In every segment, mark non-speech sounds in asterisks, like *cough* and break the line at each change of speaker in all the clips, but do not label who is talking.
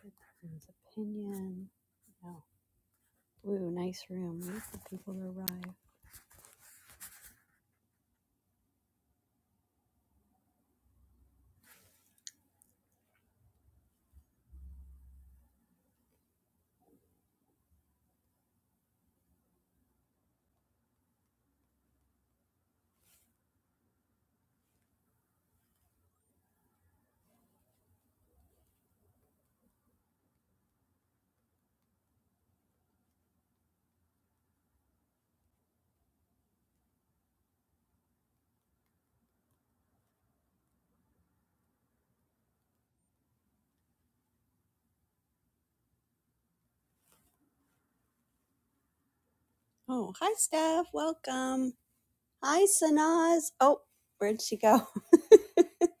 Good person's opinion. Oh, Ooh, nice room. Wait for people to arrive. Oh, hi, Steph. Welcome. Hi, Sanaz. Oh, where'd she go? *laughs* okay,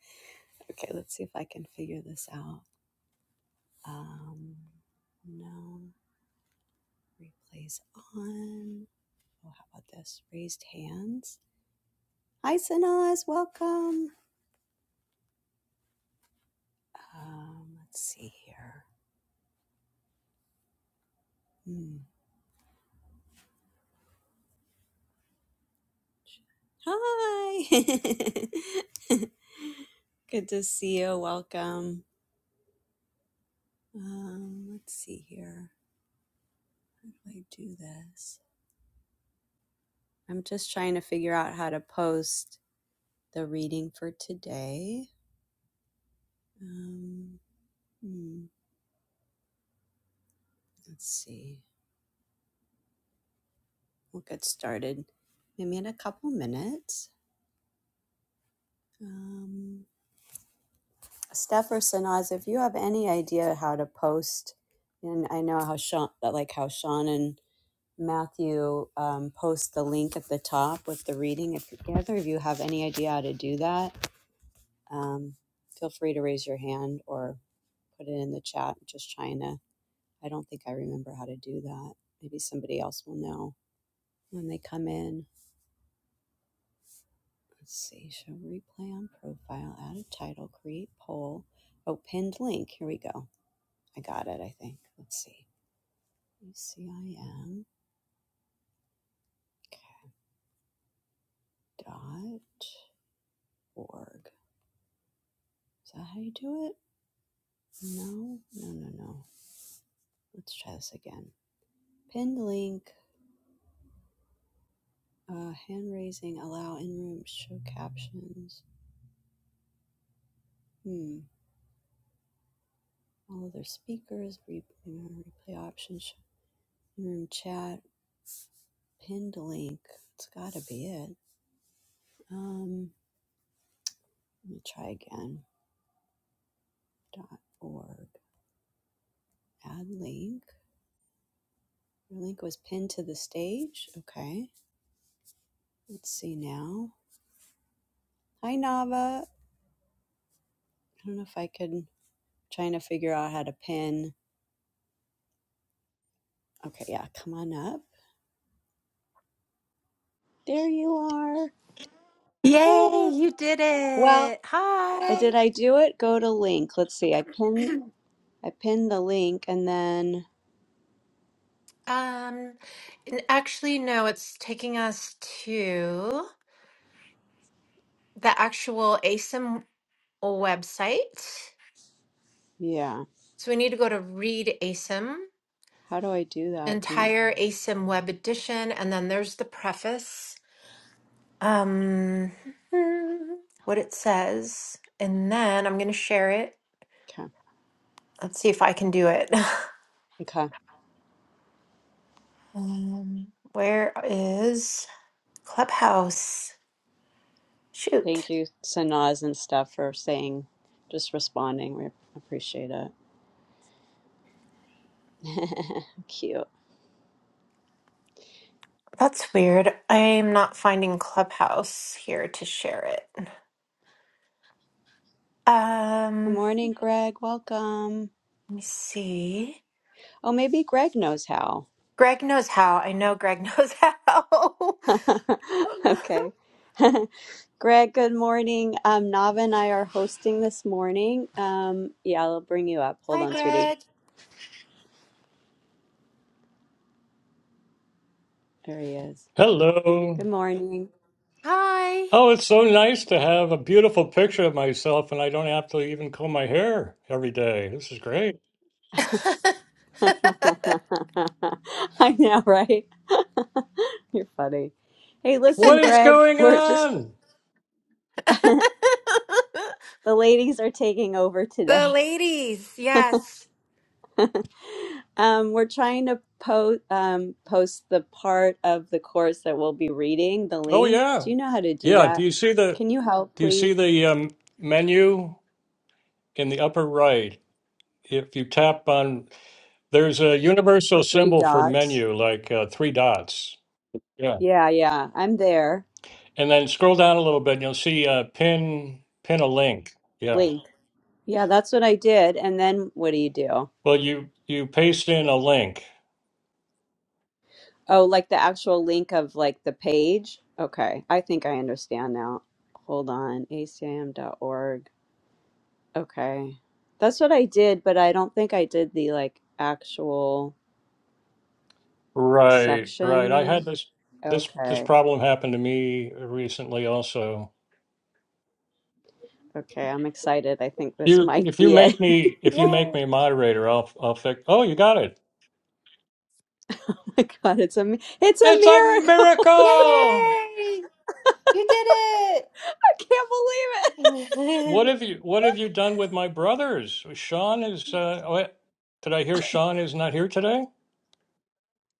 let's see if I can figure this out. Um, no, replays on. Oh, how about this? Raised hands. Hi, Sanaz. Welcome. Um, let's see here. Hmm. Hi. *laughs* Good to see you. Welcome. Um, let's see here. How do I do this? I'm just trying to figure out how to post the reading for today. Um, hmm, let's see. We'll get started maybe in a couple minutes. Um, Steph or Sanaz, if you have any idea how to post, and I know how Sean, like how Sean and Matthew um, post the link at the top with the reading. If either of you have any idea how to do that, um, feel free to raise your hand or put it in the chat. I'm Just trying to, I don't think I remember how to do that. Maybe somebody else will know when they come in. Let's see, show replay on profile, add a title, create poll. Oh, pinned link. Here we go. I got it, I think. Let's see. UCIM dot org. Is that how you do it? No, no, no, no. Let's try this again. Pinned link. Uh, hand raising, allow in room, show captions. Hmm. All other speakers, replay, replay options, in room chat, pinned link. It's got to be it. Um, let me try again. Dot org. Add link. Your link was pinned to the stage. Okay. Let's see now. Hi, Nava. I don't know if I could. Trying to figure out how to pin. Okay, yeah, come on up. There you are.
Yay,
Hey.
you did
Well,
it.
Uh,
Hi.
Did I do it? Go to link. Let's see. I
*clears throat*
pinned I pinned the link and then
Um n- actually no, it's taking us to the actual ASIM website.
yeah.
So we need to go to read ASIM,
How do I do that? Do you
entire ASIM web edition, and then there's the preface. Um *laughs* hmm, what it says. And then I'm gonna share it.
Okay.
Let's see if I can do it. *laughs*
Okay.
Um, where is Clubhouse? Shoot.
Thank you, Sanaz and stuff for saying just responding. We appreciate it. *laughs* Cute.
That's weird. I'm not finding Clubhouse here to share it.
Good
Um,
morning, Greg. Welcome.
let me see.
Oh, maybe Greg knows how. *laughs*
Greg knows how. I know Greg knows how.
Okay. *laughs* Greg, good morning. Um, Nava and I are hosting this morning. Um, yeah, I'll bring you up.
*laughs*
Hold
Hi,
on, Hi, sweetie.
Greg.
Greg. There he is.
Hello.
Good morning.
Hi.
Oh, it's so nice to have a beautiful picture of myself and I don't have to even comb my hair every day. This is great.
*laughs* I know, right? *laughs* You're funny. Hey,
What
listen,
is
Greg,
going
we're just
on?
*laughs* the ladies are taking over
*laughs*
today.
the ladies, yes.
*laughs* Um, we're trying to post um, post the part of the course that we'll be reading, the
Oh
link. Do
yeah.
you know how to do
Yeah, do
that?
you see the
Can you help,
do you see
please?
the um, menu in the upper right? If you tap on there's a
The
universal
three
symbol for
dots.
menu like uh, three dots. Yeah.
Yeah, yeah, I'm there.
And then scroll down a little bit and you'll see uh, pin pin a link. Yeah.
Link. Yeah, that's what I did. And then what do you do?
Well, you you paste in a link
Oh, like the actual link of like the page? Okay. I think I understand now. Hold on. A C I M dot org. Okay. That's what I did, but I don't think I did the like actual
Right, right. I
section.
had this this this
Okay.
problem happen to me recently also.
Okay, I'm excited. I think this
You
might
if you
be it.
make
*laughs*
me if you make
Yay.
me a moderator, I'll I'll fix. Oh, you got it.
Oh my God, it's a mi- it's a
It's a
miracle.
miracle.
Yay. You did
*laughs* I can't believe it.
it.
What
*laughs*
have you what have you done with my brothers? Sean is uh what, did I hear Sean is not here today?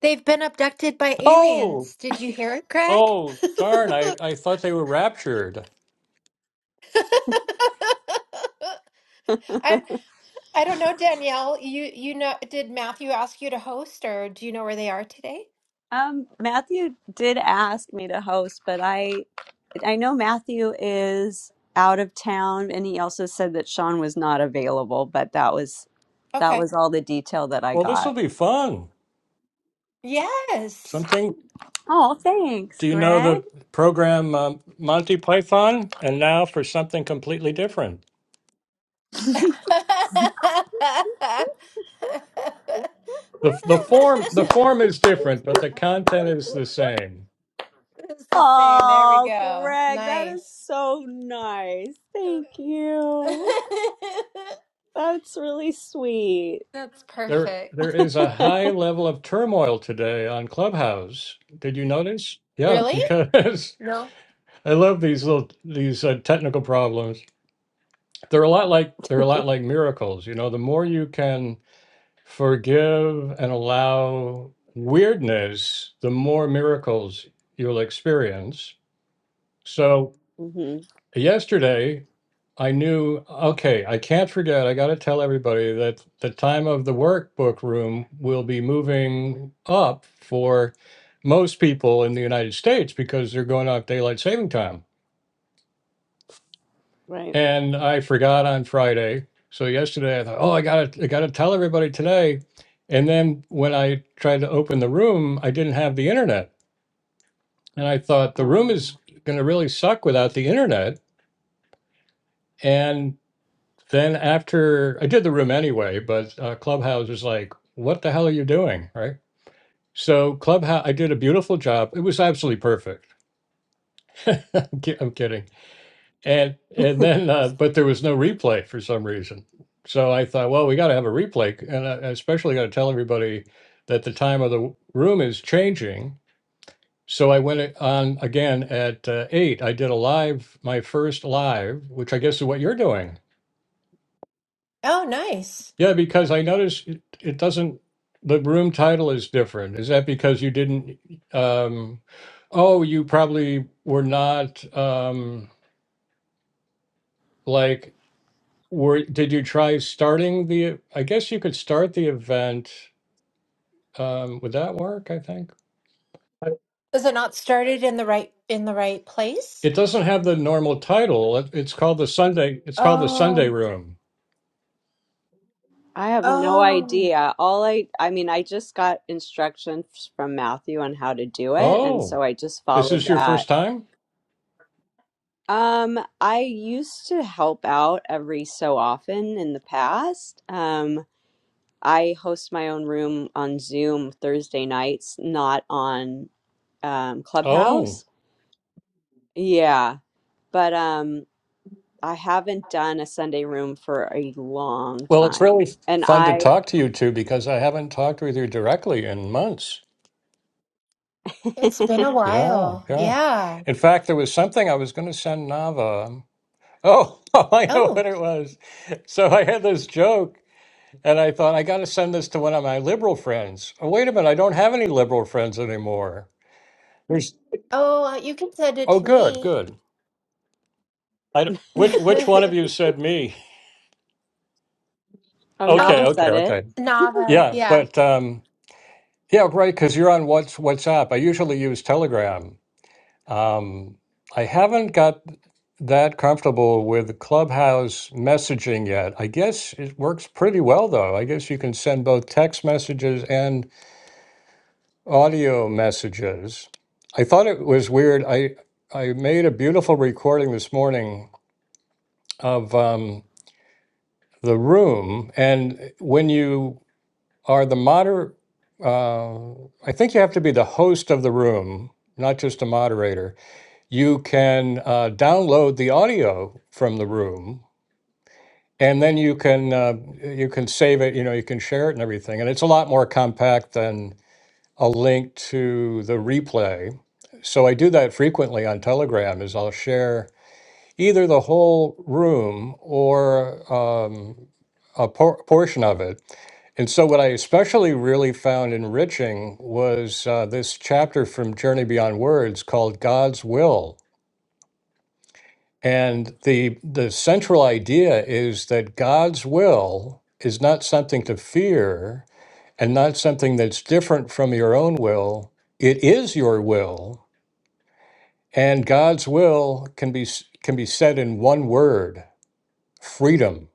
They've been abducted by
Oh,
aliens. Did you hear it, Greg?
oh, darn.
*laughs*
I I thought they were raptured.
*laughs* I I don't know, Danielle. You you know, did Matthew ask you to host, or do you know where they are today?
Um, Matthew did ask me to host, but I I know Matthew is out of town and he also said that Sean was not available, but that was that
Okay.
was all the detail that I
Well, this
got.
will be fun.
Yes.
Something
Oh, thanks,
Do you know
Greg.
the program um, Monty Python? And now for something completely different.
*laughs*
the the form The
*laughs*
form is different, but the content is the same.
It's the same. There we
Oh,
go.
Greg, that is
Nice.
so nice. Thank you.
*laughs*
That's really sweet.
That's
There
perfect.
there is a
*laughs*
high level of turmoil today on Clubhouse. Did you notice? Yeah,
Really?
because
No.
*laughs* I love these little these uh, technical problems. They're a lot like they're a lot like miracles. You know, the more you can forgive and allow weirdness, the more miracles you'll experience So
hmm
yesterday, I knew, okay, I can't forget, I got to tell everybody that the time of the workbook room will be moving up for most people in the United States because they're going off daylight saving time.
Right.
And I forgot on Friday. So yesterday I thought, oh, I got to I got to tell everybody today. And then when I tried to open the room, I didn't have the internet. And I thought the room is going to really suck without the internet. And Then after I did the room anyway, but uh, Clubhouse was like, "What the hell are you doing?" Right? So Clubhouse, I did a beautiful job. It was absolutely perfect. *laughs* I'm ki- I'm kidding. And and then, uh, but there was no replay for some reason. So I thought, well, we got to have a replay, and I I especially got to tell everybody that the time of the w- room is changing. So I went it on again at uh, eight. I did a live, my first live, which I guess is what you're doing.
Oh, nice.
Yeah, because I noticed it, it doesn't, the room title is different. Is that because you didn't, um, oh, you probably were not, um, like, were, did you try starting the, I guess you could start the event. Um, would that work, I think? I-
Is it not started in the right in the right place?
It doesn't have the normal title. It, it's called the Sunday, it's called the Sunday
Oh.
Room.
I have no
Oh.
idea. All I, I mean, I just got instructions from Matthew on how to do it, and
Oh,
so I just
is
followed
this your first
that.
time?
Um, I used to help out every so often in the past. Um, I host my own room on Zoom Thursday nights, not on um,
Oh.
Clubhouse. Yeah, but um, I haven't done a Sunday room for a long
Well, it's
time,
really
and
fun to
I,
talk to you two because I haven't talked with you directly in months.
It's been a
Yeah,
while.
yeah.
Yeah.
In fact, there was something I was going to send Nava. Oh, *laughs* I know
Oh,
what it was. So I had this joke and I thought, I got to send this to one of my liberal friends. Oh, wait a minute. I don't have any liberal friends anymore. There's,
oh, uh, you can send it
oh,
to
good,
me. *laughs*
good. I, don't- which, which one of you said me?
oh,
Okay,
Nava
Oh,
okay,
said it.
okay.
Nava.
Yeah,
Yeah.
but um, yeah, right, because you're on What's WhatsApp. I usually use Telegram. Um, I haven't got that comfortable with Clubhouse messaging yet. I guess it works pretty well, though. I guess you can send both text messages and audio messages. I thought it was weird. I I made a beautiful recording this morning of um, the room, and when you are the moder, uh, I think you have to be the host of the room, not just a moderator you can uh, download the audio from the room and then you can uh, you can save it you know you can share it and everything and it's a lot more compact than a link to the replay so i do that frequently on telegram is i'll share either the whole room or um, a por- portion of it and so what i especially really found enriching was uh, this chapter from journey beyond words called god's will And the the central idea is that God's will is not something to fear and not something that's different from your own will. It is your will, and God's will can be s- can be said in one word, freedom.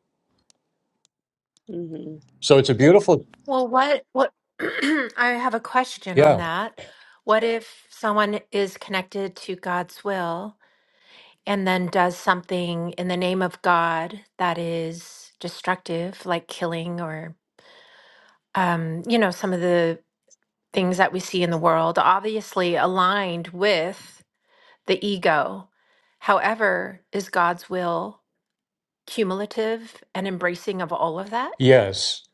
Mm-hmm.
So it's a beautiful
Well, what, what, *clears throat* I have a question on
yeah.
that. What if someone is connected to God's will and then does something in the name of God that is destructive, like killing or, um, you know, some of the things that we see in the world, obviously aligned with. the ego. However, is God's will cumulative and embracing of all of that?
Yes.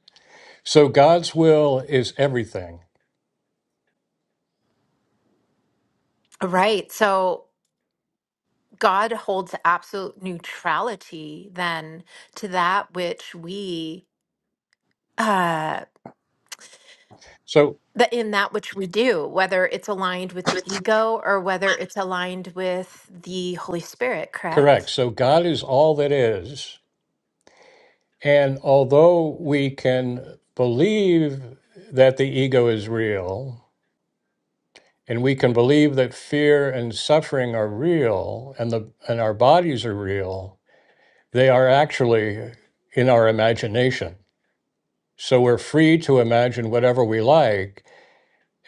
So God's will is everything.
Right. So God holds absolute neutrality then to that which we uh
So
the, in that which we do, whether it's aligned with the ego or whether it's aligned with the Holy Spirit,
correct.
correct?
So God is all that is. And although we can believe that the ego is real, and we can believe that fear and suffering are real, and the and our bodies are real, they are actually in our imagination. So we're free to imagine whatever we like,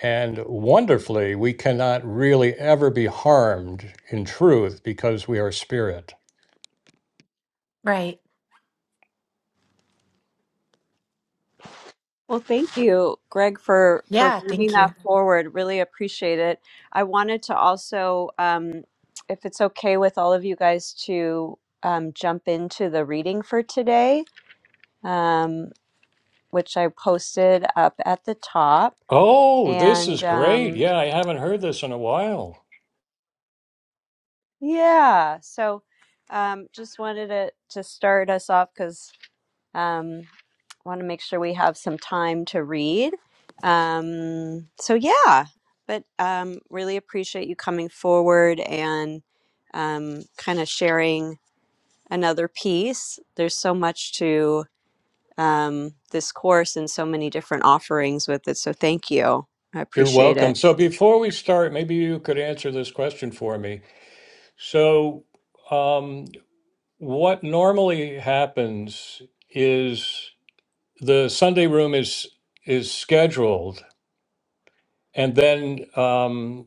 and wonderfully, we cannot really ever be harmed in truth because we are spirit.
Right.
Well, thank you, Greg, for for
Yeah,
bringing
thank
that
you.
forward. Really appreciate it. I wanted to also, um, if it's okay with all of you guys, to um, jump into the reading for today, um, which I posted up at the top.
Oh, this
And
is great.
um,
Yeah, I haven't heard this in a while.
yeah, so um, just wanted to to start us off because Um, want to make sure we have some time to read. Um, so yeah, but um, really appreciate you coming forward and um, kind of sharing another piece. There's so much to um, this course and so many different offerings with it. So thank you. I
You're
appreciate it.
welcome. So before we start, maybe you could answer this question for me. So, um, what normally happens is the Sunday room is is scheduled, and then um,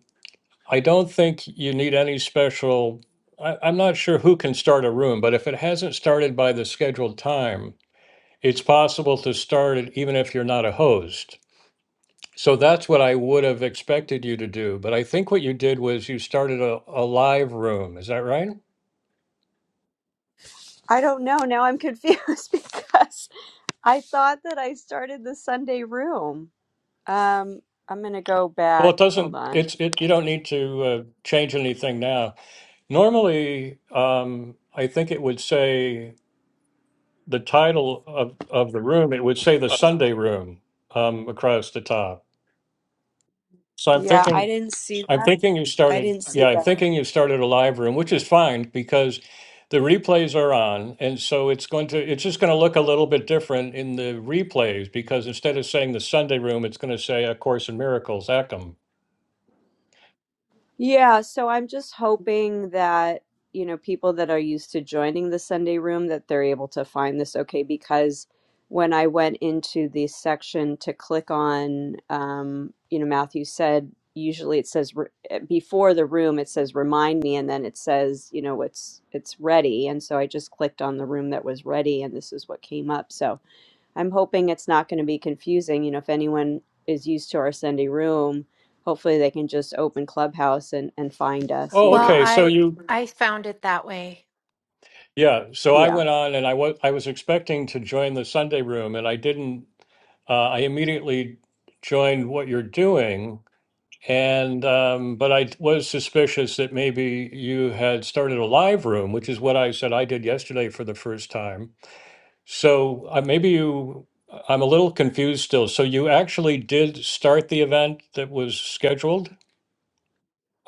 I don't think you need any special. I, I'm not sure who can start a room, but if it hasn't started by the scheduled time, it's possible to start it even if you're not a host. So that's what I would have expected you to do. But I think what you did was you started a, a live room. Is that right?
I don't know. Now I'm confused *laughs* because I thought that I started the Sunday room. Um, I'm going to go
Well, it
back. Hold
doesn't,
on.
it's, it, you don't need to uh, change anything now. Normally, um, I think it would say the title of, of the room, it would say the Sunday room um, across the top. So I'm
Yeah,
thinking.
I didn't see
I'm thinking you
I
started,
didn't see
yeah, I'm
that.
thinking you started a live room, which is fine because the replays are on. And so it's going to, it's just going to look a little bit different in the replays because instead of saying the Sunday room, it's going to say A Course in Miracles, Ackham.
Yeah, so I'm just hoping that, you know, people that are used to joining the Sunday room that they're able to find this okay because when I went into the section to click on um, you know, Matthew said usually it says re- eh, before the room it says remind me and then it says, you know, it's it's ready and so I just clicked on the room that was ready and this is what came up. So I'm hoping it's not going to be confusing. You know, if anyone is used to our Sunday room, hopefully they can just open Clubhouse and, and find us, you
Oh,
Well,
know.
okay. So
I
you,
I found it that way.
yeah. So I
Yeah.
went on and I was, I was expecting to join the Sunday room and I didn't, uh, I immediately joined what you're doing And um, but I was suspicious that maybe you had started a live room, which is what I said I did yesterday for the first time. So uh, maybe you, uh, I'm a little confused still. So you actually did start the event that was scheduled?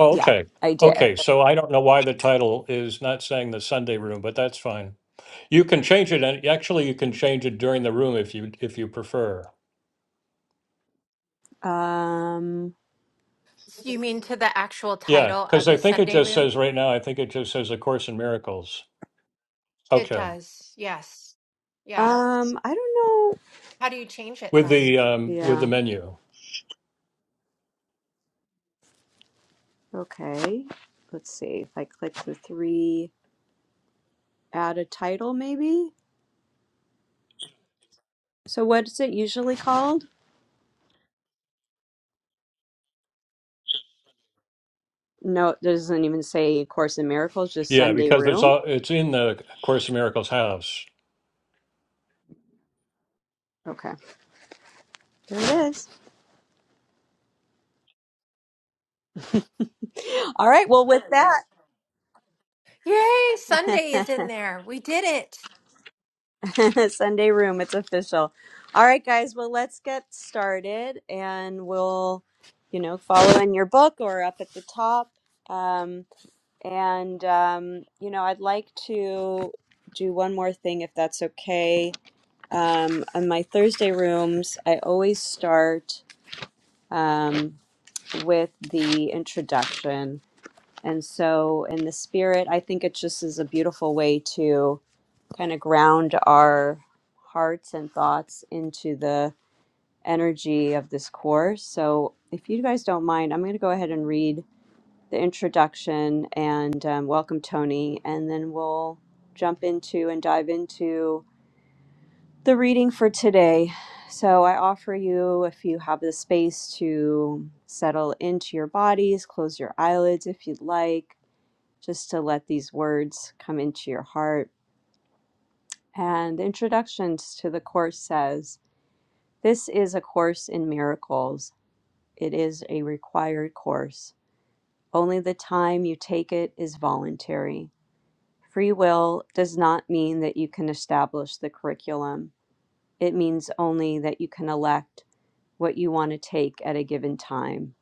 Oh,
Yeah.
okay.
I did.
Okay. So I don't know why the title is not saying the Sunday room, but that's fine. You can change it, and actually you can change it during the room if you if you prefer.
Um
You mean to the actual
Yeah,
title of
because I
the
think it
Sunday
just
room?
says right now. I think it just says a course in miracles.
It
Okay.
does. Yes. Yeah.
um I don't know.
How do you change it
with
then?
the um, with the
Yeah.
menu.
Okay. Let's see. If I click the three add a title maybe. So what's it usually called? No, it doesn't even say Course in Miracles, just
Yeah,
Sunday
because it's
Room.
all, it's in the Course in Miracles house.
Okay. There it is. *laughs* All right. Well, with
Yay, Sunday
that,
is
*laughs*
in there. We did it.
*laughs* Sunday room. It's official. All right, guys. Well, let's get started and we'll, you know, follow in your book or up at the top. Um, and, um, you know, I'd like to do one more thing if that's okay. Um, on my Thursday rooms, I always start um, with the introduction. And so, in the spirit, I think it just is a beautiful way to kind of ground our hearts and thoughts into the energy of this course. So, if you guys don't mind, I'm going to go ahead and read the introduction and um, welcome Tony, and then we'll jump into and dive into the reading for today. So, I offer you, if you have the space, to settle into your bodies, close your eyelids if you'd like, just to let these words come into your heart. And the introduction to the course says This is a course in miracles. It is a required course. Only the time you take it is voluntary. Free will does not mean that you can establish the curriculum, it means only that you can elect what you want to take at a given time.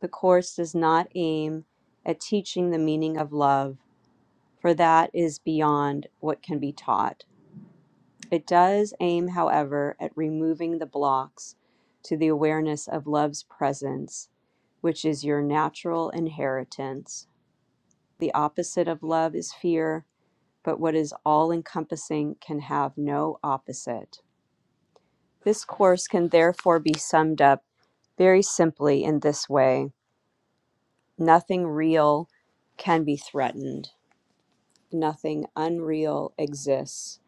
The course does not aim at teaching the meaning of love, for that is beyond what can be taught. It does aim, however, at removing the blocks to the awareness of love's presence, which is your natural inheritance. The opposite of love is fear, but what is all encompassing can have no opposite. This course can therefore be summed up very simply in this way nothing real can be threatened, nothing unreal exists.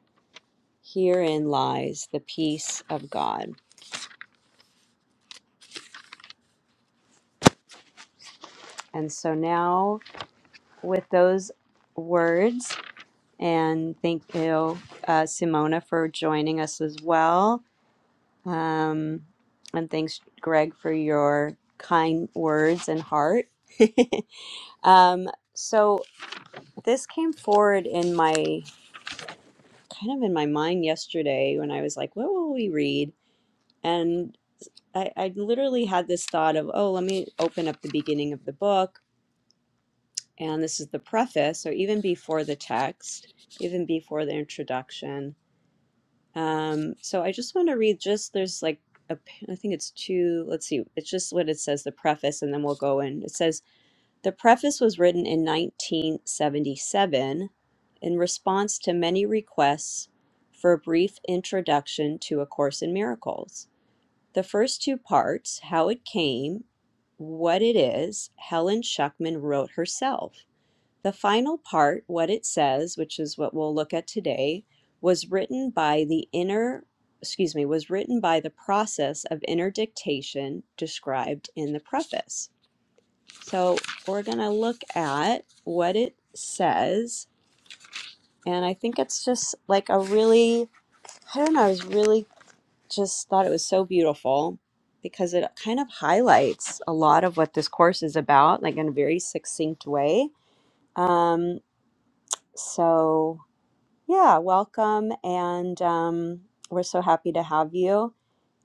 Herein lies the peace of God. And so now with those words. And thank you, uh, Simona, for joining us as well. Um, and thanks, Greg, for your kind words and heart. *laughs* um, so this came forward in my kind of in my mind yesterday when I was like, what will we read? And I, I literally had this thought of, oh, let me open up the beginning of the book And this is the preface, so even before the text, even before the introduction. Um, so I just want to read just there's like a, p- I think it's two, let's see, it's just what it says, the preface, and then we'll go in. It says, The preface was written in 1977 in response to many requests for a brief introduction to A Course in Miracles. The first two parts, how it came, what it is, Helen Schuckman wrote herself. The final part, what it says, which is what we'll look at today, was written by the inner, excuse me, was written by the process of inner dictation described in the preface. So we're going to look at what it says. And I think it's just like a really, I don't know, I was really just thought it was so beautiful because it kind of highlights a lot of what this course is about, like in a very succinct way. Um, so Yeah, welcome. And um, we're so happy to have you.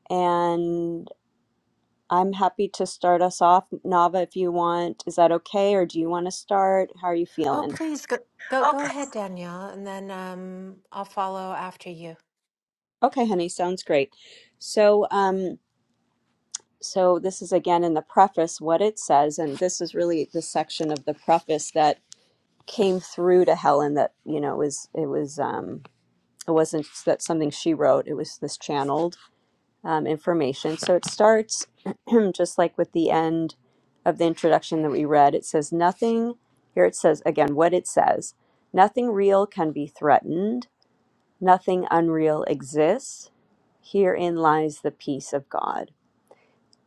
And I'm happy to start us off. Nava, if you want, is that okay? Or do you want to start? How are you
Oh,
feeling?
please go go
Oh,
go ahead, Danielle, and then um I'll follow after you.
Okay, honey, sounds great. So, um, so this is again in the preface what it says, and this is really the section of the preface that came through to Helen that, you know, was it was um it wasn't that something she wrote, it was this channeled. um, information. So it starts *clears throat* just like with the end of the introduction that we read. It says, Nothing, here it says again what it says nothing real can be threatened, nothing unreal exists. Herein lies the peace of God.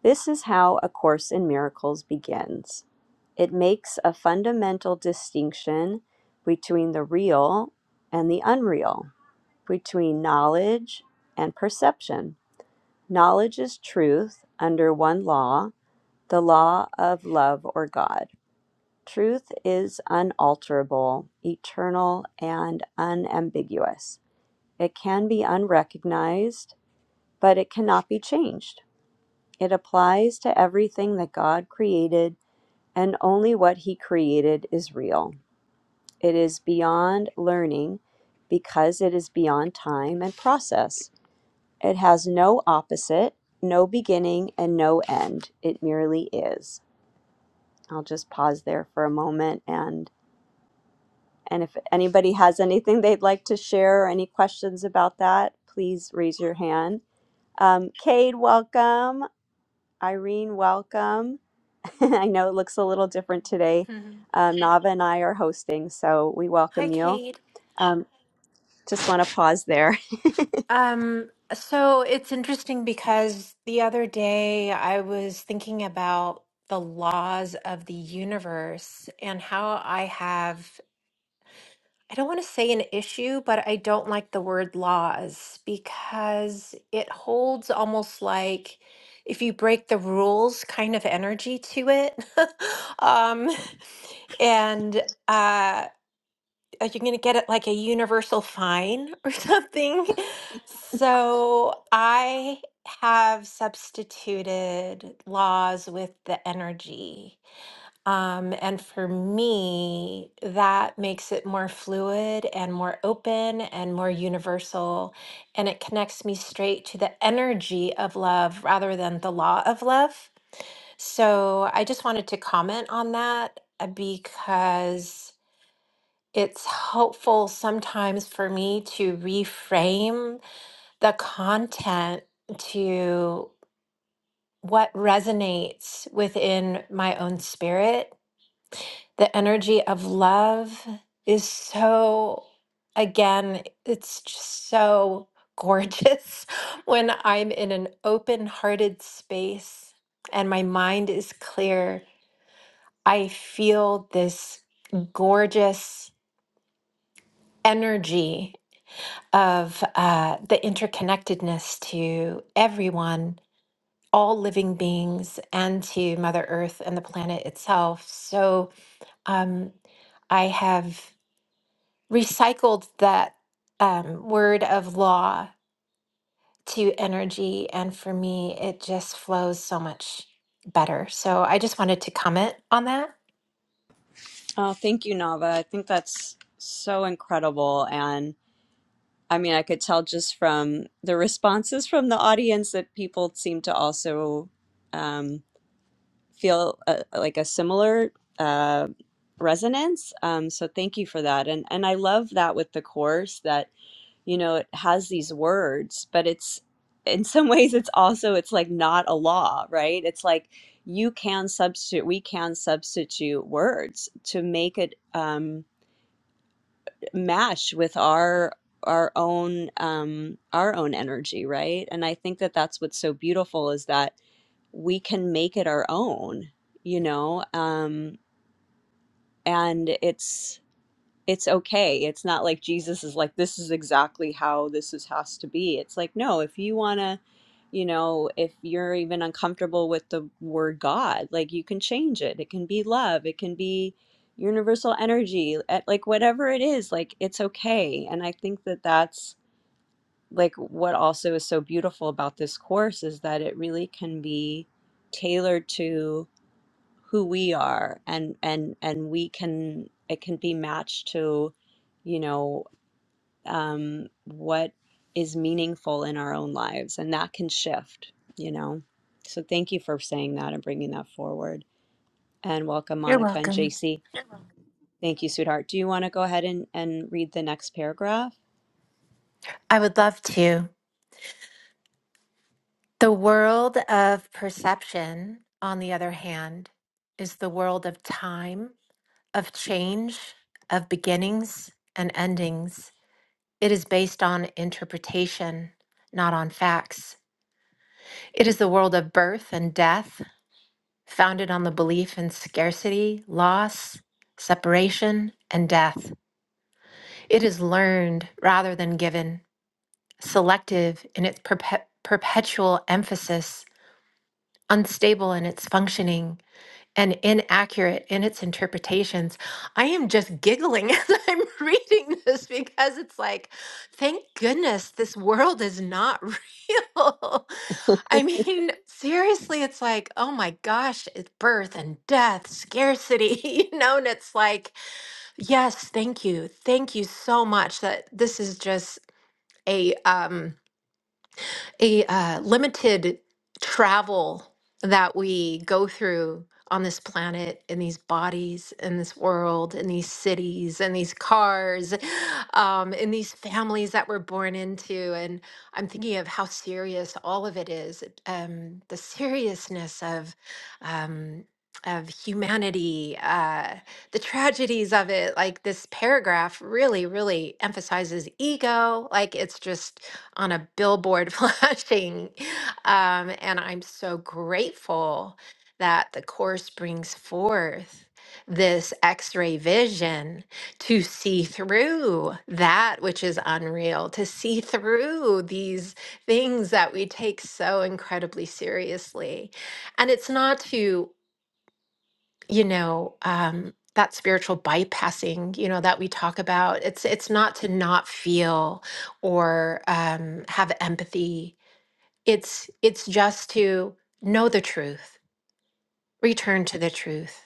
This is how A Course in Miracles begins. It makes a fundamental distinction between the real and the unreal, between knowledge and perception. Knowledge is truth under one law, the law of love or God. Truth is unalterable, eternal, and unambiguous. It can be unrecognized, but it cannot be changed. It applies to everything that God created, and only what He created is real. It is beyond learning because it is beyond time and process. It has no opposite, no beginning, and no end. It merely is. I'll just pause there for a moment and and if anybody has anything they'd like to share or any questions about that, please raise your hand. Um, Cade, welcome. Irene, welcome. *laughs* I know it looks a little different today.
Mhm.
Uh, Nava and I are hosting, so we
Hi,
welcome you.
Kate.
Just want to pause there. *laughs*
Um so it's interesting because the other day I was thinking about the laws of the universe and how I have I don't want to say an issue, but I don't like the word laws because it holds almost like if you break the rules kind of energy to it. *laughs* um, and uh, you're going to get it like a universal fine or *laughs* something. So I have substituted laws with the energy. Um, and for me, that makes it more fluid and more open and more universal. And it connects me straight to the energy of love rather than the law of love. So I just wanted to comment on that uh, because it's helpful sometimes for me to reframe the content to what resonates within my own spirit The energy of love is so, again, it's just so gorgeous *laughs* when I'm in an open hearted space and my mind is clear. I feel this gorgeous energy of uh, the interconnectedness to everyone, all living beings, and to Mother Earth and the planet itself. So um, I have. recycled that um, word of law to energy. And for me, it just flows so much better. So I just wanted to comment on that.
Oh, thank you, Nava. I think that's so incredible I mean, I could tell just from the responses from the audience that people seem to also um, feel uh like a similar uh, resonance. Um, so thank you for that, and and I love that with the course that you know it has these words, but it's in some *laughs* ways it's also it's like not a law, right? It's like you can substitute, we can substitute words to make it. Um, Match with our our own um our own energy right and i think that that's what's so beautiful is that we can make it our own you know um and it's it's okay. It's not like Jesus is like, this is exactly how this is has to be. It's like, no, if you want to, you know, if you're even uncomfortable with the word God, like you can change it. It can be love. It can be universal energy at like whatever it is, like it's okay. And I think that that's like what also is so beautiful about this course is that it really can be tailored to who we are and and and we can it can be matched to you know um what is meaningful in our own lives and that can shift you know so thank you for saying that and bringing that forward and welcome
You're
monica and
welcome.
jc thank you sweetheart do you want to go ahead and and read the next paragraph
I would love to. The world of perception, on the other hand, is the world of time, of change, of beginnings and endings. It is based on interpretation, not on facts. It is the world of birth and death, founded on the belief in scarcity, loss, separation, and death. It is learned rather than given, selective in its perpe- perpetual emphasis, unstable in its functioning, and inaccurate in its interpretations. I am just giggling *laughs* as I'm reading this because it's like, thank goodness this world is not *laughs* real. I mean, seriously, it's like, oh my gosh, it's birth and death, scarcity, *laughs* you know, and it's like, yes, thank you. Thank you so much that this is just a um a uh, limited travel that we go through on this planet in these bodies in this world in these cities in these cars um, in these families that we're born into and i'm thinking of how serious all of it is it, um, the seriousness of um, of humanity uh, the tragedies of it like this paragraph really really emphasizes ego like it's just on a billboard *laughs* flashing. Um, and I'm so grateful that the Course brings forth this x ray vision to see through that which is unreal, to see through these things that we take so incredibly seriously. And it's not to you know um that spiritual bypassing you know that we talk about it's it's not to not feel or um have empathy it's it's just to know the truth return to the truth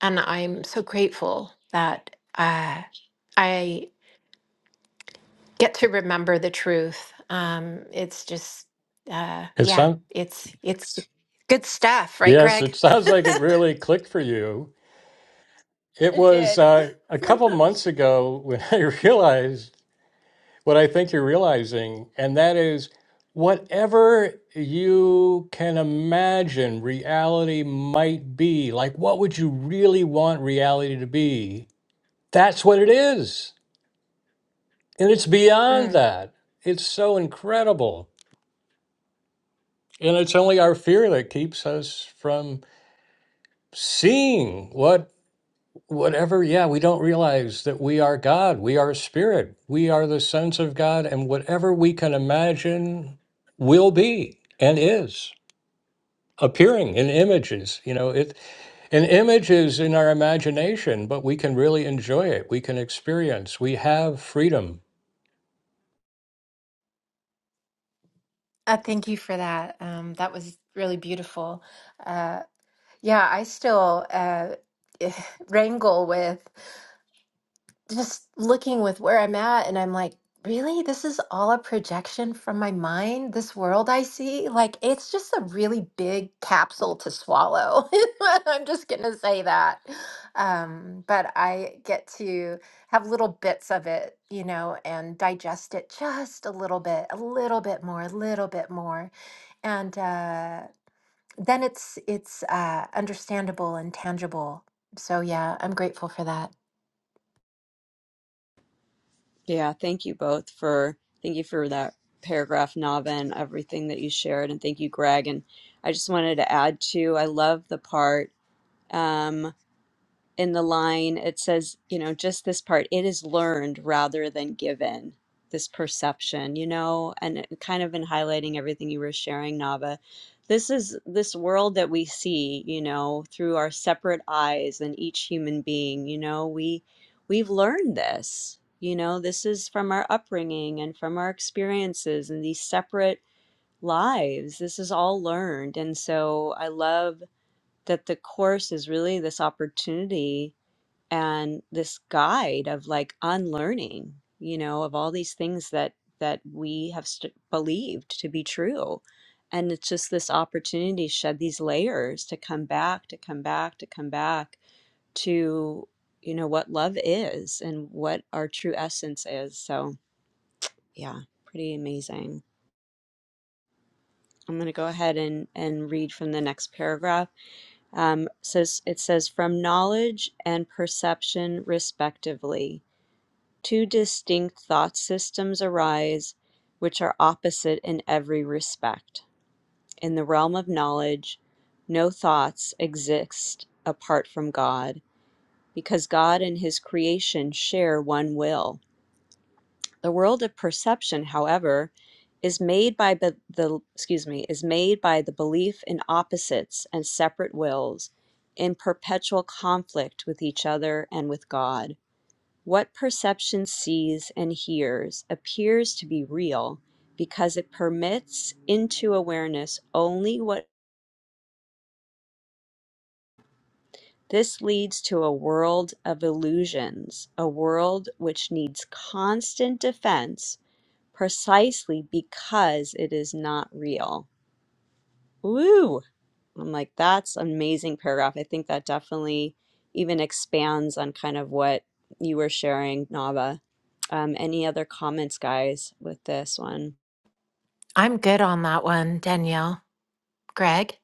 and i'm so grateful that uh i get to remember the truth um it's just uh
It
yeah
sounds
it's it's good stuff right
yes, it
greg
sounds like it really clicked for you. It
It
was
did. *laughs*
uh, a couple months ago when *laughs* I realized. what I think you're realizing, and that is whatever you can imagine reality might be, like what would you really want reality to be? That's what it is. And it's beyond that. It's so incredible. And it's only our fear that keeps us from seeing what whatever yeah we don't realize that we are god we are spirit we are the sons of god and whatever we can imagine will be and is appearing in images you know it an image is in our imagination but we can really enjoy it we can experience we have freedom
Uh, thank you for that. Um, that was really beautiful. Uh, yeah, I still uh, *laughs* wrangle with just looking with where I'm at, and I'm like, really? This is all a projection from my mind? This world I see? Like, it's just a really big capsule to swallow. *laughs* I'm just going to say that. Um, but I get to have little bits of it, you know, and digest it just a little bit, a little bit more, a little bit more and uh, then it's it's uh, understandable and tangible. So yeah, I'm grateful for that.
*laughs* yeah, thank you both for thank you for that paragraph, Nava, and everything that you shared, and thank you, Greg. And I just wanted to add too, I love the part. um, in the line, it says, you know, just this part, it is learned rather than given, this perception, you know, and it- kind of in highlighting everything you were sharing, Nava. This is this world that we see, you know, through our separate eyes and each human being, you know, we we've learned this. You know, this is from our upbringing and from our experiences and these separate lives. This is all learned. And so I love that the course is really this opportunity and this guide of like unlearning you know of all these things that that we have st- believed to be true and it's just this opportunity to shed these layers to come back to come back to come back to you know what love is and what our true essence is so yeah pretty amazing i'm going to go ahead and and read from the next paragraph Um, says it says from knowledge and perception respectively, two distinct thought systems arise, which are opposite in every respect. In the realm of knowledge, no thoughts exist apart from God, because God and His creation share one will. The world of perception, however, is made by be- the excuse me is made by the belief in opposites and separate wills in perpetual conflict with each other and with God. What perception sees and hears appears to be real because it permits into awareness only what this leads to a world of illusions, a world which needs constant defense precisely because it is not real. Woo! I'm like, that's an amazing paragraph. I think that definitely even expands on kind of what you were sharing, Nava. Um, any other comments, guys, with this one?
I'm good on that one, Danielle. Greg,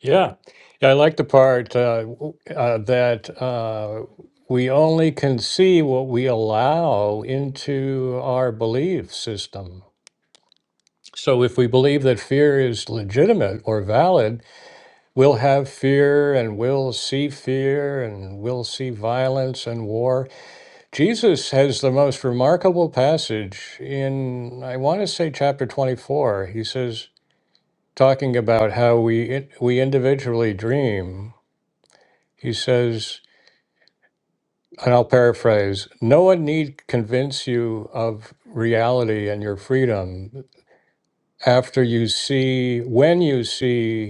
yeah, yeah i like the part uh, w- uh, that uh, we only can see what we allow into our belief system So, if we believe that fear is legitimate or valid, we'll have fear and we'll see fear and we'll see violence and war. Jesus has the most remarkable passage in, I want to say, chapter 24. He says, talking about how we, we individually dream, he says, and I'll paraphrase no one need convince you of reality and your freedom after you see, when you see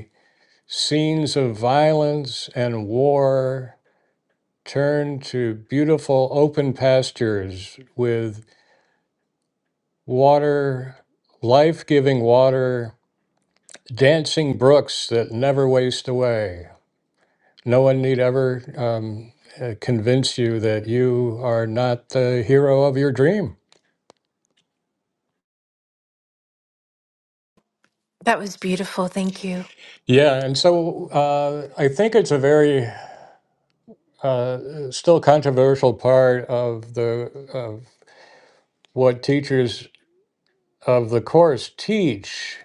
Scenes of violence and war turned to beautiful open pastures with water, life giving water, dancing brooks that never waste away. No one need ever um, uh, convince you that you are not the hero of your dream.
that was beautiful. Thank you.
Yeah, and so uh, I think it's a very uh, still controversial part of the of what teachers of the course teach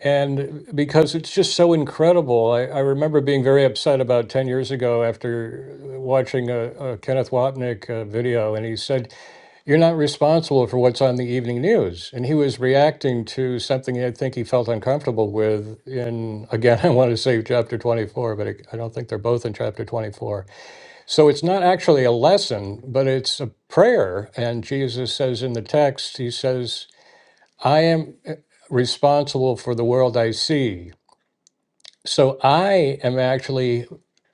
And because it's just so incredible, I, I remember being very upset about 10 years ago after watching a, a Kenneth Wapnick uh, video, and he said, You're not responsible for what's on the evening news. And he was reacting to something I think he felt uncomfortable with in, again, *laughs* I want to say chapter 24, but I, I don't think they're both in chapter 24. So it's not actually a lesson, but it's a prayer. And Jesus says in the text, He says, I am eh, responsible for the world I see. So I am actually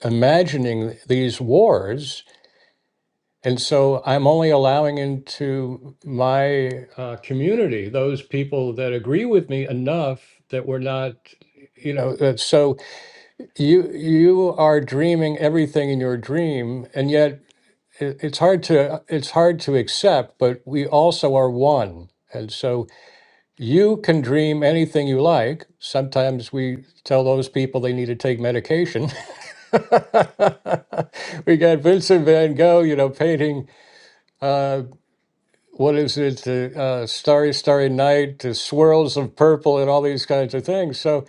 imagining these wars. And so I'm only allowing into my uh, community those people that agree with me enough that we're not, you know. uh, So you you are dreaming everything in your dream, and yet it, it's hard to it's hard to accept. But we also are one, and so you can dream anything you like. Sometimes we tell those people they need to take medication. *laughs* *laughs* we got Vincent Van Gogh, you know, painting uh, what is it, uh, uh, Starry, Starry Night, uh, swirls of purple, and all these kinds of things. So,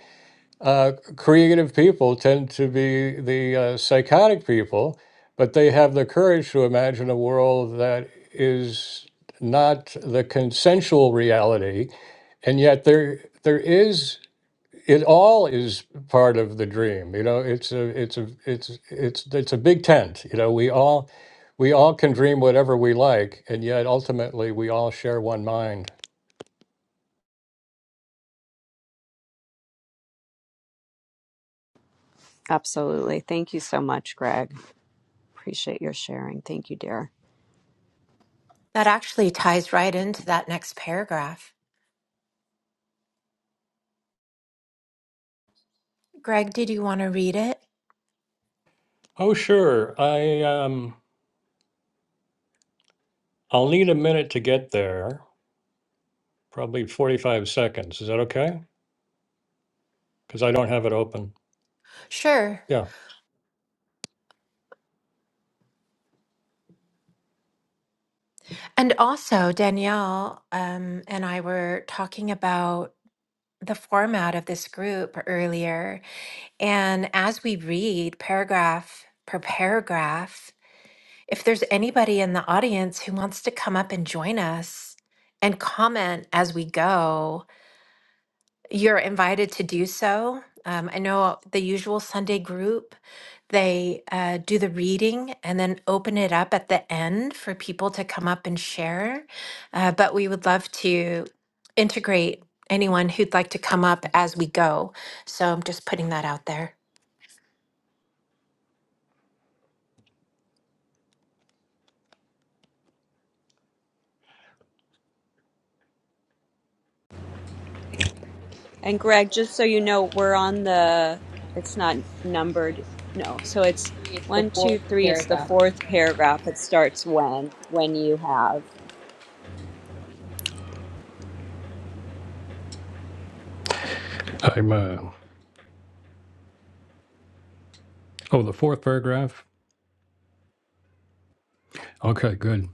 uh, creative people tend to be the uh, psychotic people, but they have the courage to imagine a world that is not the consensual reality, and yet there there is it all is part of the dream you know it's a it's a it's it's it's a big tent you know we all we all can dream whatever we like and yet ultimately we all share one mind
Absolutely. Thank you so much, Greg. Appreciate your sharing. Thank you, dear.
That actually ties right into that next paragraph. Greg, did you want to read it?
oh sure i um i'll need a minute to get there probably 45 seconds is that okay because i don't have it open
Sure.
yeah
And also, Danielle um, and I were talking about the format of this group earlier. And as we read paragraph per paragraph, If there's anybody in the audience who wants to come up and join us and comment as we go, you're invited to do so. Um, I know the usual Sunday group, they uh, do the reading and then open it up at the end for people to come up and share. Uh, but we would love to integrate anyone who'd like to come up as we go. So I'm just putting that out there.
And Greg, just so you know, we're on the, it's not numbered. No. So it's one, two, three. It's the fourth paragraph. It starts when, when you have.
i'm uh oh the fourth paragraph okay good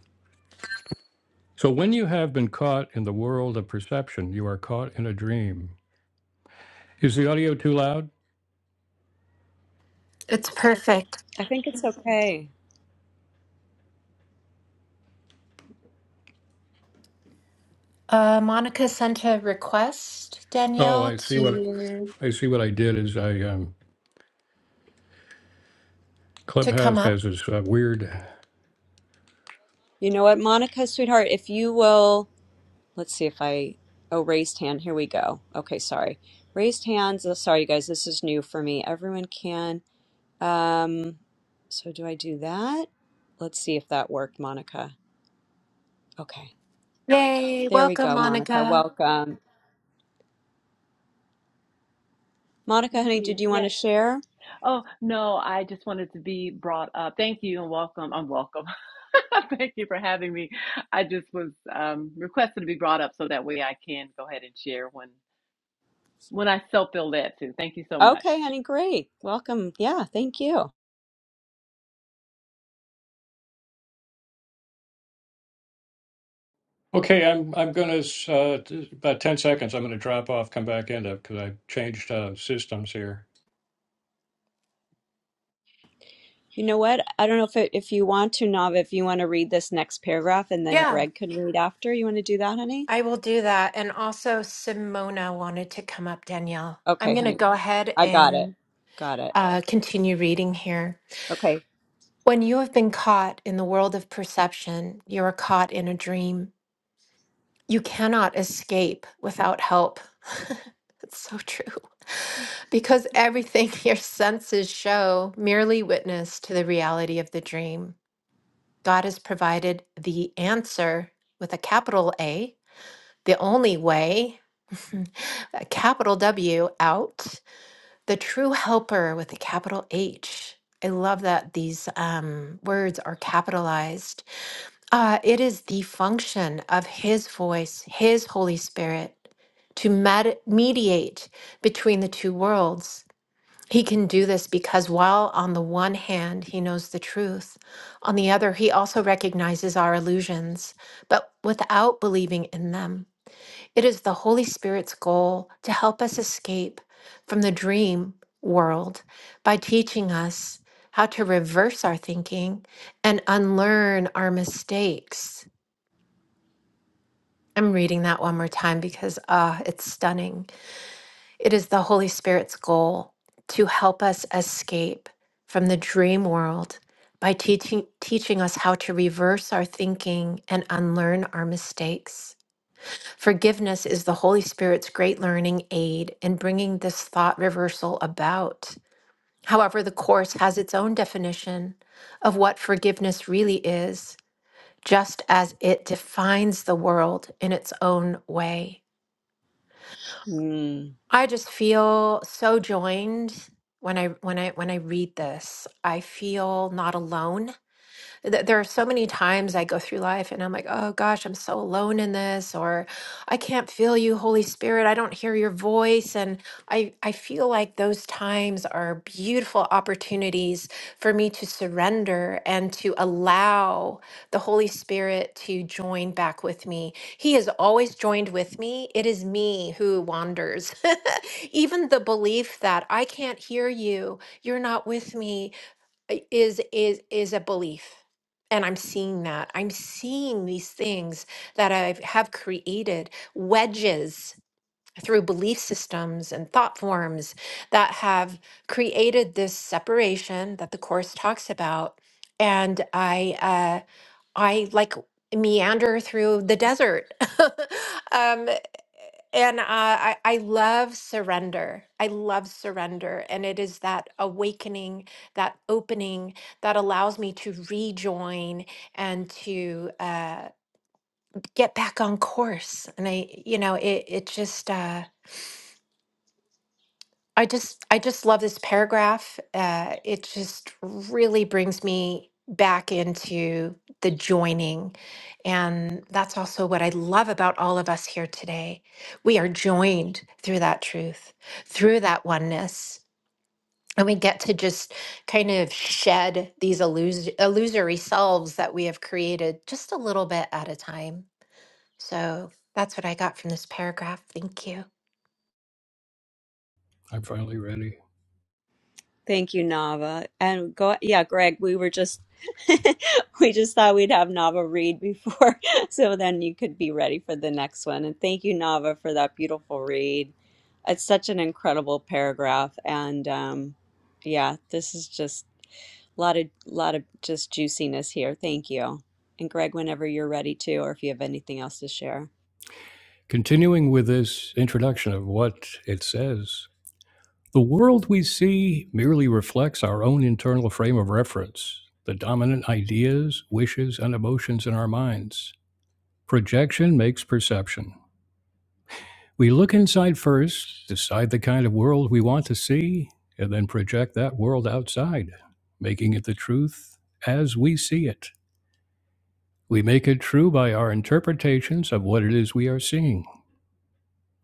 so when you have been caught in the world of perception you are caught in a dream is the audio too loud
It's perfect.
I think it's okay.
Uh, Monica sent a request,
Oh,
Danielle,
I see what
to
Basically, what I did is I um,
to come
Clubhouse
up.
has this uh, weird.
You know what, Monica, sweetheart, if you will, let's see if I, oh, raised hand. Here we go. Okay, sorry. Raised hands. Oh, sorry, you guys, this is new for me. Everyone can. Um, so do I do that? Let's see if that worked, Monica. Okay,
Yay!
there we
Welcome,
go, Monica.
Monica.
Welcome. Monica,
Thank
honey, did
you.
you want to
Yes.
share?
Oh, no, I just wanted to be brought up. Thank you and welcome. I'm welcome. *laughs* Thank you for having me. I just was um, requested to be brought up so that way I can go ahead and share when when I so feel led to. Thank you so much.
Okay, honey, great. Welcome. Yeah, thank you.
Okay, I'm I'm gonna uh, t- about ten seconds. I'm gonna drop off, come back in because I changed uh, systems here.
You know what? I don't know if it, if you want to, Nav, if you want to read this next paragraph and then
Yeah,
Greg could read after. You want to do that, honey?
I will do that. And also, Simona wanted to come up, Danielle. I'm
Okay,
going to
honey.
go ahead
I got it.
and
Got it.
uh, continue reading here.
Okay.
When you have been caught in the world of perception, you are caught in a dream. You cannot escape without help. *laughs* it's so true. *laughs* Because everything *laughs* your senses show merely witness to the reality of the dream. God has provided the answer with a capital A, the only way, *laughs* a capital W out, the true helper with a capital H. I love that these um, words are capitalized Uh, it is the function of His voice, His Holy Spirit, to med- mediate between the two worlds. He can do this because while on the one hand he knows the truth, on the other he also recognizes our illusions, but without believing in them. It is the Holy Spirit's goal to help us escape from the dream world by teaching us how to reverse our thinking and unlearn our mistakes. I'm reading that one more time because ah, it's stunning. It is the Holy Spirit's goal to help us escape from the dream world by teaching teaching us how to reverse our thinking and unlearn our mistakes. Forgiveness is the Holy Spirit's great learning aid in bringing this thought reversal about. However, the course has its own definition of what forgiveness really is, just as it defines the world in its own way.
Mm,
I just feel so joined when I when I when I read this. I feel not alone th- there are so many times I go through life and I'm like, oh gosh, I'm so alone in this, or I can't feel you, Holy Spirit. I don't hear your voice. And I, I feel like those times are beautiful opportunities for me to surrender and to allow the Holy Spirit to join back with me. He has always joined with me. It is me who wanders. *laughs* Even the belief that I can't hear you, you're not with me, i- is is is a belief and i'm seeing that i'm seeing these things that i have created wedges through belief systems and thought forms that have created this separation that the course talks about and i uh, I like meander through the desert. *laughs* um, and uh, I, I love surrender. I love surrender. And it is that awakening, that opening that allows me to rejoin and to uh, get back on course. And I, you know, it, it just. Uh, I just I just love this paragraph. Uh, it just really brings me back into the joining. And that's also what I love about all of us here today. We are joined through that truth, through that oneness. And we get to just kind of shed these illus- illusory selves that we have created just a little bit at a time. So that's what I got from this paragraph. Thank you.
I'm finally ready.
thank you, Nava. And go, yeah, Greg, we were just, *laughs* we just thought we'd have Nava read before, *laughs* so then you could be ready for the next one. And thank you, Nava, for that beautiful read. It's such an incredible paragraph, and um, yeah, this is just a lot of, lot of just juiciness here. Thank you. And Greg, whenever you're ready to, or if you have anything else to share,
Continuing with this introduction of what it says, the world we see merely reflects our own internal frame of reference, the dominant ideas, wishes, and emotions in our minds. Projection makes perception. We look inside first, decide the kind of world we want to see, and then project that world outside, making it the truth as we see it. We make it true by our interpretations of what it is we are seeing.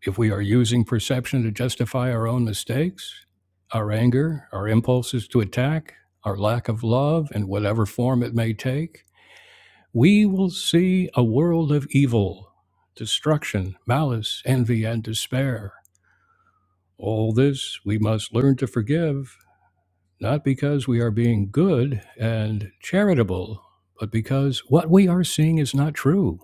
If we are using perception to justify our own mistakes, our anger, our impulses to attack, our lack of love, in whatever form it may take, we will see a world of evil, destruction, malice, envy, and despair. All this we must learn to forgive, not because we are being good and charitable, but because what we are seeing is not true.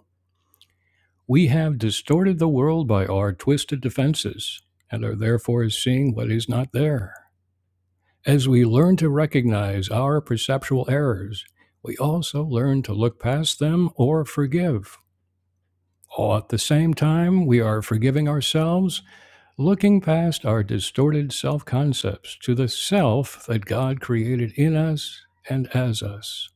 We have distorted the world by our twisted defenses and are therefore seeing what is not there. As we learn to recognize our perceptual errors, we also learn to look past them or forgive. All at the same time, we are forgiving ourselves looking past our distorted self concepts to the self that God created in us and as us.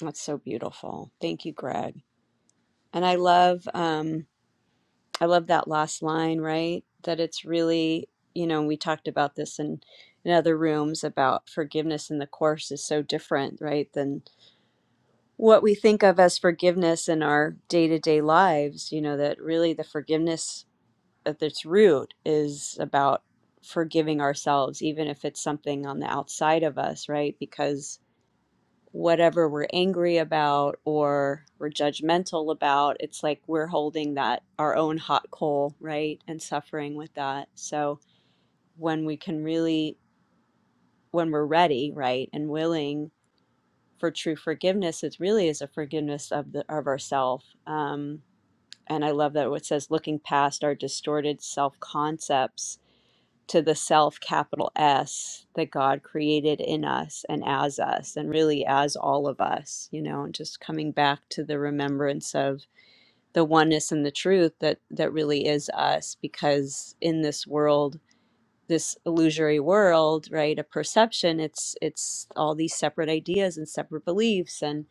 that's so beautiful. Thank you, Greg. And I love um I love that last line, right? That it's really, you know, we talked about this in in other rooms about forgiveness in the course is so different, right? Than what we think of as forgiveness in our day-to-day lives, you know, that really the forgiveness at its root is about forgiving ourselves even if it's something on the outside of us, right? Because whatever we're angry about or we're judgmental about, it's like we're holding that our own hot coal, right? And suffering with that. So when we can really, when we're ready, right, and willing for true forgiveness, it really is a forgiveness of the of ourself. Um, and I love that what says looking past our distorted self concepts to the self capital S that God created in us and as us and really as all of us, you know, and just coming back to the remembrance of the oneness and the truth that that really is us because in this world this illusory world right a perception it's it's all these separate ideas and separate beliefs and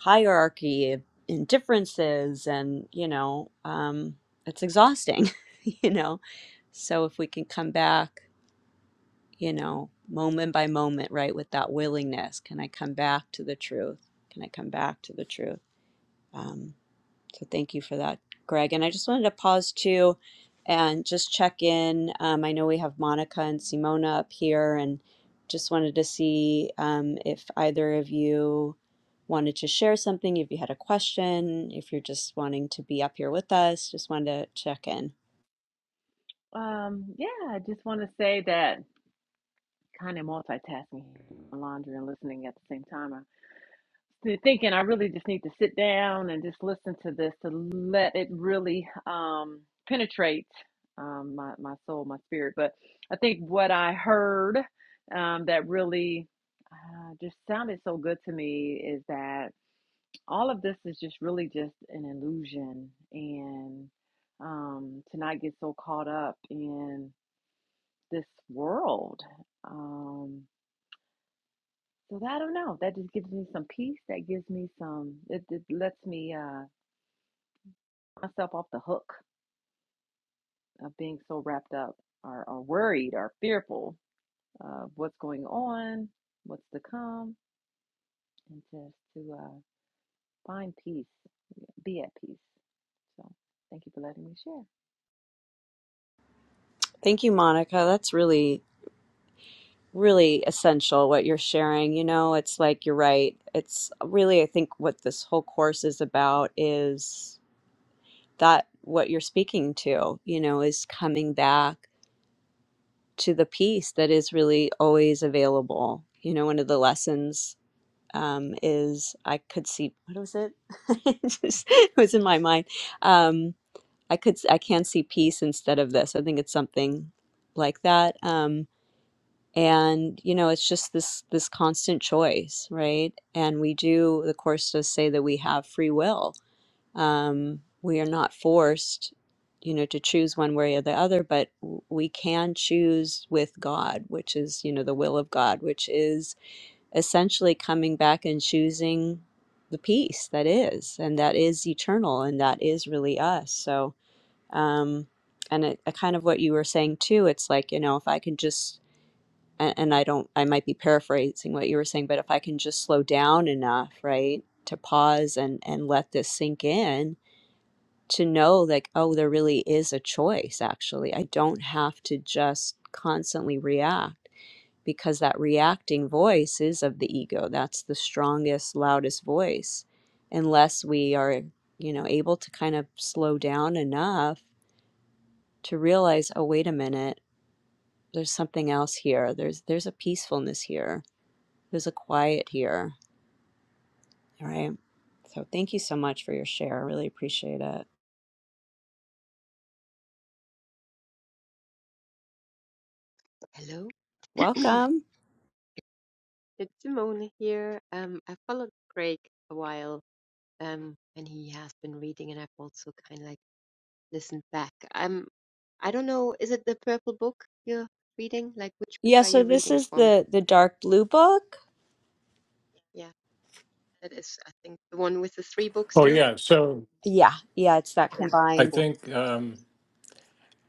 hierarchy and differences and you know um it's exhausting *laughs* you know so if we can come back you know, moment by moment, right? With that willingness, can I come back to the truth? Can I come back to the truth? Um, so thank you for that, Greg. And I just wanted to pause too and just check in. Um, I know we have Monica and Simona up here, and just wanted to see um, if either of you wanted to share something, if you had a question, if you're just wanting to be up here with us, just wanted to check in.
Um, yeah, I just want to say that kind of multitasking laundry and listening at the same time. th- thinking I really just need to sit down and just listen to this to let it really um, penetrate um, my, my soul, my spirit. But I think what I heard um, that really uh, just sounded so good to me is that all of this is just really just an illusion and um, to not get so caught up in this world. Um, so I don't know. That just gives me some peace. That gives me some. It, it lets me uh, myself off the hook of being so wrapped up, or, or worried, or fearful of what's going on, what's to come, and just to uh, find peace, be at peace. So thank you for letting me share.
Thank you, Monica. That's really really essential what you're sharing. You know, it's like you're right. It's really, I think, what this whole course is about is that what you're speaking to, you know, is coming back to the peace that is really always available. You know, one of the lessons um, is I could see, what was it? *laughs* It just- it was in my mind. Um, I could, I can see peace instead of this. I think it's something like that. Um, and you know it's just this this constant choice right and we do the course does say that we have free will um we are not forced you know to choose one way or the other but w- we can choose with god which is you know the will of god which is essentially coming back and choosing the peace that is and that is eternal and that is really us so um and it, uh, kind of what you were saying too it's like you know if i can just and, and I don't, I might be paraphrasing what you were saying, but if I can just slow down enough, right, to pause and and let this sink in, to know like, oh, there really is a choice. Actually, I don't have to just constantly react because that reacting voice is of the ego. That's the strongest, loudest voice, unless we are, you know, able to kind of slow down enough to realize, oh, wait a minute, there's something else here. There's there's a peacefulness here there's a quiet here, right? So thank you so much for your share. I really appreciate it.
Hello,
Welcome.
it's Simone here. Um, I followed Craig a while, um, and he has been reading, and I've also kind of like listened back. Um, I don't know, is it the purple book you're reading? Like, which book
Yeah,
are
so
you
this
reading
is
from?
the the dark blue book.
Yeah, that is, I think, the one with the three books
Oh,
in it.
yeah. So
Yeah, yeah, it's that
Yeah,
I
combined.
cool.
think um,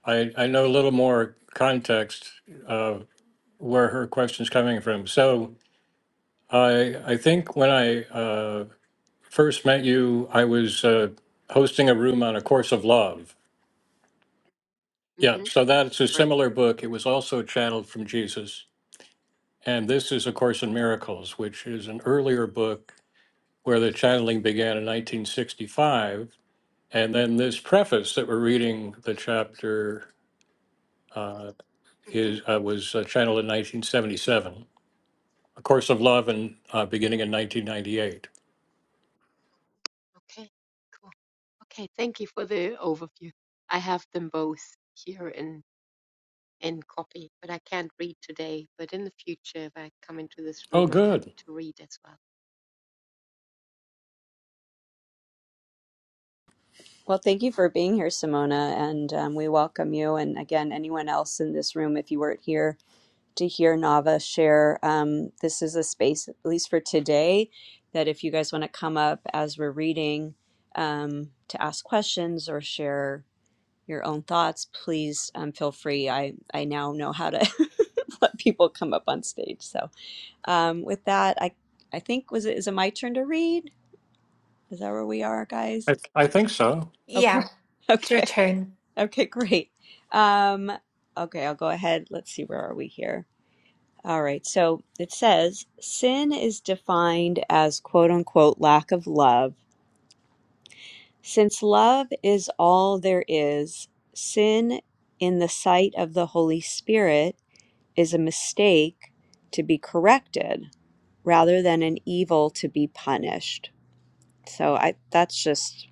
I, I know a little more context of where her question's coming from. So I, I think when I uh, first met you, I was uh, hosting a room on A Course of Love. Yeah.
Mm-hmm,
So that's a
correct.
similar book. It was also channeled from Jesus. And this is A Course in Miracles, which is an earlier book where the channeling began in 1965. And then this preface that we're reading the chapter uh,
Mm-hmm,
is uh, was uh, channeled in 1977. A Course of Love and uh, beginning in 1998.
okay, cool. Okay, thank you for the overview. I have them both here in and copy, but I can't read today. But in the future, if I come into this
Oh,
room, I'm
good.
happy to read as well.
Well, thank you for being here, Simona, and um, we welcome you. And again, anyone else in this room, if you weren't here to hear Nava share, um, this is a space, at least for today, that if you guys want to come up as we're reading um, to ask questions or share your own thoughts, please um, feel free. I, I now know how to *laughs* let people come up on stage. So um, with that, I I think was it is it my turn to read? Is that where we are, guys?
I, I think so.
Okay,
Yeah,
*laughs*
it's your
okay,
turn.
okay, great. Um, okay, I'll go ahead. Let's see where are we here. All right, so it says sin is defined as quote unquote lack of love. Since love is all there is, sin in the sight of the Holy Spirit is a mistake to be corrected rather than an evil to be punished. So I that's just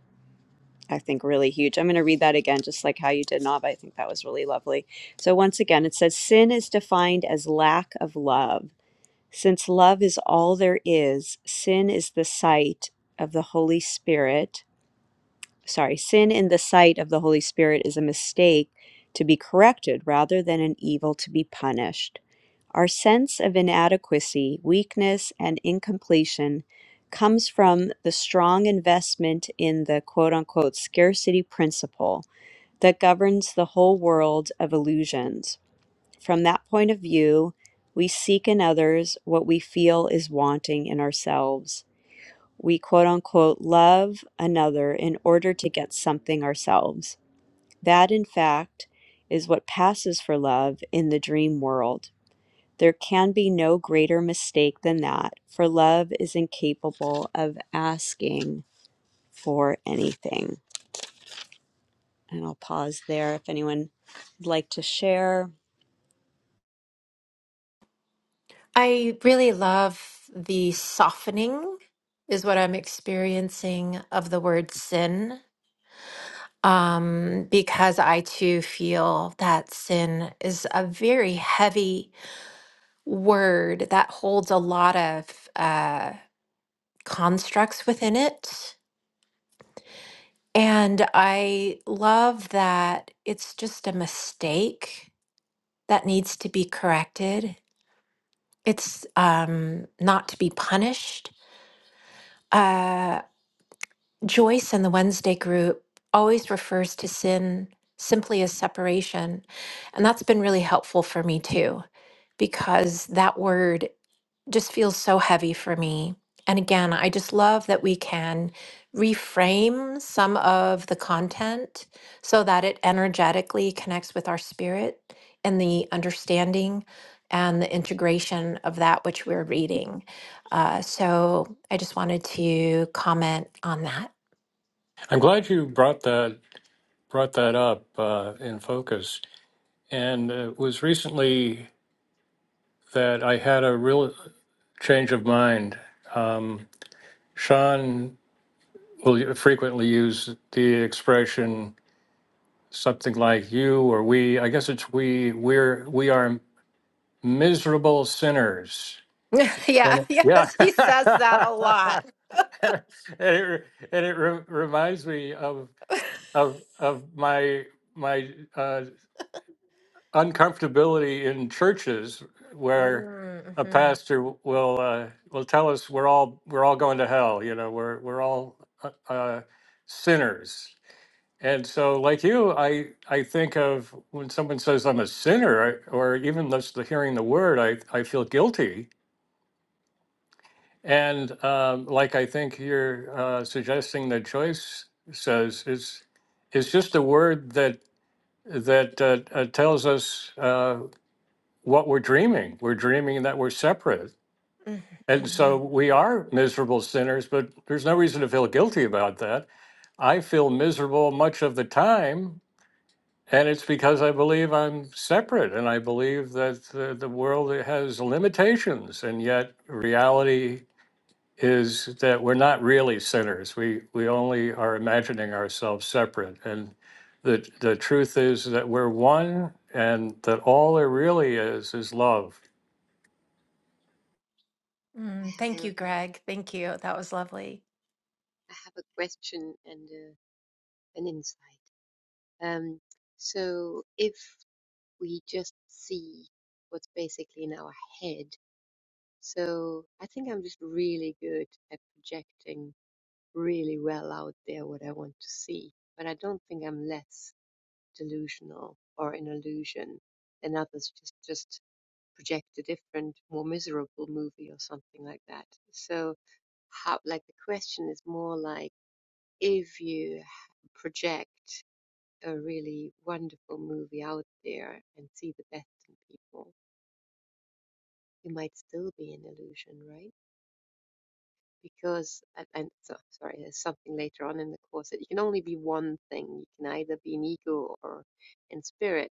I think really huge. I'm going to read that again just like how you did Nava. I think that was really lovely. So once again it says sin is defined as lack of love. Since love is all there is, sin is the sight of the Holy Spirit sorry, sin in the sight of the Holy Spirit is a mistake to be corrected rather than an evil to be punished. Our sense of inadequacy, weakness, and incompletion comes from the strong investment in the quote unquote scarcity principle that governs the whole world of illusions. From that point of view, we seek in others what we feel is wanting in ourselves. We quote unquote love another in order to get something ourselves. That, in fact, is what passes for love in the dream world. There can be no greater mistake than that, for love is incapable of asking for anything. And I'll pause there if anyone would like to share.
I really love the softening, is what I'm experiencing of the word sin, um, because I too feel that sin is a very heavy word that holds a lot of uh, constructs within it. And I love that it's just a mistake that needs to be corrected. It's um, not to be punished Uh, Joyce and the Wednesday group always refers to sin simply as separation. And that's been really helpful for me too, because that word just feels so heavy for me. And again, I just love that we can reframe some of the content so that it energetically connects with our spirit and the understanding and the integration of that which we're reading. Uh, so I just wanted to comment on that.
I'm glad you brought that brought that up uh, in focus. And it was recently that I had a real change of mind. Um, Sean will frequently use the expression something like you or we. I guess it's we. We're we are miserable sinners.
*laughs* yeah,
And it, yeah,
yes,
*laughs*
he
and
says that a lot.
it, and it re- reminds me of of of my my uh, uncomfortability in churches where a
Mm-hmm.
pastor will uh, will tell us we're all we're all going to hell. You know, we're we're all uh, uh, sinners And so, like you, I I think of when someone says I'm a sinner, I, or even just the hearing the word, I I feel guilty. And um, like I think you're uh, suggesting that Joyce says is is just a word that that uh, uh, tells us uh, what we're dreaming. We're dreaming that we're separate, and so we are miserable sinners. But there's no reason to feel guilty about that. I feel miserable much of the time And it's because I believe I'm separate and I believe that the, the world has limitations. And yet, reality is that we're not really sinners. We, we only are imagining ourselves separate. And the, the truth is that we're one and that all there really is is love.
I
Mm,
have
thank you,
a
Greg. Thank you. That was lovely.
I have a question and a, an insight. Um, so if we just see what's basically in our head, so I think I'm just really good at projecting really well out there what I want to see, but I don't think I'm less delusional or an illusion than others. Just just project a different, more miserable movie or something like that. So, how, like, the question is more like if you project a really wonderful movie out there and see the best in people, you might still be in illusion, right? because and, and so, sorry, there's something later on in the course that you can only be one thing. You can either be in ego or in spirit,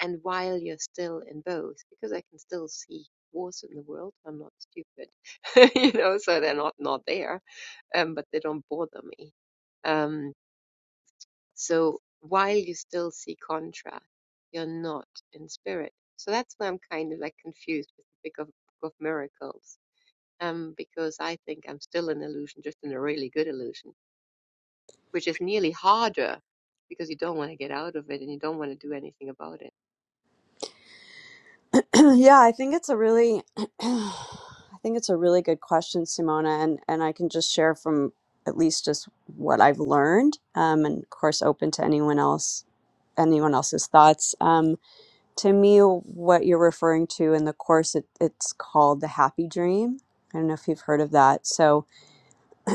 and while you're still in both, because I can still see wars in the world, I'm not stupid, *laughs* you know, so they're not not there, um, but they don't bother me. Um, so while you still see contrast, you're not in spirit. So that's why I'm kind of like confused with the Book of, Book of Miracles um, because I think I'm still in illusion, just in a really good illusion, which is nearly harder because you don't want to get out of it and you don't want to do anything about it.
*clears throat* yeah, I think it's a really *clears throat* I think it's a really good question, Simona, and and I can just share from at least just what I've learned, um, and of course open to anyone else anyone else's thoughts. Um, to me, what you're referring to in the course, it, it's called the happy dream. I don't know if you've heard of that. So,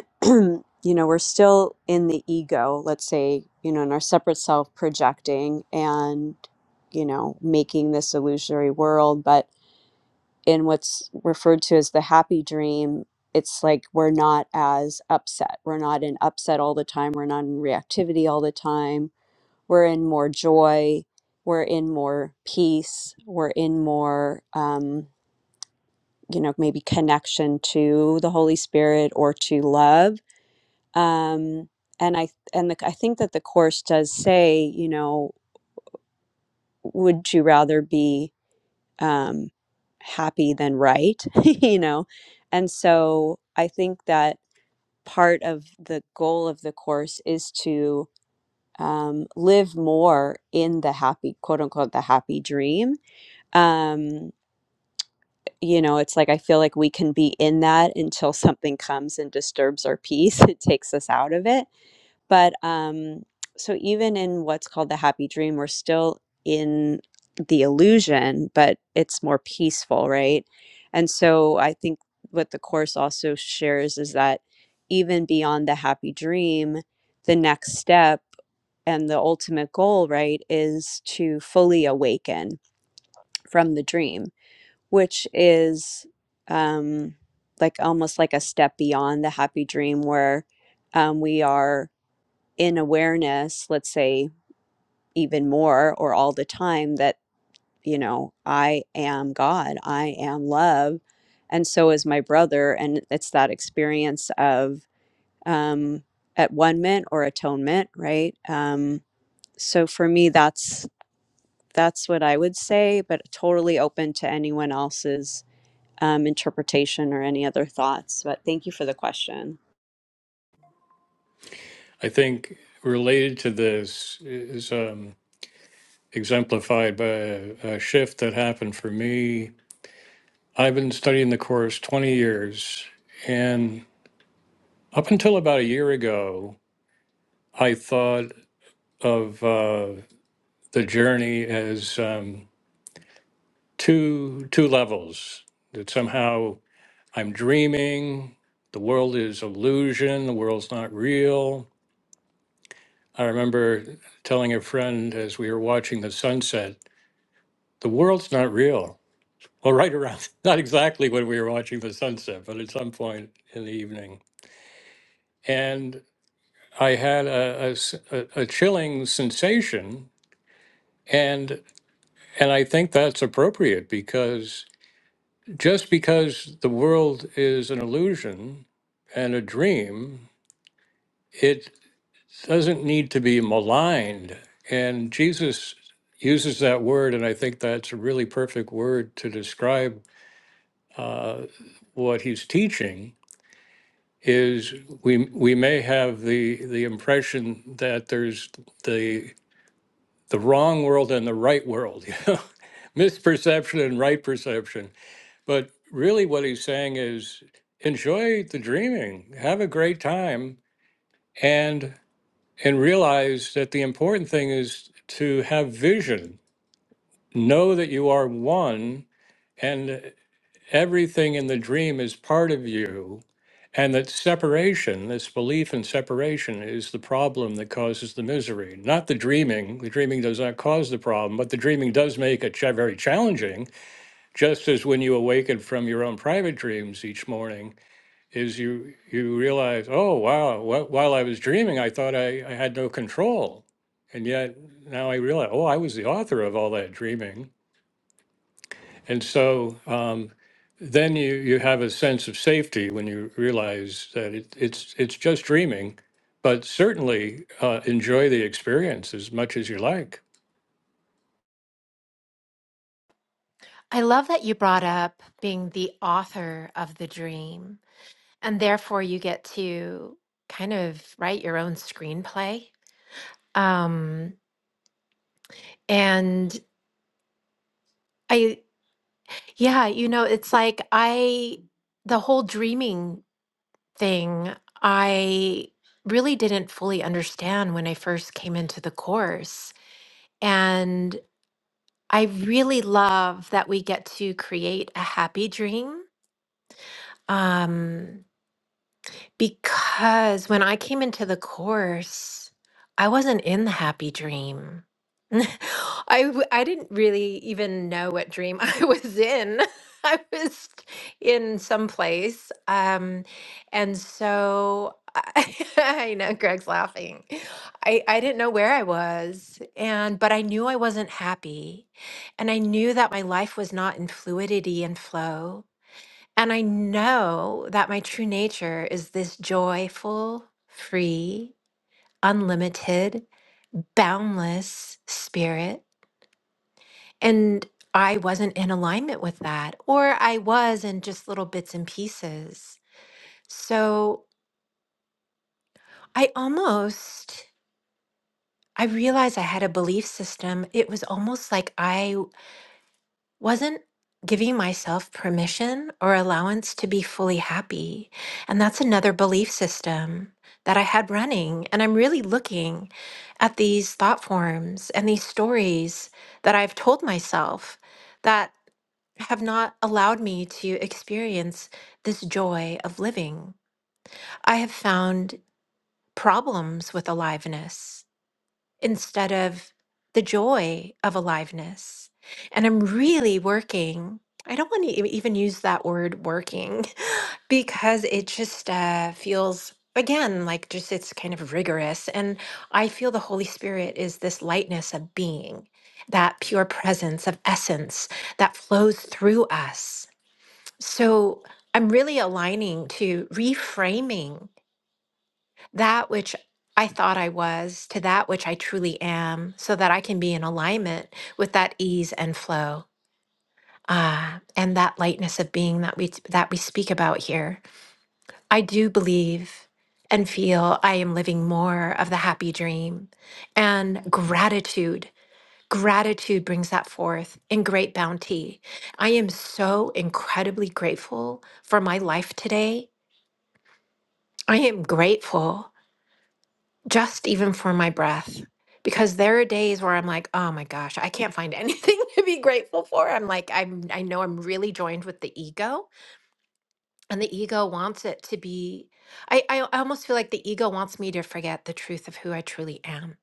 *clears throat* you know, we're still in the ego, let's say, you know, in our separate self projecting and, you know, making this illusory world. But in what's referred to as the happy dream, it's like we're not as upset. We're not in upset all the time. We're not in reactivity all the time. We're in more joy. We're in more peace. We're in more, um, you know, maybe connection to the Holy Spirit or to love. Um, and I and the, I think that the course does say, you know, would you rather be um, happy than right, *laughs* you know? And so I think that part of the goal of the course is to um, live more in the happy, quote unquote, the happy dream. Um, you know, it's like I feel like we can be in that until something comes and disturbs our peace. *laughs* It takes us out of it but um, so even in what's called the happy dream, we're still in the illusion, but it's more peaceful, right? And so I think what the Course also shares is that even beyond the happy dream, the next step and the ultimate goal, right, is to fully awaken from the dream, which is um, like almost like a step beyond the happy dream where um, we are in awareness, let's say even more or all the time, that, you know, I am God, I am love, and so is my brother. And it's that experience of um, at one minute or atonement, right? Um, so for me, that's that's what I would say, but totally open to anyone else's um, interpretation or any other thoughts. But thank you for the question.
I think related to this is um, exemplified by a, a shift that happened for me. I've been studying the Course 20 years. and Up until about a year ago, I thought of uh, the journey as um, two two levels. That somehow I'm dreaming, the world is illusion, the world's not real. I remember telling a friend as we were watching the sunset, the world's not real. Well, right around, *laughs* not exactly when we were watching the sunset, but at some point in the evening. And I had a, a s- a- a chilling sensation. And And I think that's appropriate because just because the world is an illusion and a dream, it doesn't need to be maligned. And Jesus uses that word, and I think that's a really perfect word to describe uh, what he's teaching. Is we we may have the the impression that there's the the wrong world and the right world, *laughs* you know, misperception and right perception But really, what he's saying is enjoy the dreaming, have a great time, and and realize that the important thing is to have vision. Know that you are one, and everything in the dream is part of you, and that separation, this belief in separation, is the problem that causes the misery, not the dreaming. The dreaming does not cause the problem, but the dreaming does make it cha- very challenging. Just as when you awaken from your own private dreams each morning is you you realize, oh wow, wh- while I was dreaming, I thought I, I had no control, and yet now I realize, oh, I was the author of all that dreaming, and so um, then you you have a sense of safety when you realize that it, it's it's just dreaming, but certainly uh, enjoy the experience as much as you like.
I love that you brought up being the author of the dream, and therefore you get to kind of write your own screenplay. Um, and I, yeah, you know, it's like I, the whole dreaming thing, I really didn't fully understand when I first came into the course. I really love that we get to create a happy dream. Um, because when I came into the course, I wasn't in the happy dream. *laughs* I w- I didn't really even know what dream *laughs* I was in. *laughs* I was in some place, um, and so I, *laughs* I know Greg's laughing. I I didn't know where I was, and but I knew I wasn't happy, and I knew that my life was not in fluidity and flow. And I know that my true nature is this joyful, free, unlimited, boundless spirit. And I wasn't in alignment with that, or I was in just little bits and pieces. So I almost. I realized I had a belief system. It was almost like I wasn't giving myself permission or allowance to be fully happy. And that's another belief system that I had running. And I'm really looking at these thought forms and these stories that I've told myself that have not allowed me to experience this joy of living. I have found problems with aliveness instead of the joy of aliveness. And I'm really working. I don't want to even use that word working *laughs* because it just uh, feels, again, like just it's kind of rigorous. And I feel the Holy Spirit is this lightness of being, that pure presence of essence that flows through us. So I'm really aligning to reframing that which I thought I was to that which I truly am, so that I can be in alignment with that ease and flow uh, and that lightness of being that we that we speak about here. I do believe and feel I am living more of the happy dream and gratitude. Gratitude brings that forth in great bounty. I am so incredibly grateful for my life today. I am grateful just even for my breath because there are days where i'm like oh my gosh i can't find anything *laughs* to be grateful for i'm like i'm i know i'm really joined with the ego and the ego wants it to be i i I almost feel like the ego wants me to forget the truth of who i truly am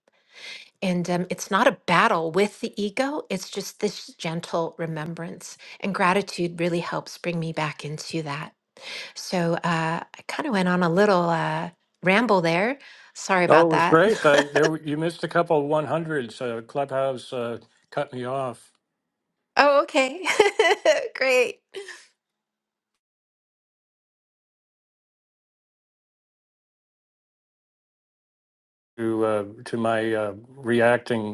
and um, it's not a battle with the ego it's just this gentle remembrance and gratitude really helps bring me back into that so uh, i kind of went on a little uh, ramble there Sorry
Oh, it
about
was great. Uh,
that. *laughs*
there were- you missed a couple one hundreds. Uh, Clubhouse uh, cut me off
Oh, okay. *laughs* Great.
to uh, to my uh, reacting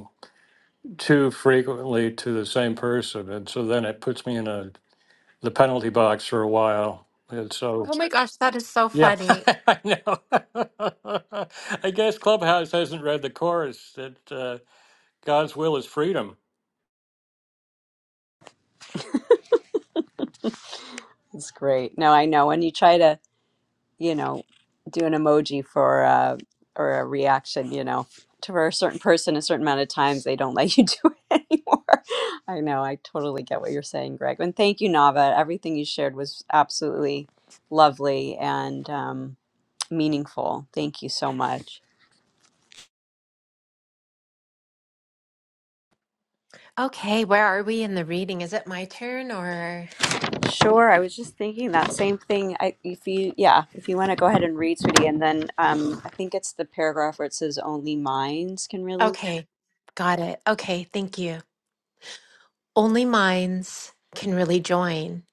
too frequently to the same person, and so then it puts me in a the penalty box for a while. And so
Oh my gosh, that is so
*laughs*
funny.
I know. *laughs* I guess Clubhouse hasn't read the chorus that uh, God's will is freedom.
It's great. No, I know when you try to you know, do an emoji for uh or a reaction, you know, to for a certain person a certain amount of times they don't let you *laughs* do it anymore. I know, I totally get what you're saying, Greg. And thank you, Nava. Everything you shared was absolutely lovely and um, meaningful. Thank you so much.
Okay, where are we in the reading? Is it my turn or?
Sure, I was just thinking that same thing. I, if you, yeah, if you want to go ahead and read, sweetie, and then um, I think it's the paragraph where it says only minds can really.
Okay, got it. Okay, thank you. Only minds can really join,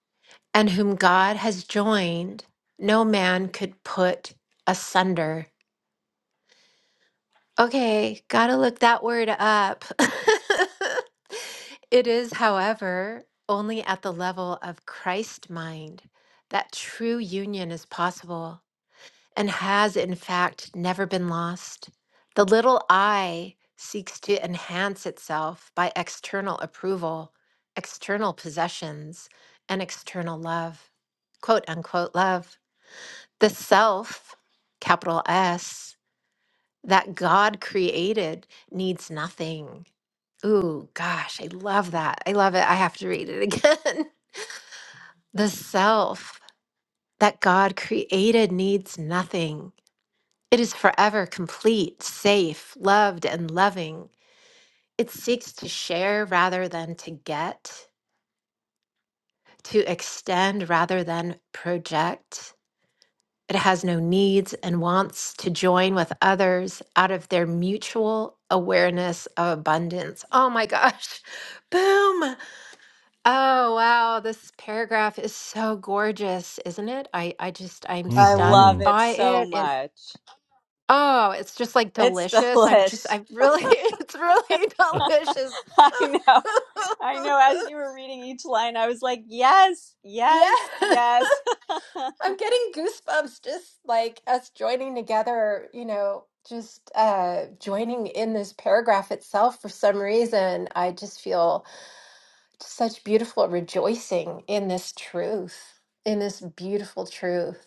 and whom God has joined, no man could put asunder. Okay, gotta look that word up. *laughs* It is, however, only at the level of Christ mind that true union is possible. and has in fact never been lost. The little I seeks to enhance itself by external approval, external possessions, and external love, quote unquote love. The self, capital S, that God created needs nothing. Ooh, gosh, I love that. I love it. I have to read it again. *laughs* the self that God created needs nothing It is forever complete, safe, loved, and loving. It seeks to share rather than to get, to extend rather than project. It has no needs and wants to join with others out of their mutual awareness of abundance. Oh my gosh. *laughs* Boom. Oh wow, this paragraph is so gorgeous, isn't it? I I just I'm
I
stunned
love
hmm
it
by
so
it.
much.
Oh, it's just like
It's
delicious. I'm just,
delish.
I really, *laughs* it's really *laughs* delicious.
*laughs* I know. I know. As
*laughs*
you were reading each line, I was like, yes,
Yeah,
yes,
*laughs*
yes. *laughs*
I'm getting goosebumps just like us joining together, you know, just uh joining in this paragraph itself for some reason. I just feel such beautiful rejoicing in this truth, in this beautiful truth.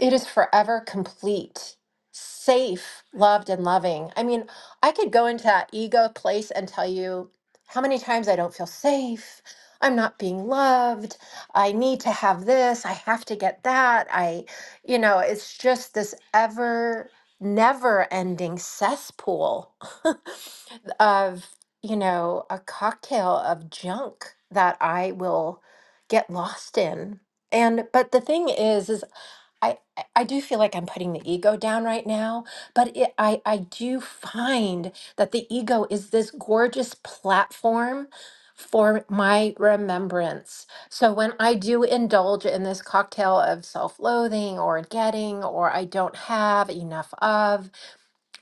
It is forever complete, safe, loved, and loving. I mean, I could go into that ego place and tell you how many times I don't feel safe. I'm not being loved. I need to have this. I have to get that. I, you know, it's just this ever, never ending cesspool *laughs* of you know, a cocktail of junk that I will get lost in. And but the thing is is I I I do feel like I'm putting the ego down right now, but it, I I do find that the ego is this gorgeous platform for my remembrance. So when I do indulge in this cocktail of self-loathing or getting or I don't have enough of,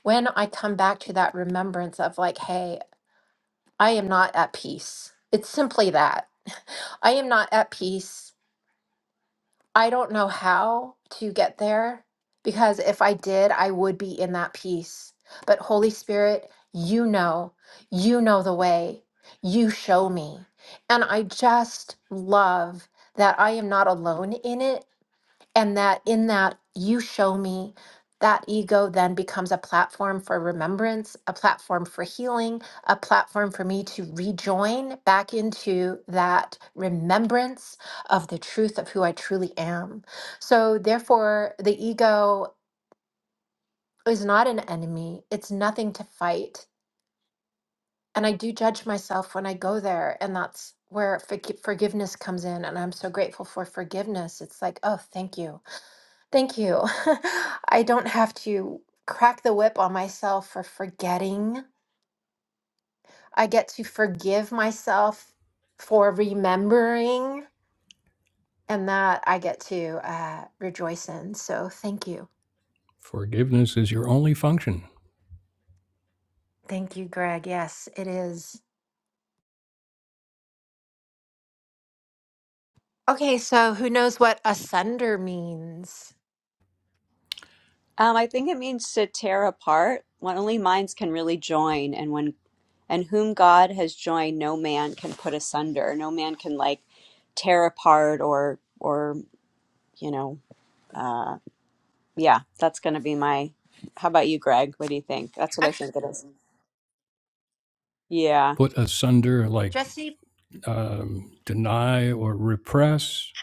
when I come back to that remembrance of like, hey, I am not at peace. It's simply that. I am not at peace. I don't know how to get there because if I did, I would be in that peace. But Holy Spirit, you know, you know the way. You show me. And I just love that I am not alone in it and that in that you show me that ego then becomes a platform for remembrance a platform for healing a platform for me to rejoin back into that remembrance of the truth of who i truly am so therefore the ego is not an enemy it's nothing to fight and i do judge myself when i go there and that's where forgi- forgiveness comes in and i'm so grateful for forgiveness it's like oh thank you Thank you. *laughs* I don't have to crack the whip on myself for forgetting. I get to forgive myself for remembering, and that I get to uh, rejoice in. So thank you.
Action.
Thank you, Greg. Yes, it is. Okay, so who knows what asunder means?
Um, I think it means to tear apart. When only minds can really join, and when and whom God has joined, no man can put asunder. No man can like tear apart or or you know, uh, yeah. That's gonna be my. How about you, Greg? What do you think? That's what I
Actually,
think it is. Yeah,
Put asunder like
Jesse
um, deny or repress.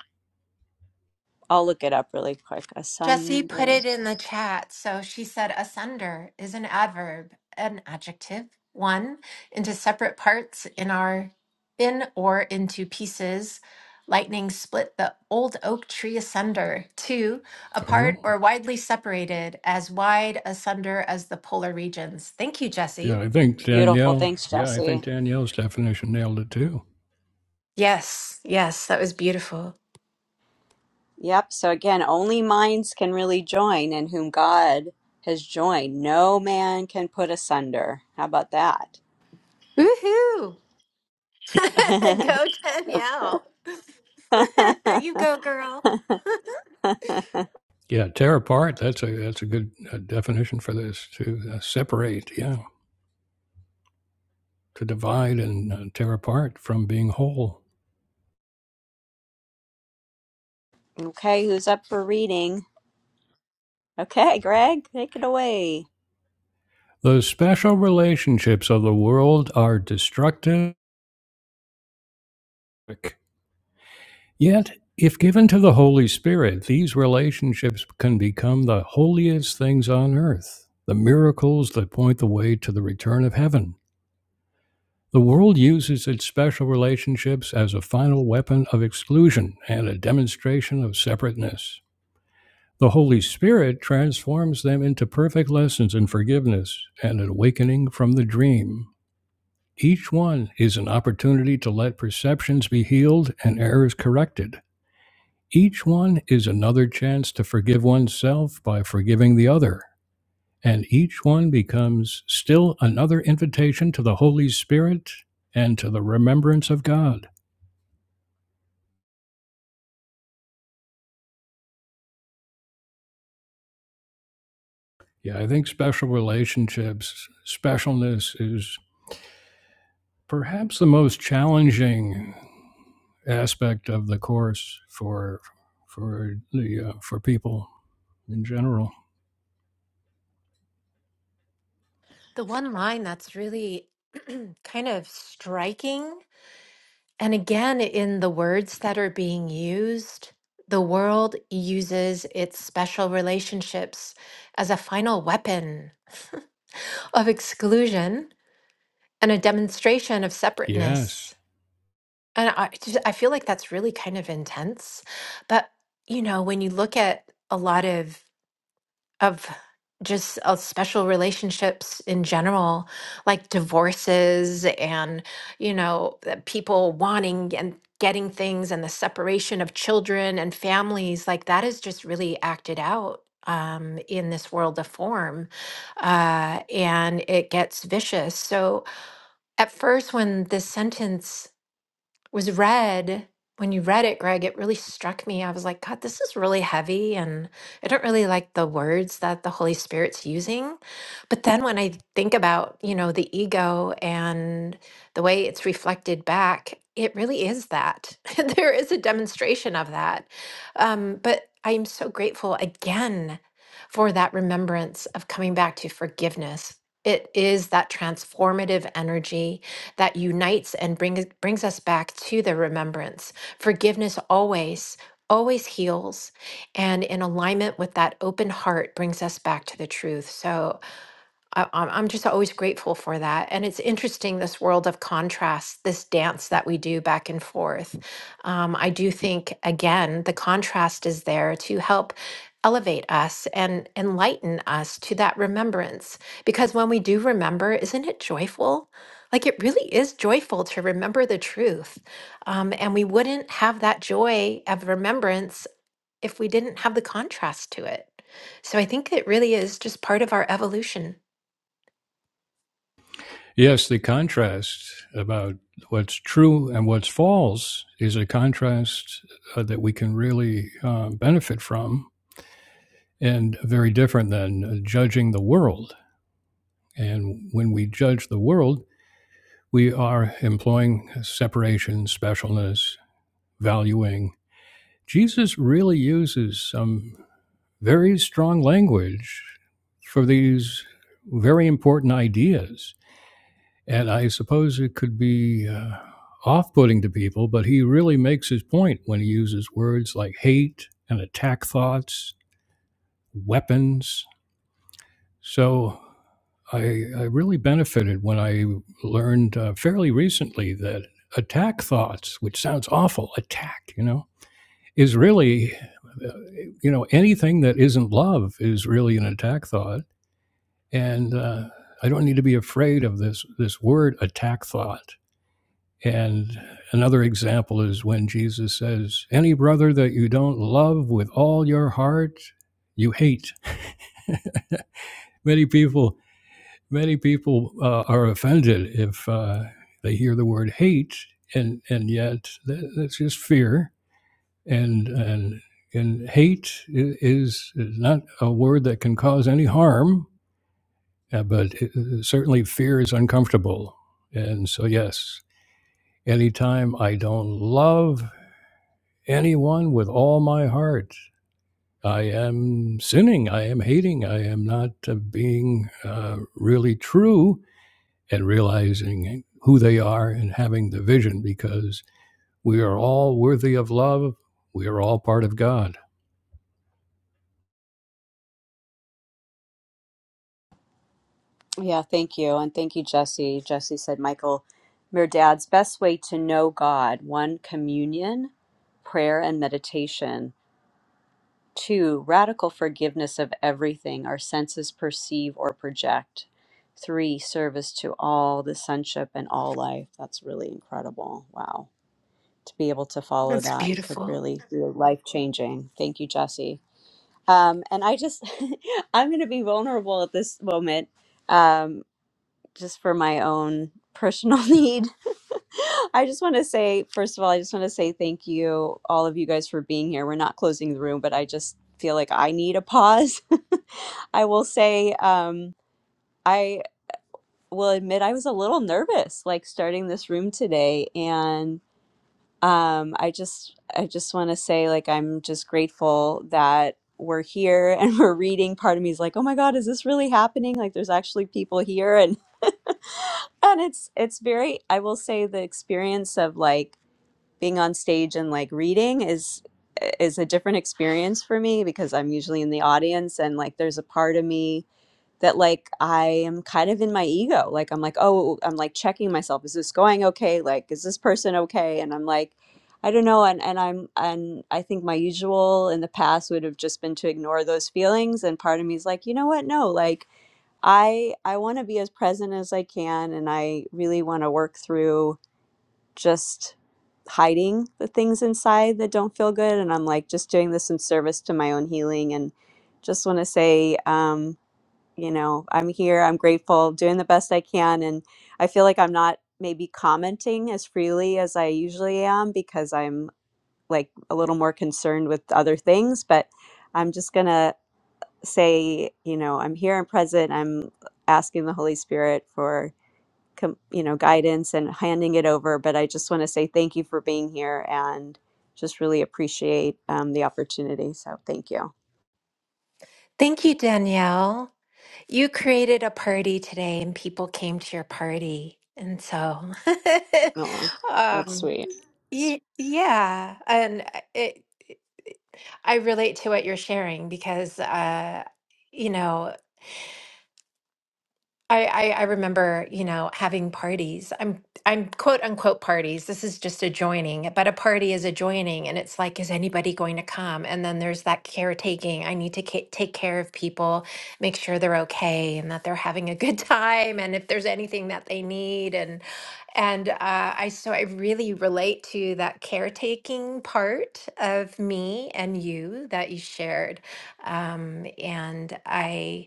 I'll look it up really quick.
Jesse
Asunder.
put it in the chat. So she said, asunder is an adverb, an adjective, one into separate parts in our in or into pieces. Lightning split the old oak tree asunder. Two, apart or
Oh,
widely separated, as wide asunder as the polar regions. Thank you,
yeah,
Jesse.
I think
Beautiful.
Danielle.
Thanks,
Yeah, I
Jesse.
think Danielle's definition nailed it too.
Yes, yes, that was beautiful.
Yep. So again, only minds can really join, and whom God has joined, no man can put asunder. How about that?
Woohoo! *laughs* go Danielle. *laughs*
*laughs*
you go, girl. *laughs*
Yeah, tear apart. That's a that's a good uh, definition for this to uh, separate. Yeah, to divide and uh, tear apart from being whole.
okay, who's up for reading? Okay, Greg, take it away.
The special relationships of the world are destructive, yet, if given to the Holy Spirit, these relationships can become the holiest things on earth, the miracles that point the way to the return of heaven. The world uses its special relationships as a final weapon of exclusion and a demonstration of separateness. The Holy Spirit transforms them into perfect lessons in forgiveness and an awakening from the dream. Each one is an opportunity to let perceptions be healed and errors corrected. Each one is another chance to forgive oneself by forgiving the other. And each one becomes still another invitation to the Holy Spirit and to the remembrance of God. Yeah, I think special relationships, specialness is perhaps the most challenging aspect of the course for for the uh, for people in general.
The one line that's really *clears throat* kind of striking, and again, in the words that are being used, the world uses its special relationships as a final weapon *laughs* of exclusion and a demonstration of
Yes.
separateness. And I just, I feel like that's really kind of intense. But, you know, when you look at a lot of of just uh, special relationships in general, like divorces and, you know, the people wanting and getting things and the separation of children and families. Like that is just really acted out um, in this world of form. Uh, and it gets vicious. So at first, when this sentence, was read, when you read it, Greg, it really struck me. I was like, God, this is really heavy. And I don't really like the words that the Holy Spirit's using. But then when I think about, you know, the ego and the way it's reflected back, it really is that. *laughs* there is a demonstration of that. Um, but I am so grateful again for that remembrance of coming back to forgiveness. It is that transformative energy that unites and brings brings us back to the remembrance. Forgiveness always always heals and in alignment with that open heart brings us back to the truth. So I, I'm I'm just always grateful for that. And it's interesting, this world of contrast, this dance that we do back and forth. Um, I do think, again, the contrast is there to help elevate us and enlighten us to that remembrance. Because when we do remember, isn't it joyful? Like it really is joyful to remember the truth. Um, and we wouldn't have that joy of remembrance if we didn't have the contrast to it. So I think it really is just part of our evolution.
Yes, the contrast about what's true and what's false is a contrast uh, that we can really uh, benefit from and very different than uh, judging the world. And when we judge the world, we are employing separation, specialness, valuing. Jesus really uses some very strong language for these very important ideas And I suppose it could be uh, off putting to people, but he really makes his point when he uses words like hate and attack thoughts, weapons. So I, I really benefited when I learned uh, fairly recently that attack thoughts, which sounds awful, attack, you know, is really, uh, you know, anything that isn't love is really an attack thought. And uh, I don't need to be afraid of this this word attack thought. And another example is when Jesus says, Any brother that you don't love with all your heart, you hate. *laughs* many people, many people uh, are offended if uh, they hear the word hate, and and yet that, that's just fear. And and and hate is, is not a word that can cause any harm, uh, but it, certainly fear is uncomfortable. And so yes, anytime I don't love anyone with all my heart. I am sinning. I am hating. I am not uh, being uh, really true and realizing who they are and having the vision because we are all worthy of love. We are all part of God.
Yeah, thank you. And thank you, Jesse. Jesse said, Michael Merdad's best way to know God, one communion, prayer, and meditation. Two, radical forgiveness of everything our senses perceive or project. Three, service to all, the sonship and all life. That's really incredible. Wow. To be able to follow
That's
that could
beautiful.
really be life changing. Thank you, Jesse. Um, and I just, *laughs* I'm going to be vulnerable at this moment um, just for my own personal *laughs* need. *laughs* I just want to say, first of all, I just want to say thank you, all of you guys, for being here. We're not closing the room, but I just feel like I need a pause. *laughs* I will say, um, I will admit I was a little nervous, like starting this room today, and um, I just, I just want to say, like, I'm just grateful that we're here and *laughs* we're reading. Part of me is like, oh my God, is this really happening? Like, there's actually people here, and *laughs* and it's, it's very. I will say the experience of like being on stage and like reading is is a different experience for me because I'm usually in the audience and like there's a part of me that like I am kind of in my ego. Like I'm like, "Oh, I'm like checking myself. Is this going okay? Like is this person okay?" And I'm like I don't know and and I'm and I think my usual in the past would have just been to ignore those feelings and part of me is like, "You know what? No, like I I want to be as present as I can and I really want to work through just hiding the things inside that don't feel good. And I'm like just doing this in service to my own healing. And just want to say, um, you know, I'm here, I'm grateful, doing the best I can. And I feel like I'm not maybe commenting as freely as I usually am because I'm like a little more concerned with other things. But I'm just going to say, you know, I'm here, I'm present, I'm asking the Holy Spirit for com- you know guidance and handing it over but i just want to say thank you for being here and just really appreciate um, the opportunity so thank you
Thank you, Danielle. You created a party today and people came to your party. And so, *laughs*
oh that's
um,
sweet
y- yeah. And uh, it, I relate to what you're sharing because, uh, you know, I, I I remember, you know, having parties. I'm I'm quote unquote parties. This is just a joining, but a party is a joining, and it's like, is anybody going to come? And then there's that caretaking. I need to ca- take care of people, make sure they're okay, and that they're having a good *laughs* time, and if there's anything that they need, and and uh, I so I really relate to that caretaking part of me and you that you shared, um, and I.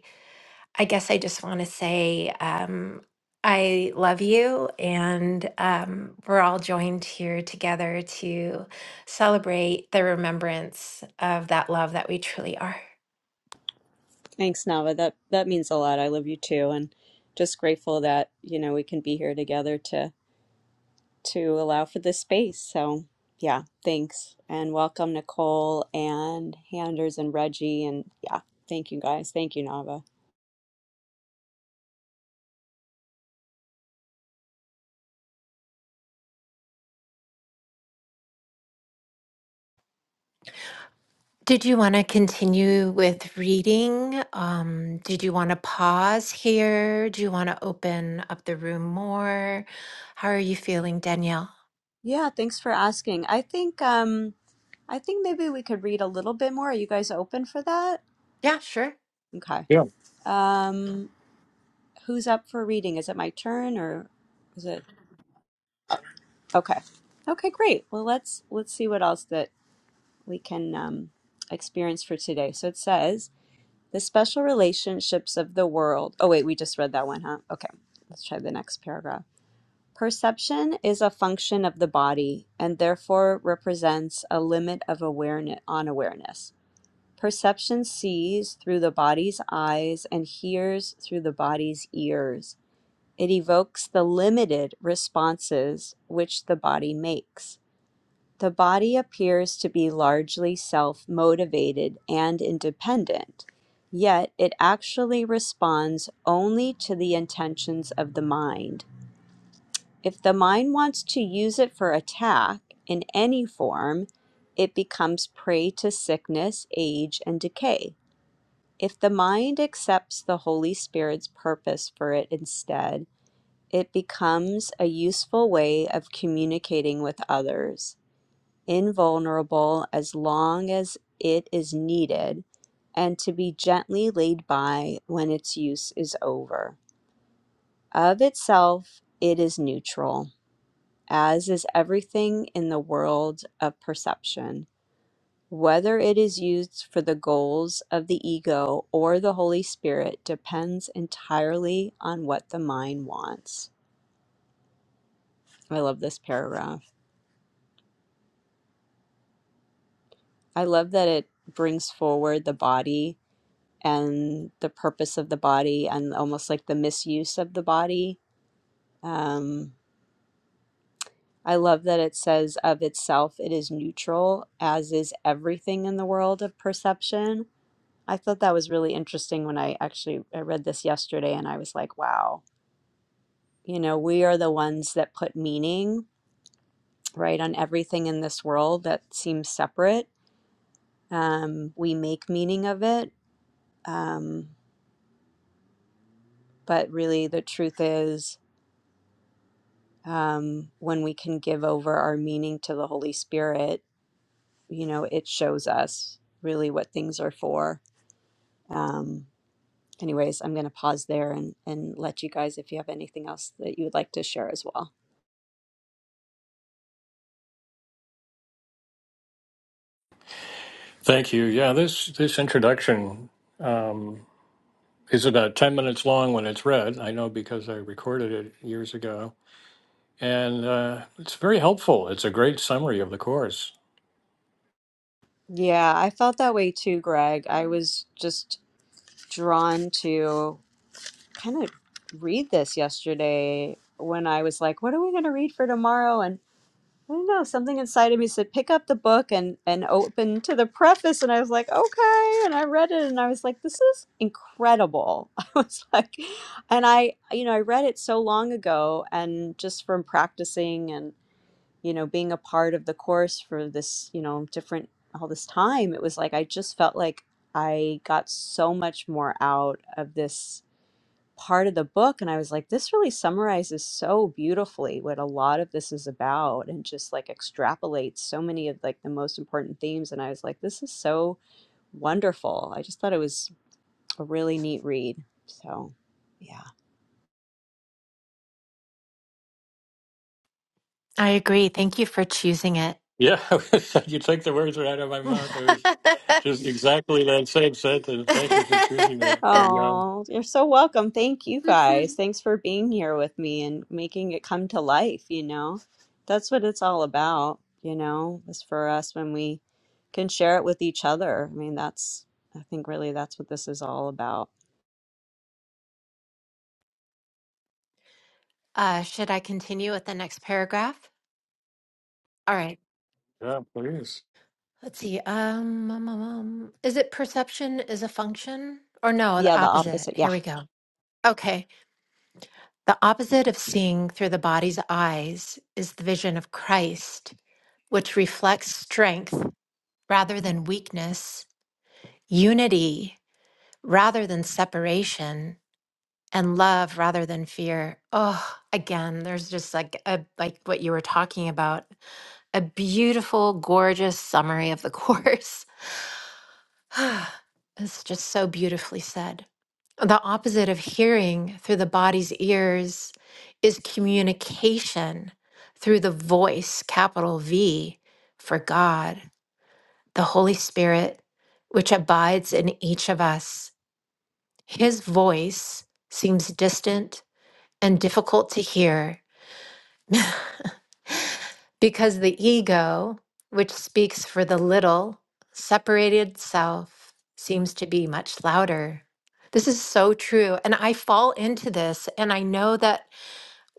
I guess I just want to say um, I love you, and um, we're all joined here together to celebrate the remembrance of that love that we truly are.
thanks nava that that means a lot i love you too and just grateful that you know we can be here together to to allow for this space so yeah thanks and welcome nicole and handers and reggie and yeah thank you guys thank you nava
Did you want to continue with reading? Um, did you want to pause here? Do you want to open up the room more? How are you feeling, Danielle?
yeah thanks for asking i think um I think maybe we could read a little bit more. Are you guys open for that?
Yeah, sure.
Okay. Um, who's up for reading? Is it my turn or is it okay? Okay, great. Well, let's let's see what else that we can um, experience for today. So it says the special relationships of the world. Oh wait, we just read that one, huh? Okay. Let's try the next paragraph. Perception is a function of the body and therefore represents a limit of awareness on awareness. Perception sees through the body's eyes and hears through the body's ears. It evokes the limited responses which the body makes. The body appears to be largely self motivated and independent, yet it actually responds only to the intentions of the mind. If the mind wants to use it for attack in any form, it becomes prey to sickness, age, and decay. If the mind accepts the Holy Spirit's purpose for it instead, it becomes a useful way of communicating with others, invulnerable as long as it is needed, and to be gently laid by when its use is over. Of itself, it is neutral, as is everything in the world of perception whether it is used for the goals of the ego or the Holy Spirit depends entirely on what the mind wants. I love this paragraph. I love that it brings forward the body and the purpose of the body and almost like the misuse of the body. Um, I love that it says of itself it is neutral, as is everything in the world of perception. I thought that was really interesting when I actually I read this yesterday and I was like, wow You know, we are the ones that put meaning, right, on everything in this world that seems separate. Um, we make meaning of it. Um, but really, the truth is, um, when we can give over our meaning to the Holy Spirit, you know, it shows us really what things are for. Um, anyways, I'm going to pause there and, and let you guys, if you have anything else that you would like to share as well.
Thank you. Yeah, this this introduction um, is about ten minutes long when it's read. I know because I recorded it years ago, and uh, it's very helpful. It's a great summary of the course.
Yeah, I felt that way too, Greg. I was just drawn to. kind of read this yesterday when I was like, what are we going to read for tomorrow? And I don't know, something inside of me said, pick up the book and, and open to the preface. And I was like, okay. And I read it and I was like, this is incredible. *laughs* I was like, and I, you know, I read it so long ago and just from practicing and, you know, being a part of the course for this, you know, different, all this time, it was like, I just felt like I got so much more out of this part of the book and I was like this really summarizes so beautifully what a lot of this is about and just like extrapolates so many of like the most important themes and I was like this is so wonderful. I just thought it was a really neat read. So, yeah.
I agree. Thank you for choosing it.
Yeah, *laughs* you took the words right out of my mouth. I was just exactly that same sentence. Thank you for choosing that. And, um,
Oh, you're so welcome. Thank you
*laughs* *laughs*
guys. Thanks for being here with me and making it come to life, you know. That's what it's all about, you know, is for us when we can share it with each other. I mean, that's I think really that's what this is all about.
Uh, should I continue with the next paragraph? All right.
yeah, please.
Let's see. Um, um, um, um, is it perception is a function? Or no,
Yeah,
the
the
opposite.
opposite. Yeah.
Here we go. Okay. The opposite of seeing through the body's eyes is the vision of Christ, which reflects strength rather than weakness, unity rather than separation, and love rather than fear. Oh, again, there's just like a like what you were talking about a beautiful, gorgeous summary of the *laughs* course. *sighs* it's just so beautifully said. The opposite of hearing through the body's ears is communication through the voice, capital V, for God, the Holy Spirit, which abides in each of us. His voice seems distant and difficult to hear Because the ego, which speaks for the little, separated self, seems to be much louder. This is so true. And I fall into this. And I know that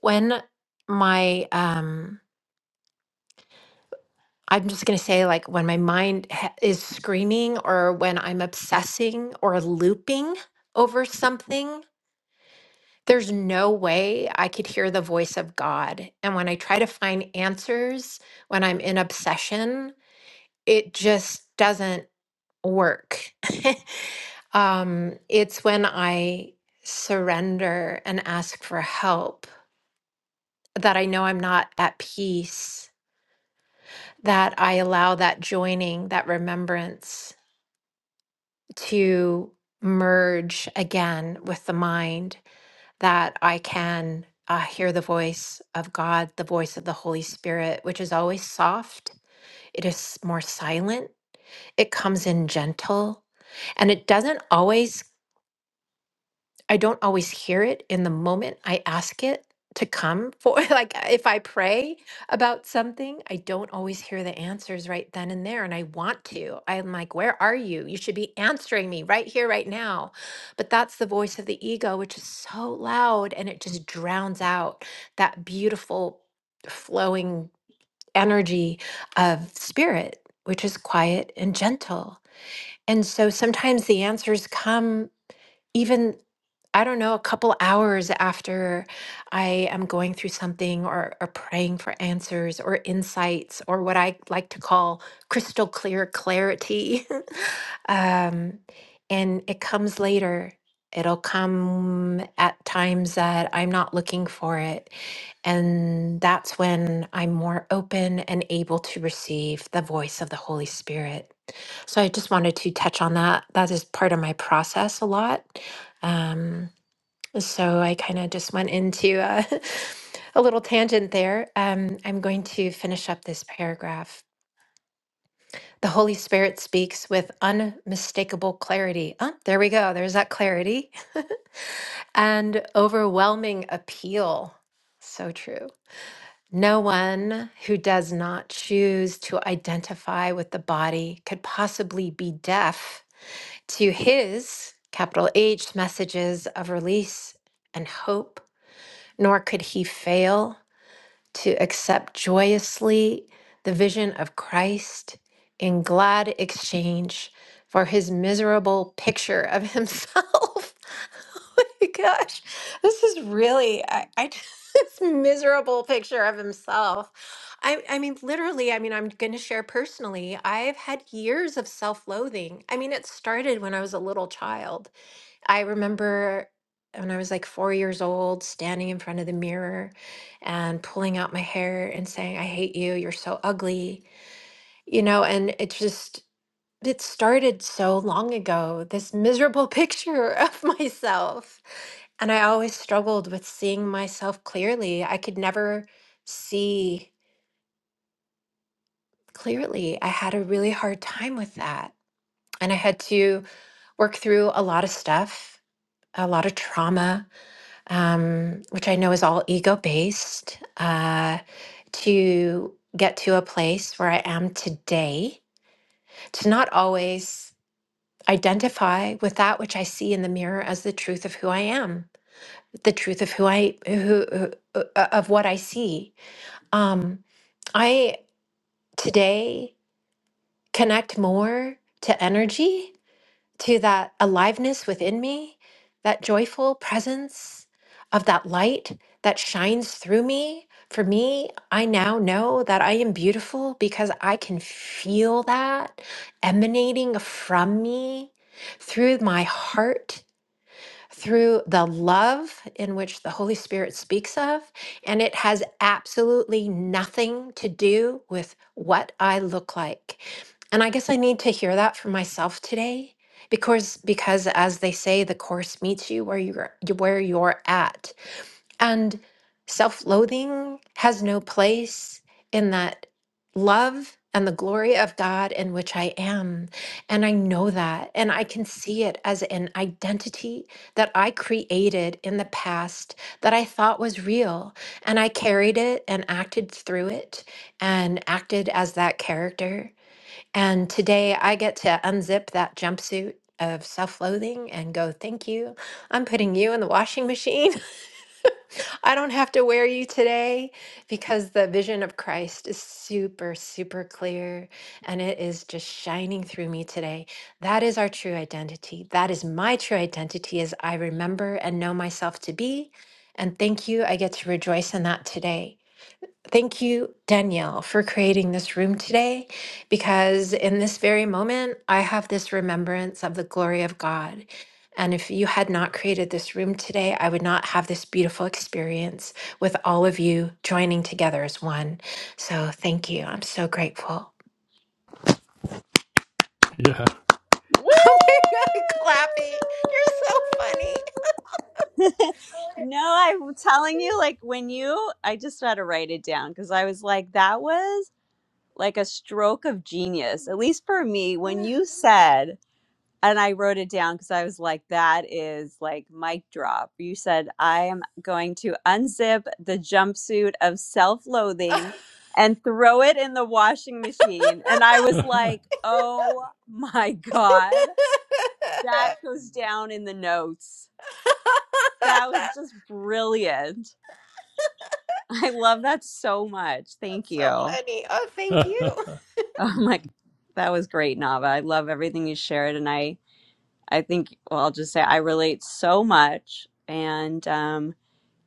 when my, um, I'm just going to say, like, when my mind ha- is screaming or when I'm obsessing or looping over something, there's no way I could hear the voice of God. And when I try to find answers, when I'm in obsession, it just doesn't work. *laughs* um, it's when I surrender and ask for help that I know I'm not at peace, that I allow that joining, that remembrance to merge again with the mind, that I can uh, hear the voice of God, the voice of the Holy Spirit, which is always soft, it is more silent It comes in gentle and it doesn't always, I don't always hear it in the moment I ask it to come for. *laughs* Like if I pray about something, I don't always hear the answers right then and there. And I want to. I'm like, where are you? You should be answering me right here, right now. But that's the voice of the ego, which is so loud and it just drowns out that beautiful flowing energy of spirit, which is quiet and gentle. And so sometimes the answers come even, I don't know, a couple hours after I am going through something or, or praying for answers or insights or what I like to call crystal clear clarity. *laughs* um, and it comes later. It'll come at times that I'm not looking for it. And that's when I'm more open and able to receive the voice of the Holy Spirit. So I just wanted to touch on that. That is part of my process a lot. Um, so I kind of just went into a, *laughs* a little tangent there. Um, I'm going to finish up this paragraph. The Holy Spirit speaks with unmistakable clarity. Oh, there we go. There's that clarity *laughs* and overwhelming appeal. So true. No one who does not choose to identify with the body could possibly be deaf to his capital H messages of release and hope, nor could he fail to accept joyously the vision of Christ in glad exchange for his miserable picture of himself. *laughs* oh my gosh, this is really I, I *laughs* this miserable picture of himself. I, I mean, literally, I mean, I'm going to share personally. I've had years of self loathing. I mean, it started when I was a little child I remember when I was like four years old, standing in front of the mirror and pulling out my hair and saying, I hate you. You're so ugly. You know, and it just, it started so long ago, this miserable *laughs* picture of myself. And I always struggled with seeing myself clearly. I could never see clearly. I had a really hard time with that. And I had to work through a lot of stuff, a lot of trauma um, which I know is all ego based, uh, to get to a place where I am today, to not always identify with that which I see in the mirror as the truth of who I am, the truth of who I who, who uh, uh, of what I see. Um, I today connect more to energy to that aliveness within me, that joyful presence of that light that shines through me. For me, I now know that I am beautiful because I can feel that emanating from me through my heart through the love in which the Holy Spirit speaks of. And it has absolutely nothing to do with what I look like. And I guess I need to hear that for myself today because because as they say the course meets you where you're where you're at and self loathing has no place in that love and the glory of God in which I am. And I know that. And I can see it as an identity that I created in the past that I thought was real. And I carried it and acted through it and acted as that character. And today I get to unzip that jumpsuit. Of self loathing and go, thank you. I'm putting you in the washing machine. *laughs* I don't have to wear you today because the vision of Christ is super, super clear and it is just shining through me today. That is our true identity. That is my true identity as I remember and know myself to be. And thank you. I get to rejoice in that today. Thank you, Danielle, for creating this room today, because in this very moment, I have this remembrance of the glory of God. And if you had not created this room today, I would not have this beautiful experience with all of you joining together as one. So thank you. I'm so grateful.
Yeah.
*laughs* Oh my God, clapping. You're so funny.
*laughs* No, I'm telling you, like when you I just had to write it down because I was like, that was like a stroke of genius, at least for me, when you said and I wrote it down because I was like, that is like mic drop. You said, I am going to unzip the jumpsuit of self
*laughs*
loathing and throw it in the washing machine. And I was like, oh my God, that goes down in the notes. That was just brilliant. I love that so much.
That's
Thank you.
so
Oh
funny. Oh, thank you.
*laughs*
my, that was great, Nava. I love everything you shared. And I, I think, well, I'll just say I relate so much. And, um,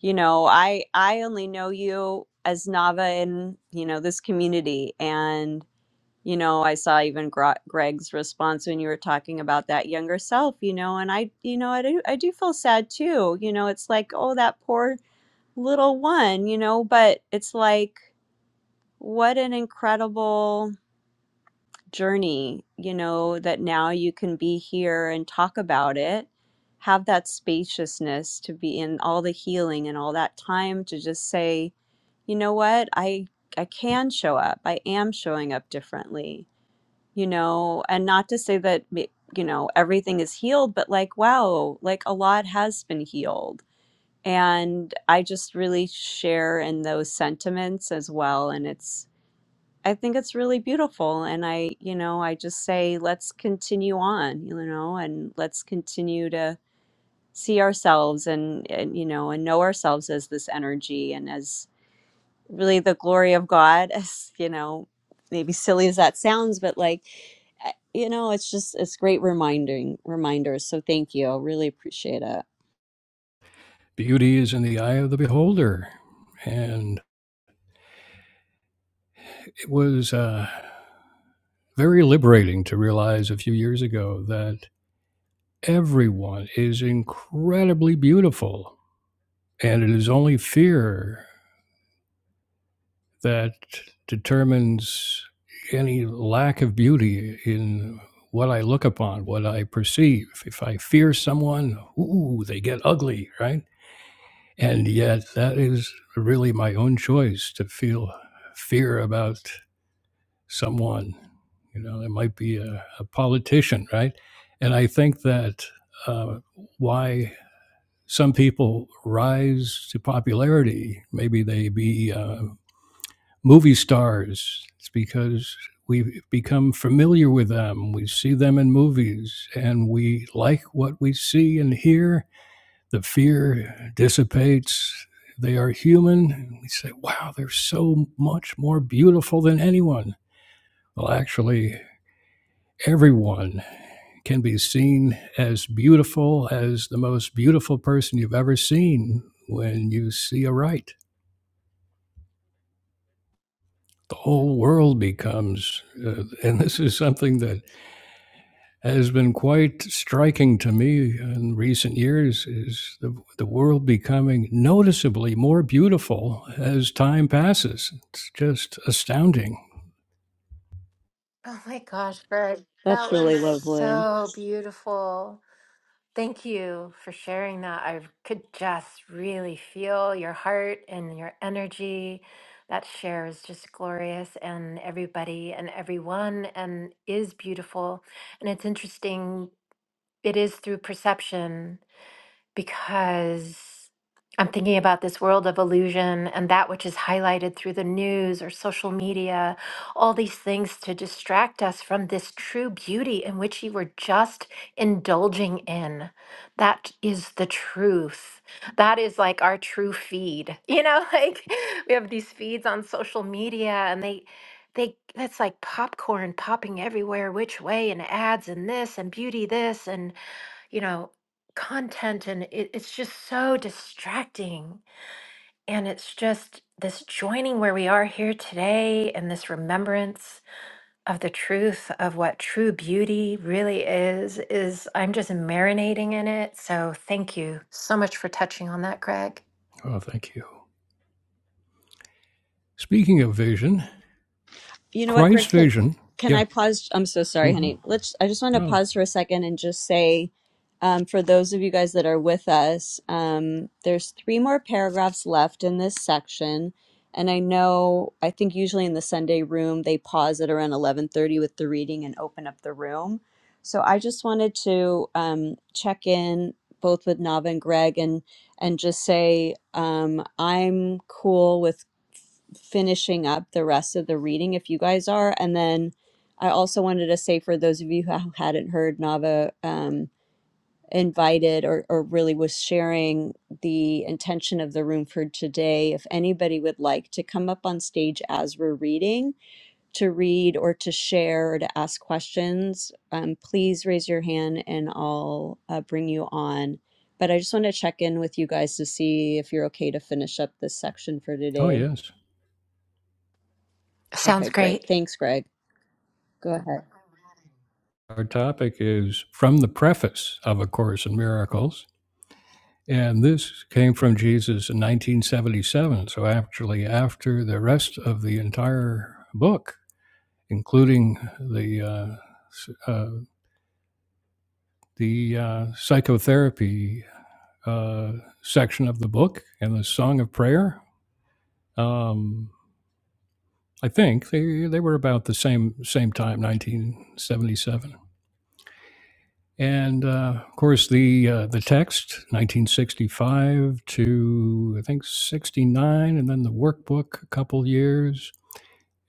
you know, I, I only know you as Nava in, you know, this community. And, you know, I saw even Gro- Greg's response when you were talking about that younger self, you know, and I, you know, I do, I do feel sad too. You know, it's like, oh, that poor little one, you know, but it's like, what an incredible journey, you know, that now you can be here and talk about it, have that spaciousness to be in all the healing and all that time to just say, you know what, I I can show up. I am showing up differently, you know, and not to say that you know everything is healed, but like wow, like a lot has been healed. And I just really share in those sentiments as well. And it's I think it's really beautiful. And I, you know, I just say, let's continue on, you know, and let's continue to see ourselves and, and, you know, and know ourselves as this energy and as really the glory of God, *laughs* as, you know, maybe silly as that sounds, but like, eh, you know, it's just, it's great reminding reminders. So thank you. I really appreciate it.
Beauty is in the eye of the beholder. And it was uh, very liberating to realize a few years ago that. everyone is incredibly beautiful. And it is only fear that determines any lack of beauty in what I look upon, what I perceive. If I fear someone, ooh, they get ugly, right? And yet, that is really my own choice to feel fear about someone. You know, it might be a, a politician, right? And I think that uh, why some people rise to popularity. Maybe they be uh, movie stars. It's because we become familiar with them. We see them in movies and we like what we see and hear. The fear dissipates. They are human. And We say, wow, they're so much more beautiful than anyone. Well, actually, everyone can be seen as beautiful as the most beautiful person you've ever seen when you see a right. The whole world becomes, uh, and this is something that has been quite striking to me in recent years, is the, the world becoming noticeably more beautiful as time passes. It's just astounding.
Oh my gosh, Greg, that
That's really
was
lovely.
so beautiful. Thank you for sharing that. I could just really feel your heart and your energy. That share is just glorious, and everybody and everyone, and is beautiful. And it's interesting, it is through perception because I'm thinking about this world of illusion and that which is highlighted through the news or social media, all these things to distract us from this true beauty in which you were just indulging in. That is the truth. That is like our true feed. You know, *laughs* like we have these feeds on social media and they they that's like popcorn popping everywhere which way and ads and this and beauty this and you know, content and it, it's just so distracting. And it's just this joining where we are here today and this remembrance of the truth of what true beauty really is, is I'm just marinating in it. So thank you so much for touching on that, Greg.
Oh, thank you. Speaking of vision,
You know what,
Christ's
Greg? Can,
vision.
can
Yeah.
I pause? I'm so sorry,
hmm
honey. Let's. I just want to
Oh,
pause for a second and just say, um, for those of you guys that are with us, um, there's three more paragraphs left in this section, and I know I think usually in the Sunday room they pause at around 11:30 with the reading and open up the room. So I just wanted to um, check in both with Nava and Greg and and just say um, I'm cool with finishing up the rest of the reading if you guys are. And then I also wanted to say for those of you who hadn't heard, Nava um, invited or, or really was sharing the intention of the room for today. If anybody would like to come up on stage as we're reading, to read or to share or to ask questions, um, please raise your hand and I'll uh, bring you on. But I just want to check in with you guys to see if you're okay to finish up this section for
oh,
today.
yes.
Sounds
Okay, great.
great.
Thanks, Greg. Go ahead.
Our topic is from the preface of A Course in Miracles. And this came from Jesus in 1977. So, actually, after the rest of the entire book, including the, uh, uh, the uh, psychotherapy uh, section of the book and the Song of Prayer. Um, I think they, they were about the same same time, 1977. And uh, of course, the uh, the text, 1965 to I think 69, and then the workbook, a couple years,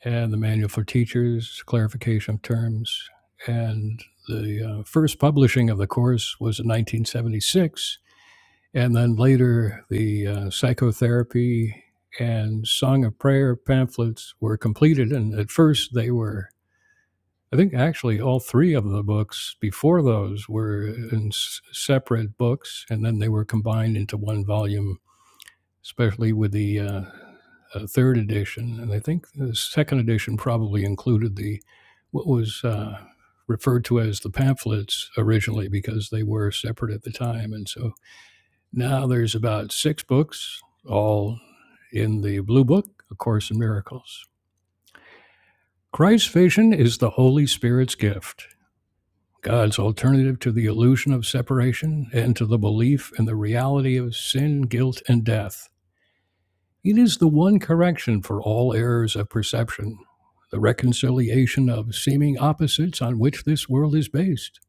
and the manual for teachers, clarification of terms, and the uh, first publishing of the course was in 1976, and then later the uh, psychotherapy and song of prayer pamphlets were completed, and at first they were I think actually all three of the books before those were in s- separate books, and then they were combined into one volume, especially with the uh, uh, third edition. And I think the second edition probably included the what was uh, referred to as the pamphlets originally, because they were separate at the time. And so now there's about six books, all in the Blue Book, A Course in Miracles. Christ's vision is the Holy Spirit's gift. God's alternative to the illusion of separation and to the belief in the reality of sin, guilt, and death. It is the one correction for all errors of perception, the reconciliation of seeming opposites on which this world is based.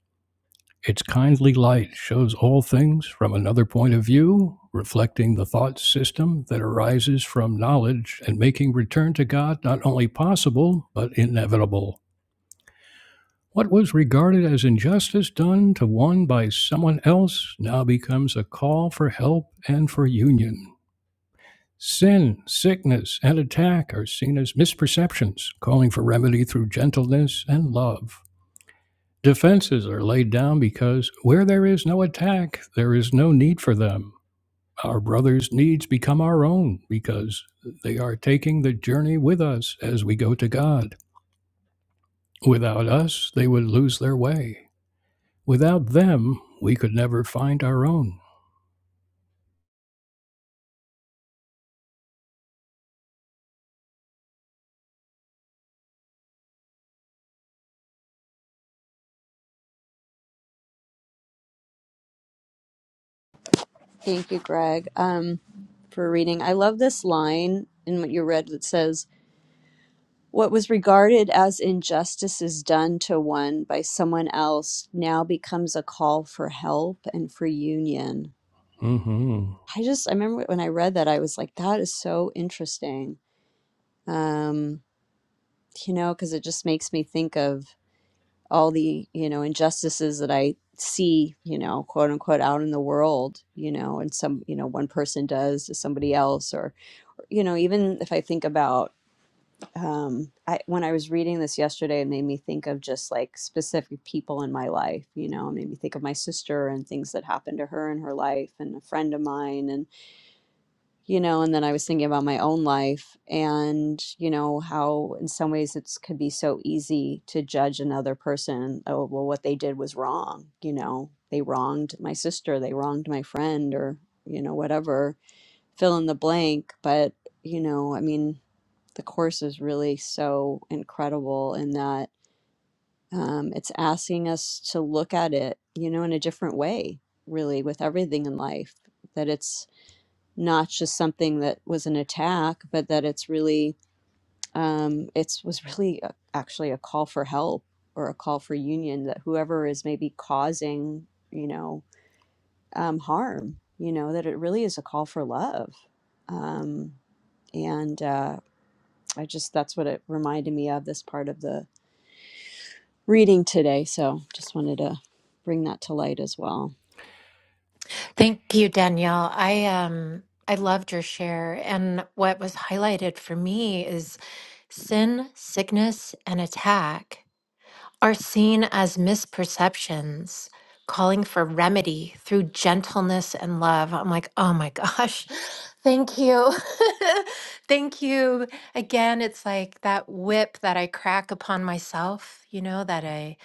Its kindly light shows all things from another point of view, reflecting the thought system that arises from knowledge and making return to God not only possible, but inevitable. What was regarded as injustice done to one by someone else now becomes a call for help and for union. Sin, sickness, and attack are seen as misperceptions, calling for remedy through gentleness and love. Defenses are laid down because where there is no attack, there is no need for them. Our brothers' needs become our own because they are taking the journey with us as we go to God. Without us, they would lose their way. Without them, we could never find our own.
Thank you, Greg, um, for reading. I love this line in what you read that says, What was regarded as injustice is done to one by someone else now becomes a call for help and for union.
hmm
I just, I remember when I read that, I was like, That is so interesting. Um, you know, because it just makes me think of all the you know injustices that i see you know quote unquote out in the world you know and some you know one person does to somebody else or you know even if i think about um i when i was reading this yesterday it made me think of just like specific people in my life you know it made me think of my sister and things that happened to her in her life and a friend of mine and you know and then i was thinking about my own life and you know how in some ways it's could be so easy to judge another person oh well what they did was wrong you know they wronged my sister they wronged my friend or you know whatever fill in the blank but you know i mean the course is really so incredible in that um, it's asking us to look at it you know in a different way really with everything in life that it's not just something that was an attack, but that it's really um, it's was really a, actually a call for help or a call for union that whoever is maybe causing you know um, harm, you know that it really is a call for love, um, and uh, I just that's what it reminded me of this part of the reading today. So just wanted to bring that to light as well.
Thank you, Danielle. I um I loved your share and what was highlighted for me is sin, sickness, and attack are seen as misperceptions, calling for remedy through gentleness and love. I'm like, oh my gosh, *laughs* thank you. *laughs* thank you. Again, it's like that whip that I crack upon myself, you know, that I,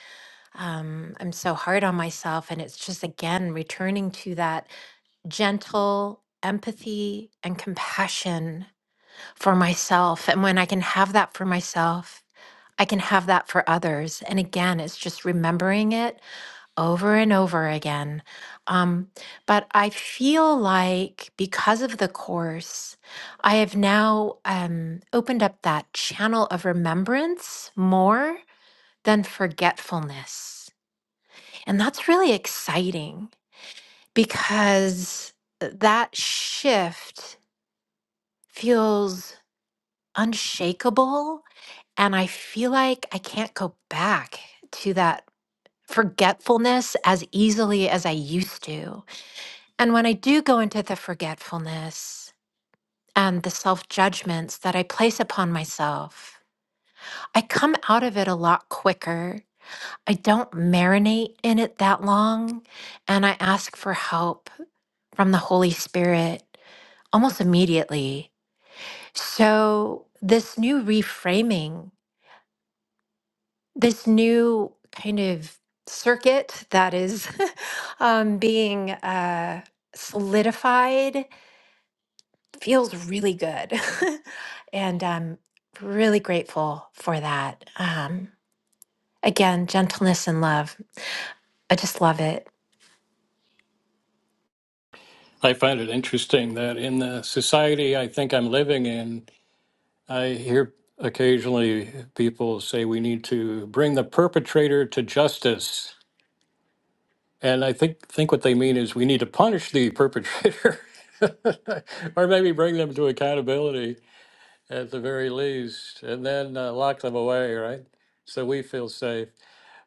um, I'm so hard on myself. And it's just, again, returning to that gentle, Empathy and compassion for myself. And when I can have that for myself, I can have that for others. And again, it's just remembering it over and over again. Um, but I feel like because of the course, I have now um, opened up that channel of remembrance more than forgetfulness. And that's really exciting because that shift feels unshakable. And I feel like I can't go back to that forgetfulness as easily as I used to. And when I do go into the forgetfulness and the self judgments that I place upon myself, I come out of it a lot quicker. I don't marinate in it that long. And I ask for help from the Holy Spirit almost immediately. So, this new reframing. this new kind of circuit that is *laughs* um, being uh, solidified feels really good. *laughs* and I'm really grateful for that. Um, again, gentleness and love. I just love it.
I find it interesting that in the society I think I'm living in, I hear occasionally people say we need to bring the perpetrator to justice. And I think, think what they mean is we need to punish the perpetrator *laughs* or maybe bring them to accountability. at the very least, and then uh, lock them away, right? So we feel safe.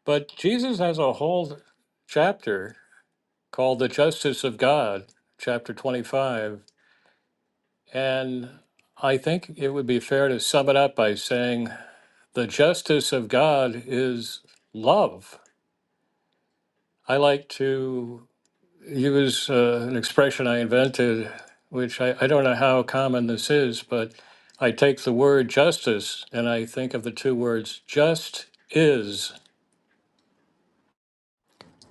But Jesus has a whole chapter called The Justice of God, chapter 25. And I think it would be fair to sum it up by saying the justice of God is love. I like to use uh, an expression I invented, which I, I don't know how common this is, but I take the word justice and I think of the two words just is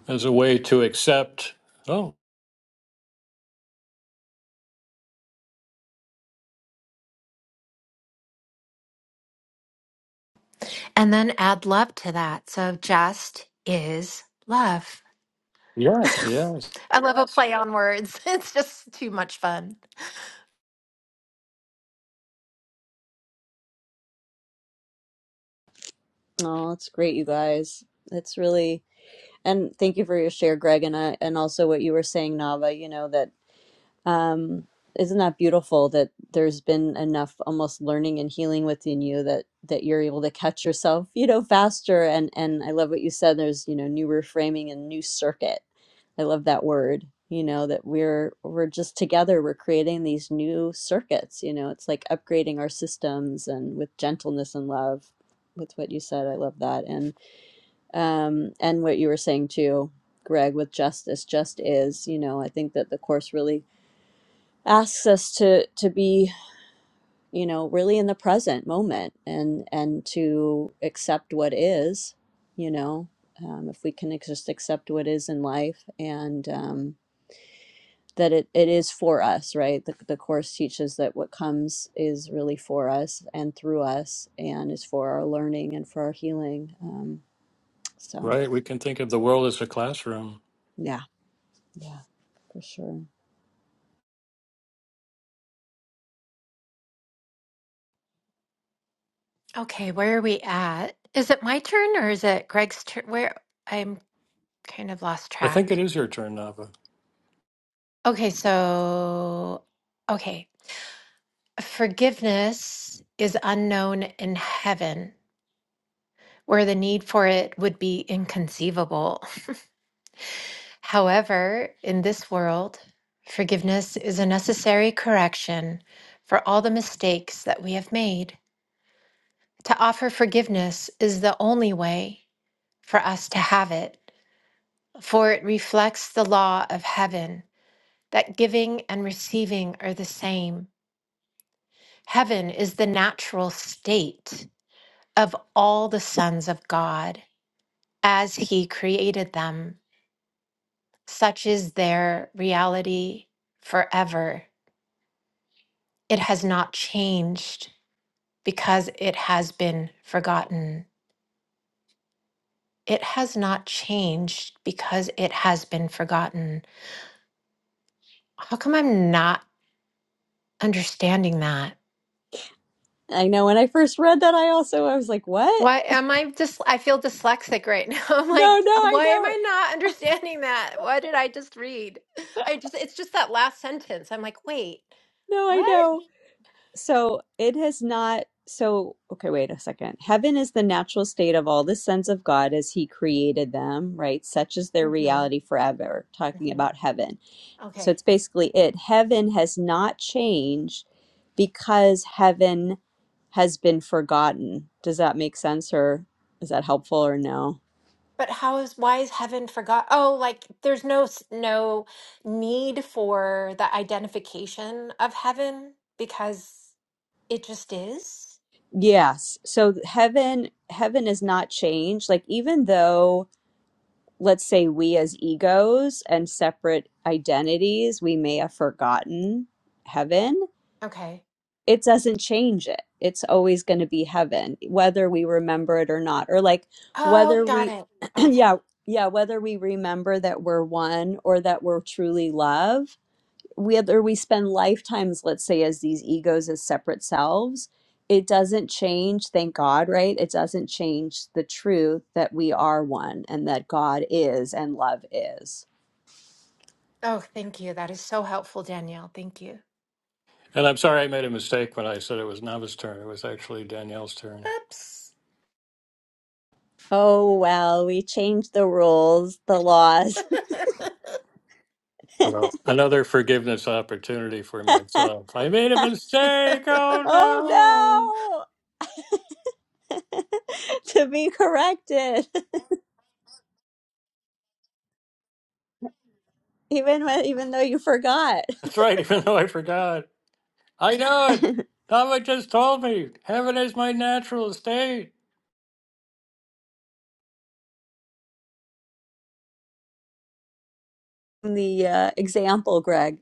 as a way to accept, oh,
And then add love to that. So just is love. *laughs*
yes, yes,
I love a play on words. *laughs* It's just too much fun.
Oh, that's great, you guys. It's really And thank you for your share, Greg, and uh, and also what you were saying, Nava. You know that um, isn't that beautiful that there's been enough almost learning and healing within you that that you're able to catch yourself, you know, faster. And and I love what you said. There's you know new reframing and new circuit. I love that word. You know that we're we're just together. We're creating these new circuits. You know, it's like upgrading our systems and with gentleness and love. With what you said, I love that um, and what you were saying too, Greg, with justice, just is. You know, I think that the course really asks us to to be, you know, really in the present moment and and to accept what is. You know, um, if we can just accept what is in life and um, that it, it is for us, right? The, the course teaches that what comes is really for us and through us and is for our learning and for our healing. Um, so
right? We can think of the world as a classroom.
yeah, yeah, for sure.
Okay, where are we at? Is it my turn or is it Greg's turn? Where I'm Kind of lost
I think it
track.
is your turn, Nava.
Okay, so, okay. Forgiveness is unknown in heaven, where the need for it would be inconceivable. However, in this world, forgiveness is a necessary correction for all the mistakes that we have made. To offer forgiveness is the only way for us to have it, for it reflects the law of heaven that giving and receiving are the same. Heaven is the natural state of all the sons of God as he created them. Such is their reality forever. It has not changed because it has been forgotten. It has not changed because it has been forgotten. How come I'm not understanding that?
I know when I first read that, I also I was like, "What?
Why am I just, I feel dyslexic right now. *laughs* I'm
No,
like,
no, I
why am
know it.
I not understanding that? What did I just read? I just, it's just that last sentence. I'm like, wait,
No, I
what?
know." So it has not. So okay, wait a second. Heaven is the natural state of all the sons of God as He created them, right? Such is their
hmm
reality forever. Talking
hmm
about heaven, so
Okay.
it's basically it. Heaven has not changed because heaven has been forgotten. Does that make sense, or is that helpful, or no?
But how is, why is heaven forgot? Oh, like there's no, s- no need for the identification of heaven because it just is.
Yes. So heaven heaven is not changed. Like even though let's say we as egos and separate identities, we may have forgotten heaven,
Okay.
it doesn't change it. It's always going to be heaven whether we remember it or not or like
Oh,
whether
got
we
it.
*clears throat*
Okay.
yeah, yeah, whether we remember that we're one or that we're truly love whether we spend lifetimes, let's say, as these egos as separate selves, it doesn't change, thank God, right? It doesn't change the truth that we are one and that God is and love is.
Oh, thank you. That is so helpful, Danielle. Thank you.
And I'm sorry I made a mistake when I said it was Nava's turn. It was actually Danielle's turn.
Oops.
Oh, well, we changed the rules, the laws.
Well, another forgiveness opportunity for myself. I made a mistake.
*laughs*
Oh, no.
oh, no, *laughs* to be corrected, *laughs* even, when, even though you forgot
That's right, *laughs* even though I forgot. I know it. Tava just told me. Heaven is my natural estate.
the uh, example, Greg.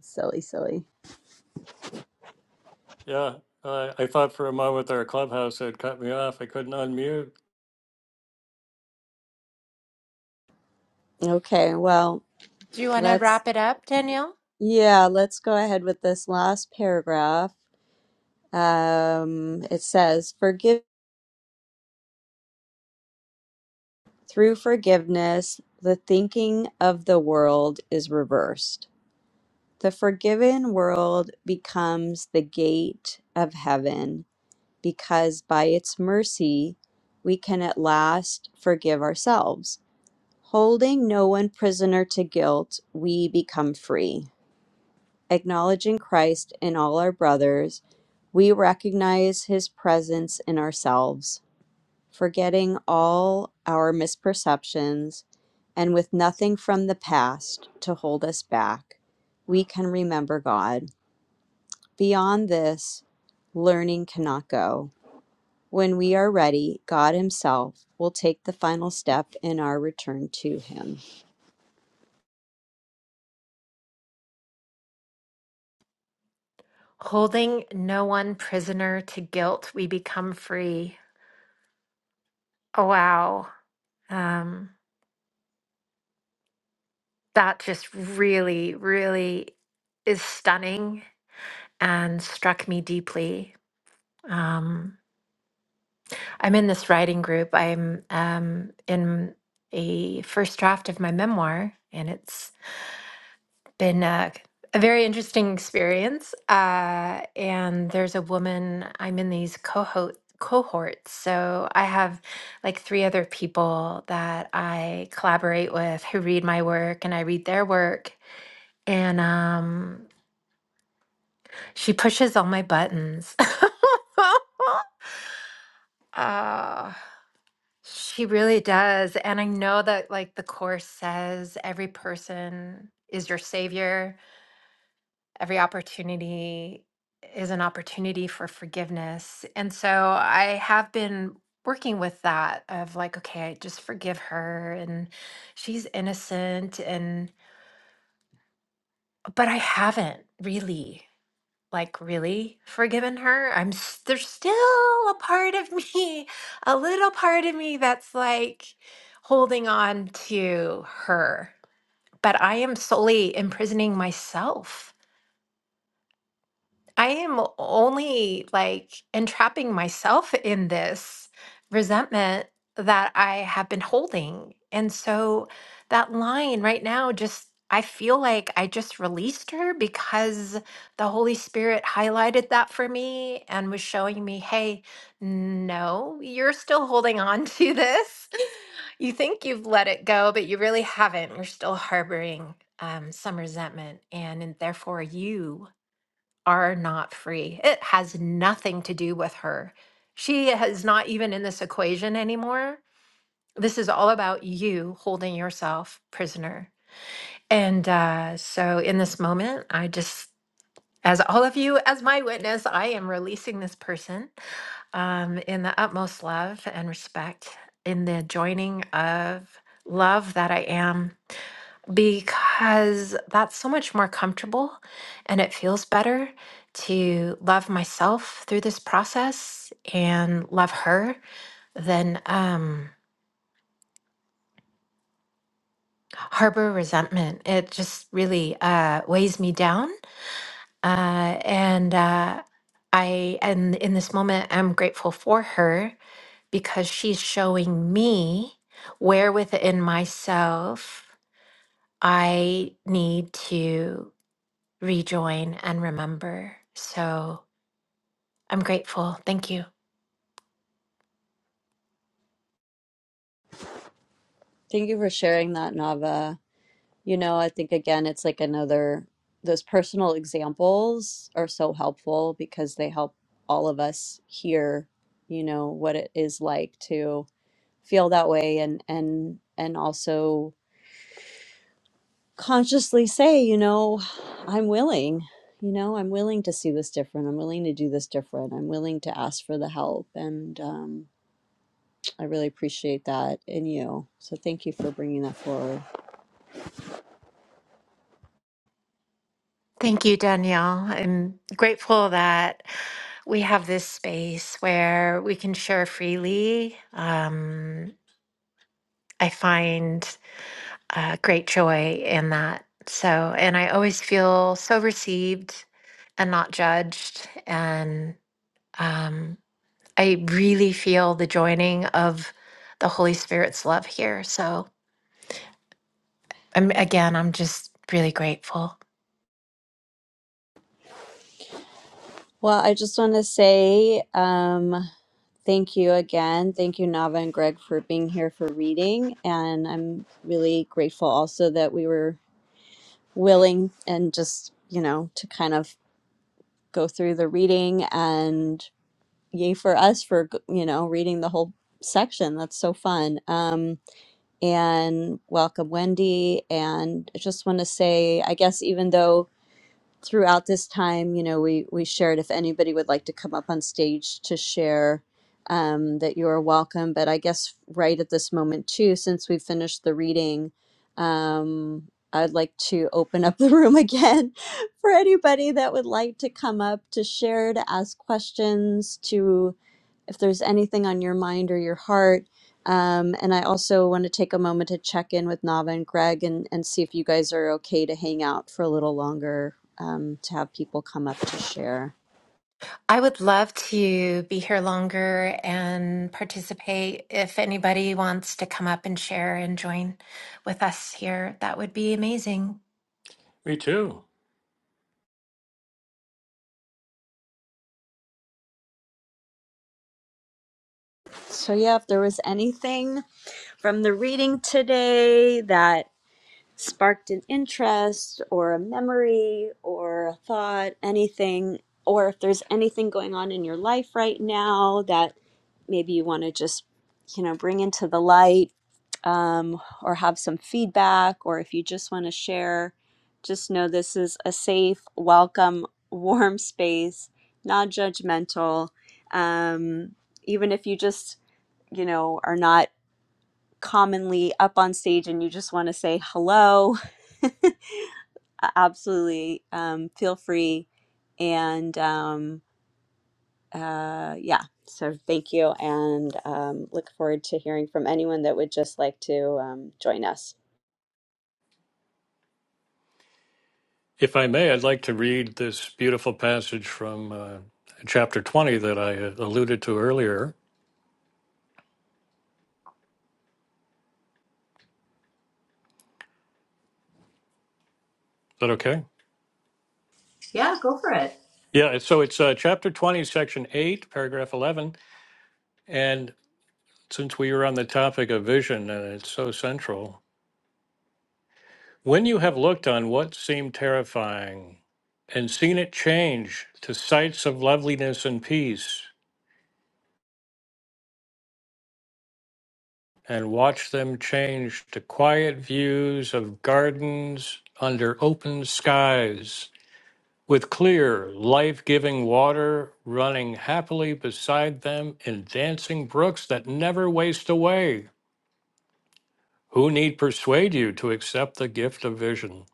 Silly, silly.
Yeah, uh, I thought for a moment our clubhouse had cut me off. I couldn't unmute.
Okay, well,
Do you want to
let's,
wrap it up, Danielle?
yeah, let's go ahead with this last paragraph. Um, it says, "Forgive through forgiveness, the thinking of the world is reversed. The forgiven world becomes the gate of heaven because by its mercy we can at last forgive ourselves. Holding no one prisoner to guilt, we become free. Acknowledging Christ in all our brothers, we recognize his presence in ourselves forgetting all our misperceptions, and with nothing from the past to hold us back, we can remember God. Beyond this, learning cannot go. When we are ready, God Himself will take the final step in our return to Him.
Holding no one prisoner to guilt, we become free. Oh, wow. Um, that just really, really is stunning and struck me deeply. Um, I'm in this writing group. I'm um, in a first draft of my memoir, and it's been a, a very interesting experience. Uh, and there's a woman I'm in these cohort cohorts. So I have like three other people that I collaborate with who read my work and I read their work. And um, she pushes all my buttons. *laughs* Uh, she really does. And I know that like the course says every person is your savior every opportunity is an opportunity for forgiveness. And so I have been working with that of like, okay, I just forgive her and she's innocent. And, but I haven't really, like, really forgiven her. I'm, s- there's still a part of me, *laughs* a little part of me that's like holding on to her, but I am solely imprisoning myself I am only like entrapping myself in this resentment that I have been holding. And so that line right now just I feel like I just released her because the Holy Spirit highlighted that for me and was showing me, hey, no, you're still holding on to this. *laughs* You think you've let it go, but you really haven't. You're still harboring um, some resentment, and, and therefore you are not free. It has nothing to do with her. She is not even in this equation anymore. This is all about you holding yourself prisoner. And uh, so, in this moment, I just, as all of you, as my witness, I am releasing this person um, in the utmost love and respect, in the joining of love that I am because that's so much more comfortable and it feels better to love myself through this process and love her than um, harbor resentment. It just really uh, weighs me down. Uh, and uh, I, and in this moment, I'm grateful for her because she's showing me where within myself I need to. rejoin and remember. So I'm grateful. Thank you.
Thank you for sharing that, Nava. You know, I think again, it's like another, those personal examples are so helpful because they help all of us hear, you know, what it is like to feel that way and and and also consciously say, you know, I'm willing, you know, I'm willing to see this different. I'm willing to do this different. I'm willing to ask for the help and um I really appreciate that in you. So thank you for bringing that forward.
Thank you, Danielle. I'm grateful that we have this space where we can share freely. Um, I find uh, great joy in that. So, and I always feel so received and not judged. And um, I really feel the joining of the Holy Spirit's love here. So, I'm again, I'm just really grateful.
Well, I just want to say, um, Thank you again. Thank you, Nava and Greg, for being here for reading. And I'm really grateful also that we were willing and just, you know, to kind of go through the reading and yay for us for, you know, reading the whole section. That's so fun. Um, and welcome, Wendy. And I just want to say, I guess, even though throughout this time, you know, we we shared if anybody would like to come up on stage to share um, that you are welcome. But I guess right at this moment too, since we finished the reading, um, I'd like to open up the room *laughs* again for anybody that would like to come up to share, to ask questions, to if there's anything on your mind or your heart. Um, and I also want to take a moment to check in with Nava and Greg and, and see if you guys are okay to hang out for a little longer um, to have people come up to share.
I would love to be here longer and participate. If anybody wants to come up and share and join with us here, that would be amazing.
Me too.
So, yeah, if there was anything from the reading today that sparked an interest or a memory or a thought, anything, or if there's anything going on in your life right now that maybe you want to just, you know, bring into the light um, or have some feedback, or if you just want to share, just know this is a safe, welcome, *laughs* warm space, non judgmental. Um, even if you just, you know, are not commonly up on stage and you just want to say hello *laughs* a- absolutely um, feel free and um, uh, yeah so thank you and um, look forward to hearing from anyone that would just like to um, join us
If I may, I'd like to read this beautiful passage from uh, chapter 20 that I uh, alluded to earlier. Is that okay?
Yeah, go for it.
Yeah, so it's uh, chapter 20, section 8, paragraph 11. And since we were on the topic of vision, and it's so central, When you have looked on what seemed terrifying, and seen it change to sights of loveliness and peace, and watched them change to quiet views of gardens under open skies, with clear, life giving water running happily beside them in dancing brooks that never waste away. Who need persuade you to accept the gift of vision?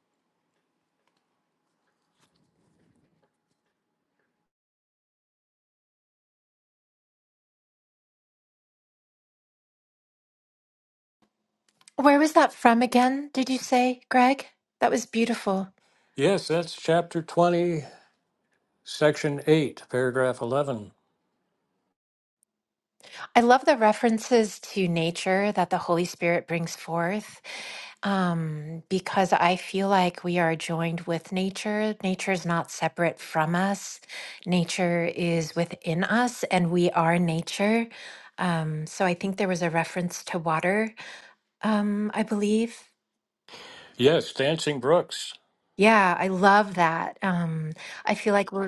Where was that from again? Did you say, Greg? That was beautiful.
Yes, that's chapter 20, section 8, paragraph 11.
I love the references to nature that the Holy Spirit brings forth um, because I feel like we are joined with nature. Nature is not separate from us, nature is within us, and we are nature. Um, so I think there was a reference to water, um, I believe.
Yes, Dancing Brooks.
Yeah, I love that. Um, I feel like we're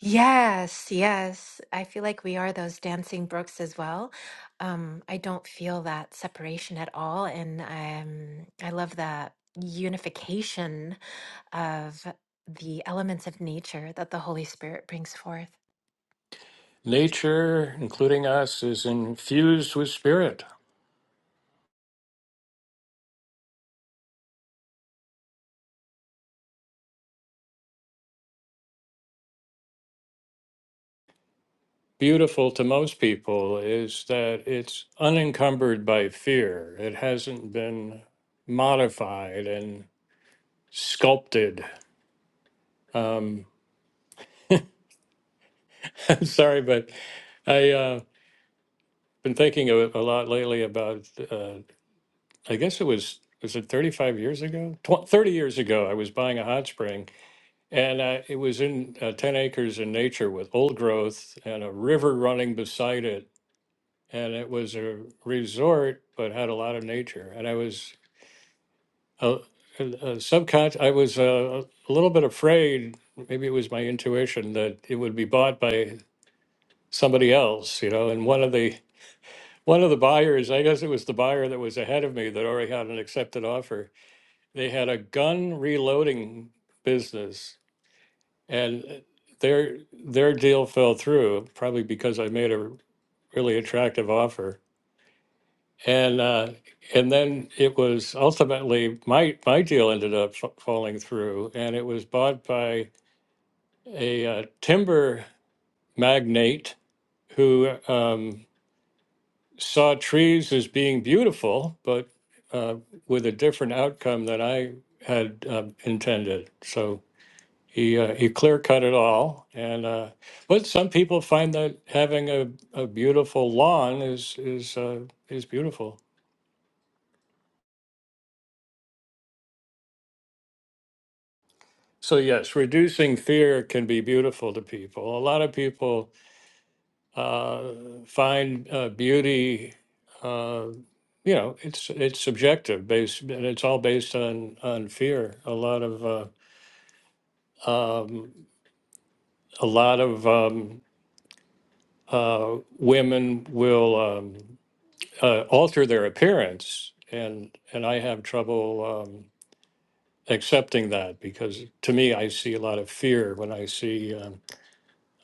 Yes, yes. I feel like we are those dancing brooks as well. Um, I don't feel that separation at all, and um, I love that unification of the elements of nature that the Holy Spirit brings forth.
Nature, including us, is infused with spirit. Beautiful to most people is that it's unencumbered by fear. It hasn't been modified and sculpted. Um, *laughs* sorry, but I've uh, been thinking of it a lot lately about, uh, I guess it was, was it 35 years ago? Tw- 30 years ago, I was buying a hot spring And uh, it was in uh, 10 acres in nature with old growth and a river running beside it. And it was a resort, but had a lot of nature. And I was uh, uh, uh, subconscious, I was uh, a little bit afraid, maybe it was my intuition, that it would be bought by somebody else, you know. And one of the one of the buyers, I guess it was the buyer that was ahead of me that already had an accepted offer. They had a gun reloading business And their their deal fell through, probably because I made a really attractive offer. And uh, and then it was ultimately my my deal ended up f- falling through, and it was bought by a uh, timber magnate who um, saw trees as being beautiful, but uh, with a different outcome than I had uh, intended. So He uh, he clear cut it all, and uh, but some people find that having a, a beautiful lawn is is uh, is beautiful. So yes, reducing fear can be beautiful to people. A lot of people uh, find uh, beauty. Uh, you know, it's it's subjective, based and it's all based on on fear. A lot of uh, um, a lot of um, uh, women will. Um, uh, alter their appearance, and and I have trouble um, accepting that because to me, I see a lot of fear when I see um,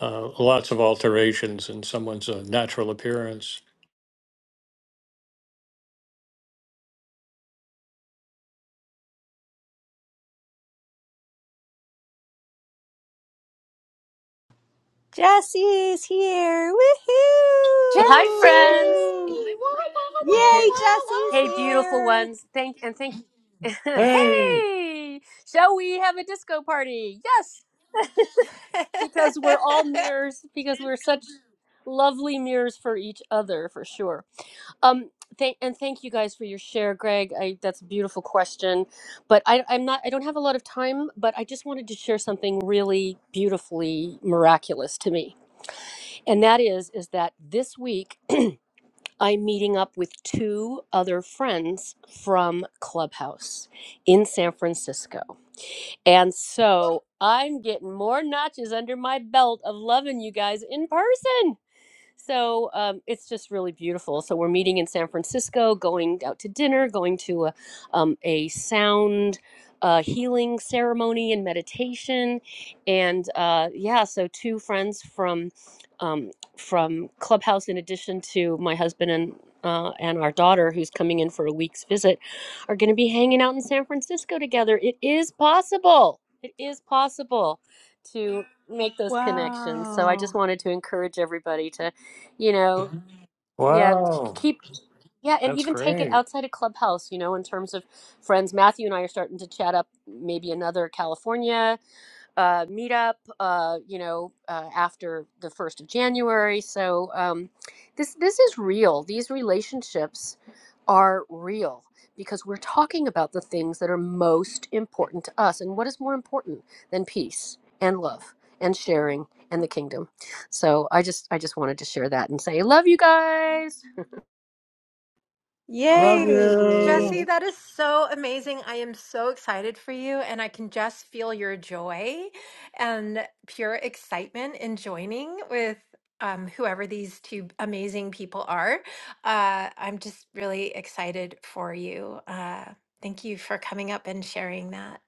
uh, lots of alterations in someone's uh, natural appearance.
jesse's here woohoo
Hi,
Jesse!
friends.
Wah, wah,
yay
*laughs*
jesse's
hey, beautiful
here
ones. Thank and thank. *laughs* hey, shall we have a disco party? Yes, *laughs*
wah,
because
wah,
we're all
wah. *laughs*
mirrors. Because we're such lovely mirrors for each other, for sure. Um, thank and thank you guys for your share, Greg. I that's a beautiful question, but I, I'm not. I don't have a lot of time, but I just wanted to share something really beautifully miraculous to me, and that is is that this week. I'm meeting up with two other friends from Clubhouse in San Francisco. And so I'm getting more notches under my belt of loving you guys in person. So um, it's just really beautiful. So we're meeting in San Francisco, going out to dinner, going to a, um, a sound uh, healing ceremony and meditation, and uh, yeah, so two friends from um, from Clubhouse, in addition to my husband and. Uh, and our daughter, who's coming in for a week's visit, are going to be hanging out in San Francisco together. It is possible. It is possible to make those connections. So I just
wow
wanted to encourage everybody to you know Mhm. yeah k-
Wow,
keep yeah and
that's
even take it
great.
outside of clubhouse you know in terms of friends matthew and i are starting to chat up maybe another california uh, meetup, uh, you know, uh, after the first of January. So um, this this is real. These relationships are real because we're talking about the things that are most important to us. And what is more important than peace and love and sharing and the kingdom? So I just I just wanted to share that and say love you guys.
Oh my
Love
God.
you.
Jesse,
yay
that is so amazing. I am so excited for you, and I can just feel
*laughs*
your joy and pure excitement in joining with um, whoever these two amazing people are. Uh, I'm just really excited for you. Uh, thank you for coming up and sharing that.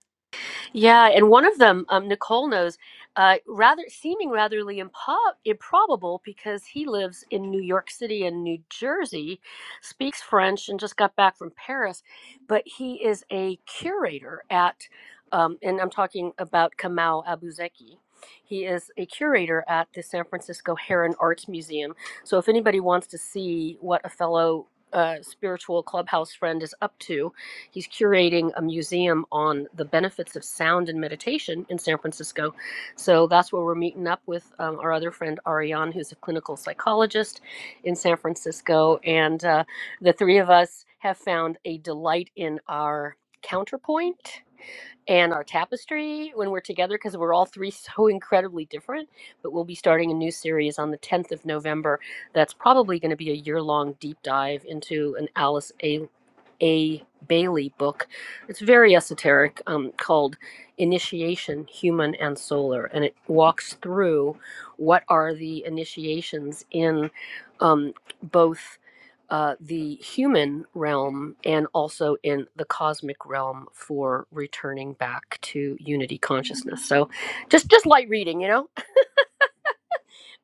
Yeah, and one of them, um, Nicole knows, uh, rather seeming ratherly impo- improbable because he lives in New York City and New Jersey, speaks French, and just got back from Paris. But he is a curator at, um, and I'm talking about Kamau Abuzeki. He is a curator at the San Francisco Heron Arts Museum. So if anybody wants to see what a fellow uh, spiritual clubhouse friend is up to, He's curating a museum on the benefits of sound and meditation in San Francisco. So that's where we're meeting up with um, our other friend, Ariane, who's a clinical psychologist in San Francisco. And uh, the three of us have found a delight in our counterpoint and our tapestry when we're together because we're all three *laughs* so incredibly different. But we'll be starting a new series on the 10th of November that's probably going to be a year long deep dive into an Alice A. A. Bailey book. It's very esoteric um, called Initiation Human and Solar, and it walks through what are the initiations in um, both uh, the human realm and also in the cosmic realm for returning back to unity consciousness. So just just light reading, you know. *laughs*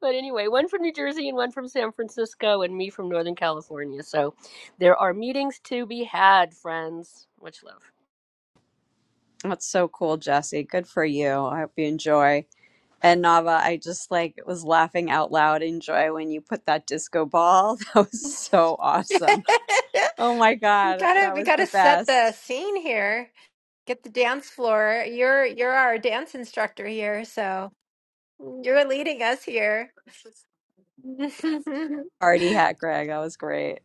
But anyway, one from New Jersey and one from San Francisco and me from Northern California. So there are meetings to be had, friends. Much love.
that's so cool jesse good for you i hope you enjoy And Nava, I just like was laughing out loud in joy when you put that disco ball. *laughs* That was so
*laughs*
awesome. Oh my
We
God,
gotta
that
we
was the
gotta set the
best.
scene here. Get the dance floor. You're you're our dance instructor here, so. Mm, You're leading us here. *laughs* oh
Party hat, Greg. That was great.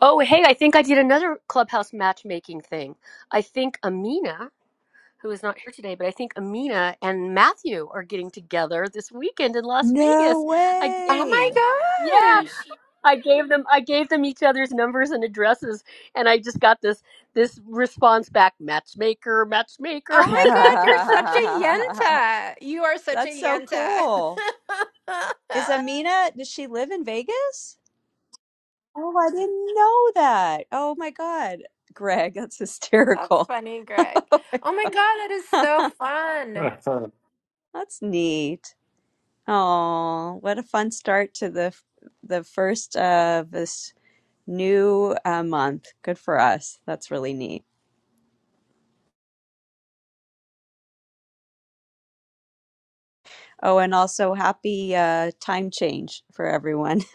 Oh, hey, I think I did another clubhouse matchmaking thing. I think Amina who is not here today, but I think Amina and Matthew are getting together this weekend in Las
No
Vegas. I, it-
my
way.
yeah,
gosh.
I gave them I gave them each other's numbers and addresses and I just got this this response back matchmaker matchmaker
*laughs*
Oh my god,
*laughs*
you're such a yenta. You are such
That's
a
so
yenta.
cool.
*laughs*
Is Amina, does she live in Vegas? Oh, I didn't know that. Oh my God. Greg, that's
That's
hysterical.
funny, Greg. Oh my god, that is so
*laughs*
fun.
*laughs*
That's neat. Oh, what a fun start to the f- the first of this new uh, month. Good for us. That's really neat. Oh, and also happy uh, time change for everyone. *laughs*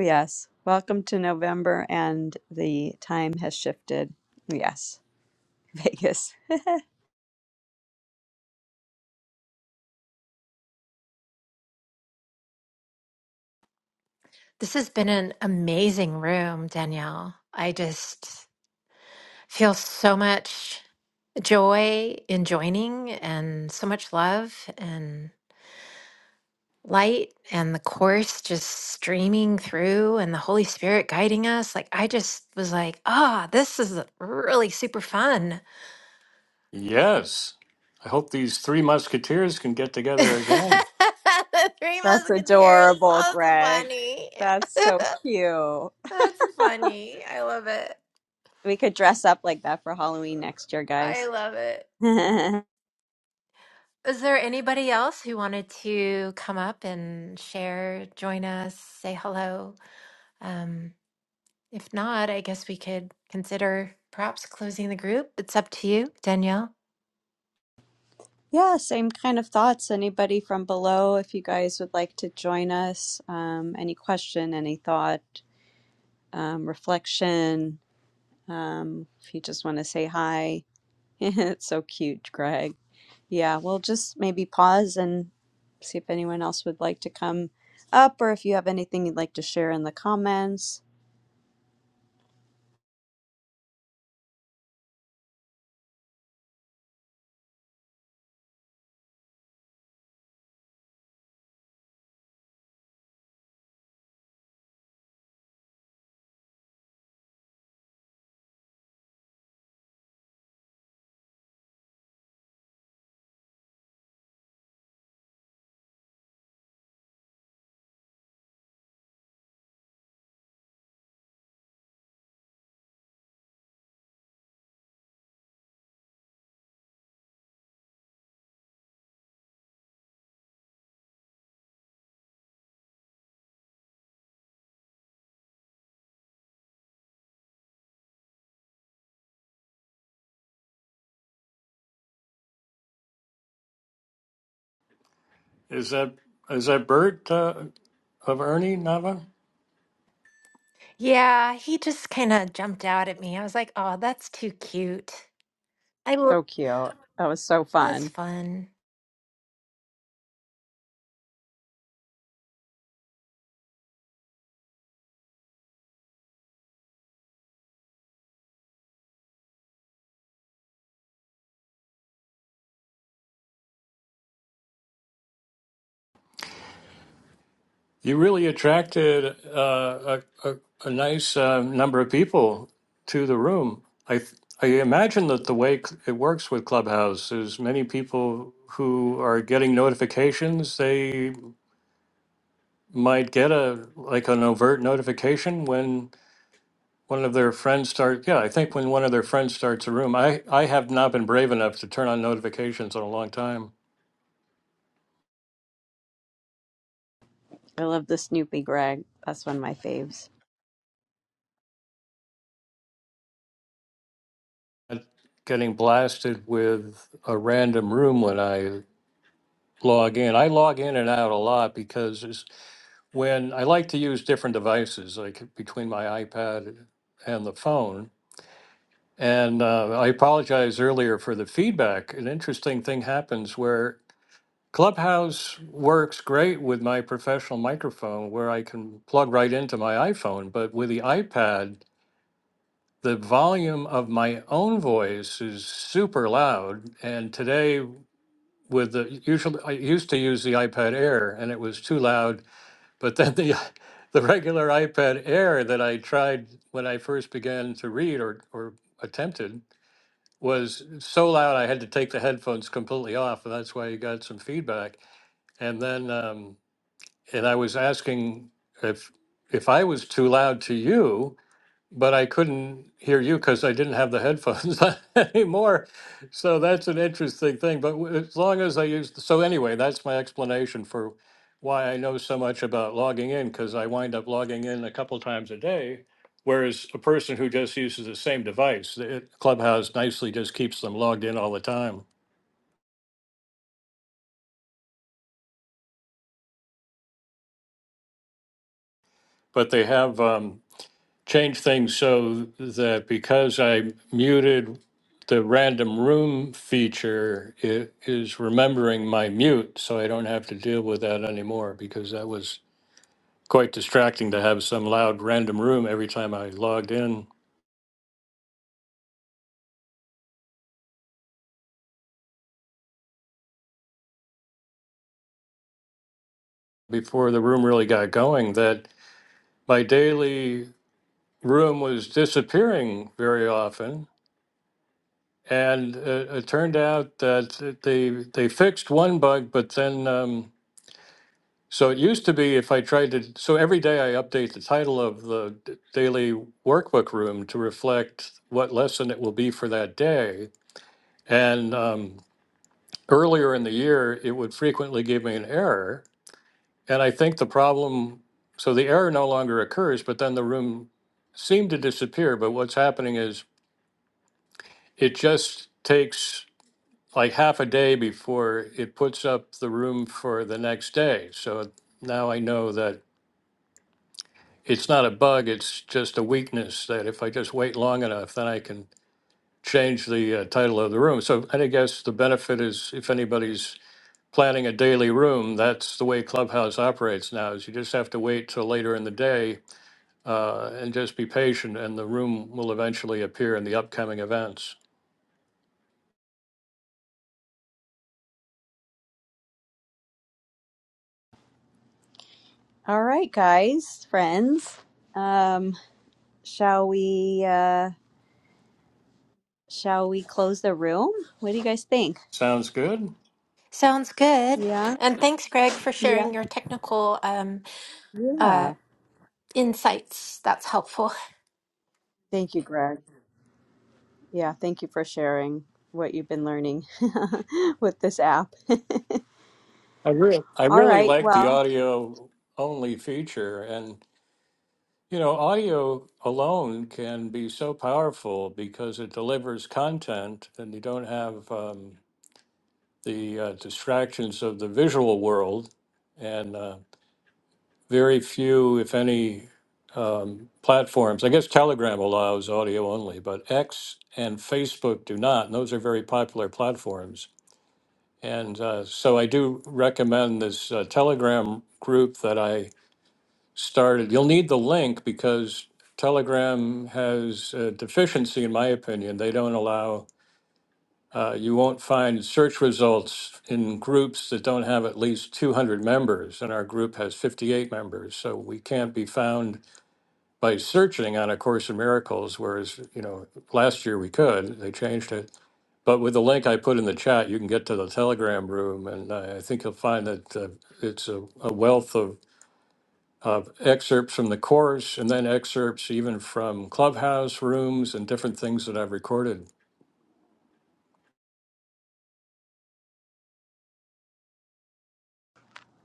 Yes. Welcome to November and the time has shifted. Yes. *laughs* Vegas.
This has been an amazing room, Danielle. I just feel so much joy in joining and so much love light and the course just streaming through and the Holy Spirit guiding us. Like, I just was like, ah, this is really super fun.
yes, I hope these three musketeers can get
*laughs*
together again.
the Three
That's
Musketeers.
adorable,
That's
Greg.
funny.
That's
*laughs*
so cute.
That's funny. I love it.
We could dress up like that for Halloween next year,
I
guys.
love it.
*laughs*
Is there anybody else who wanted to come up and share, join us, say hello? um, If not, I guess we could consider perhaps closing the group. It's up to you, Danielle.
Yeah, same kind of thoughts. Anybody from below, if you guys would like to join us, um, any question, any thought, um, reflection, um, if you just want to say hi, *laughs* it's so cute, Greg. Yeah, we'll just maybe pause and see if anyone else would like to come up or if you have anything you'd like to share in the comments.
Is that is that Bert uh, of Ernie Nava?
Yeah, he just kind of jumped out at me. I was like, oh, that's too cute. I will.
So cute. That was so
That's
fun.
fun.
You really attracted uh, a, a, a nice uh, number of people to the room. I th- I imagine that the way c- it works with Clubhouse is many people who are getting notifications, they might get a like an overt notification when one of their friends start. Yeah, I think when one of their friends starts a room, I I have not been brave enough to turn on notifications in a long time.
I love the Snoopy Greg. That's one of my faves.
And Getting blasted with a random room when I log in. I log in and out a lot because it's when I like to use different devices, like between my iPad and the phone. And uh, I apologize earlier for the feedback. An interesting thing happens where Clubhouse works great with my professional microphone where I can plug right into my iPhone, but with the iPad, the volume of my own voice is super loud. And today, with the usually, I used to use the iPad Air and it was too loud But then the *laughs* the regular iPad Air that I tried when I first began to read or or attempted was so loud I had to take the headphones completely off, and that's why you got some feedback. And then um, and I was asking if if I was too loud to you, but I couldn't hear you because I didn't have the headphones *laughs* anymore. So that's an interesting thing. But w- as long as I use, so anyway, that's my explanation for why I know so much about logging in because I wind up logging in a couple times a day. Whereas a person who just uses the same device, the- it, Clubhouse nicely just keeps them logged in all the time. But they have. um, change things so that because I muted the random room feature, it is remembering my mute, so I don't have to deal with that anymore because that was quite distracting to have some loud random room every time I logged in before the room really got going. That my daily room was disappearing very often. And uh, it turned out that they they fixed one bug, but then um, So it used to be if I tried to, so every day I update the title of the d- daily workbook room to reflect what lesson it will be for that day. And um, earlier in the year, it would frequently give me an error. And I think the problem, so the error no longer occurs, but then the room seemed to disappear. But what's happening is it just takes like half a day before it puts up the room for the next day. So now I know that it's not a bug, it's just a weakness that if I just wait long enough, then I can change the uh, title of the room. So I guess the benefit is if anybody's planning a daily room, that's the way Clubhouse operates now, is you just have to wait till later in the day uh, and just be patient, and the room will eventually appear in the upcoming events.
All right, guys, friends. Um, Shall we uh shall we close the room? What do you guys think?
Sounds good?
Sounds good.
Yeah.
And thanks, Greg, for
Yeah.
sharing your technical um, uh,
Yeah.
insights. That's helpful.
Thank you, Greg. Yeah, thank you for sharing what you've been learning *laughs* with this app.
I really, I
All
really
right.
like the
Well,
audio only feature, and. You know, audio alone can be so powerful because it delivers content and you don't have um, the uh, distractions of the visual world and uh, very few, if any, um, platforms. I guess Telegram allows audio only, but X and Facebook do not. And those are very popular platforms. And uh, so I do recommend this uh, Telegram group that I started. You'll need the link because Telegram has a deficiency, in my opinion. They don't allow, uh, you won't find search results in groups that don't have at least 200 members, and our group has 58 members. So we can't be found by searching on A Course in Miracles, whereas, you know, last year we could, they changed it. But with the link I put in the chat, you can get to the Telegram room, and I I think you'll find that uh, it's a, a wealth of of excerpts from the course and then excerpts even from clubhouse rooms and different things that I've recorded.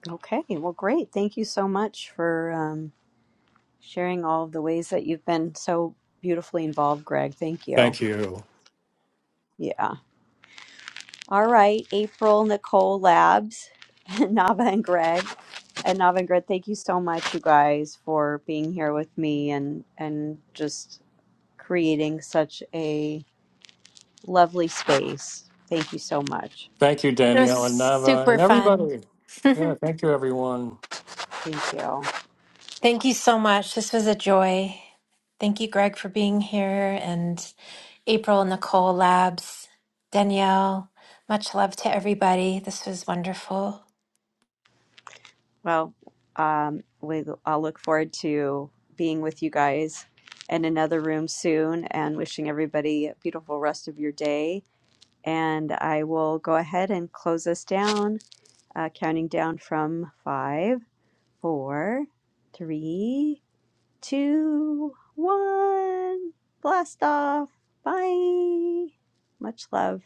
okay. Well, great. Thank you so much for um sharing all of the ways that you've been so beautifully involved, Greg. Thank you.
Thank you.
Yeah. All right, April, Nicole, Labs, *laughs* Nava and Greg. And Navangrid, thank you so much, you guys, for being here with me and and just creating such a lovely space. Thank you so much.
Thank you,
It was
Danielle and Nava
super
and
fun.
everybody.
*laughs*
Yeah, thank you, everyone.
Thank you.
Thank you so much. This was a joy. Thank you, Greg, for being here, and April, Nicole, Labs, Danielle. Much love to everybody. This was wonderful.
Well, um, we I'll look forward to being with you guys in another room soon, and wishing everybody a beautiful rest of your day. And I will go ahead and close us down, uh, counting down from five, four, three two, one. Blast off. Bye. Much love.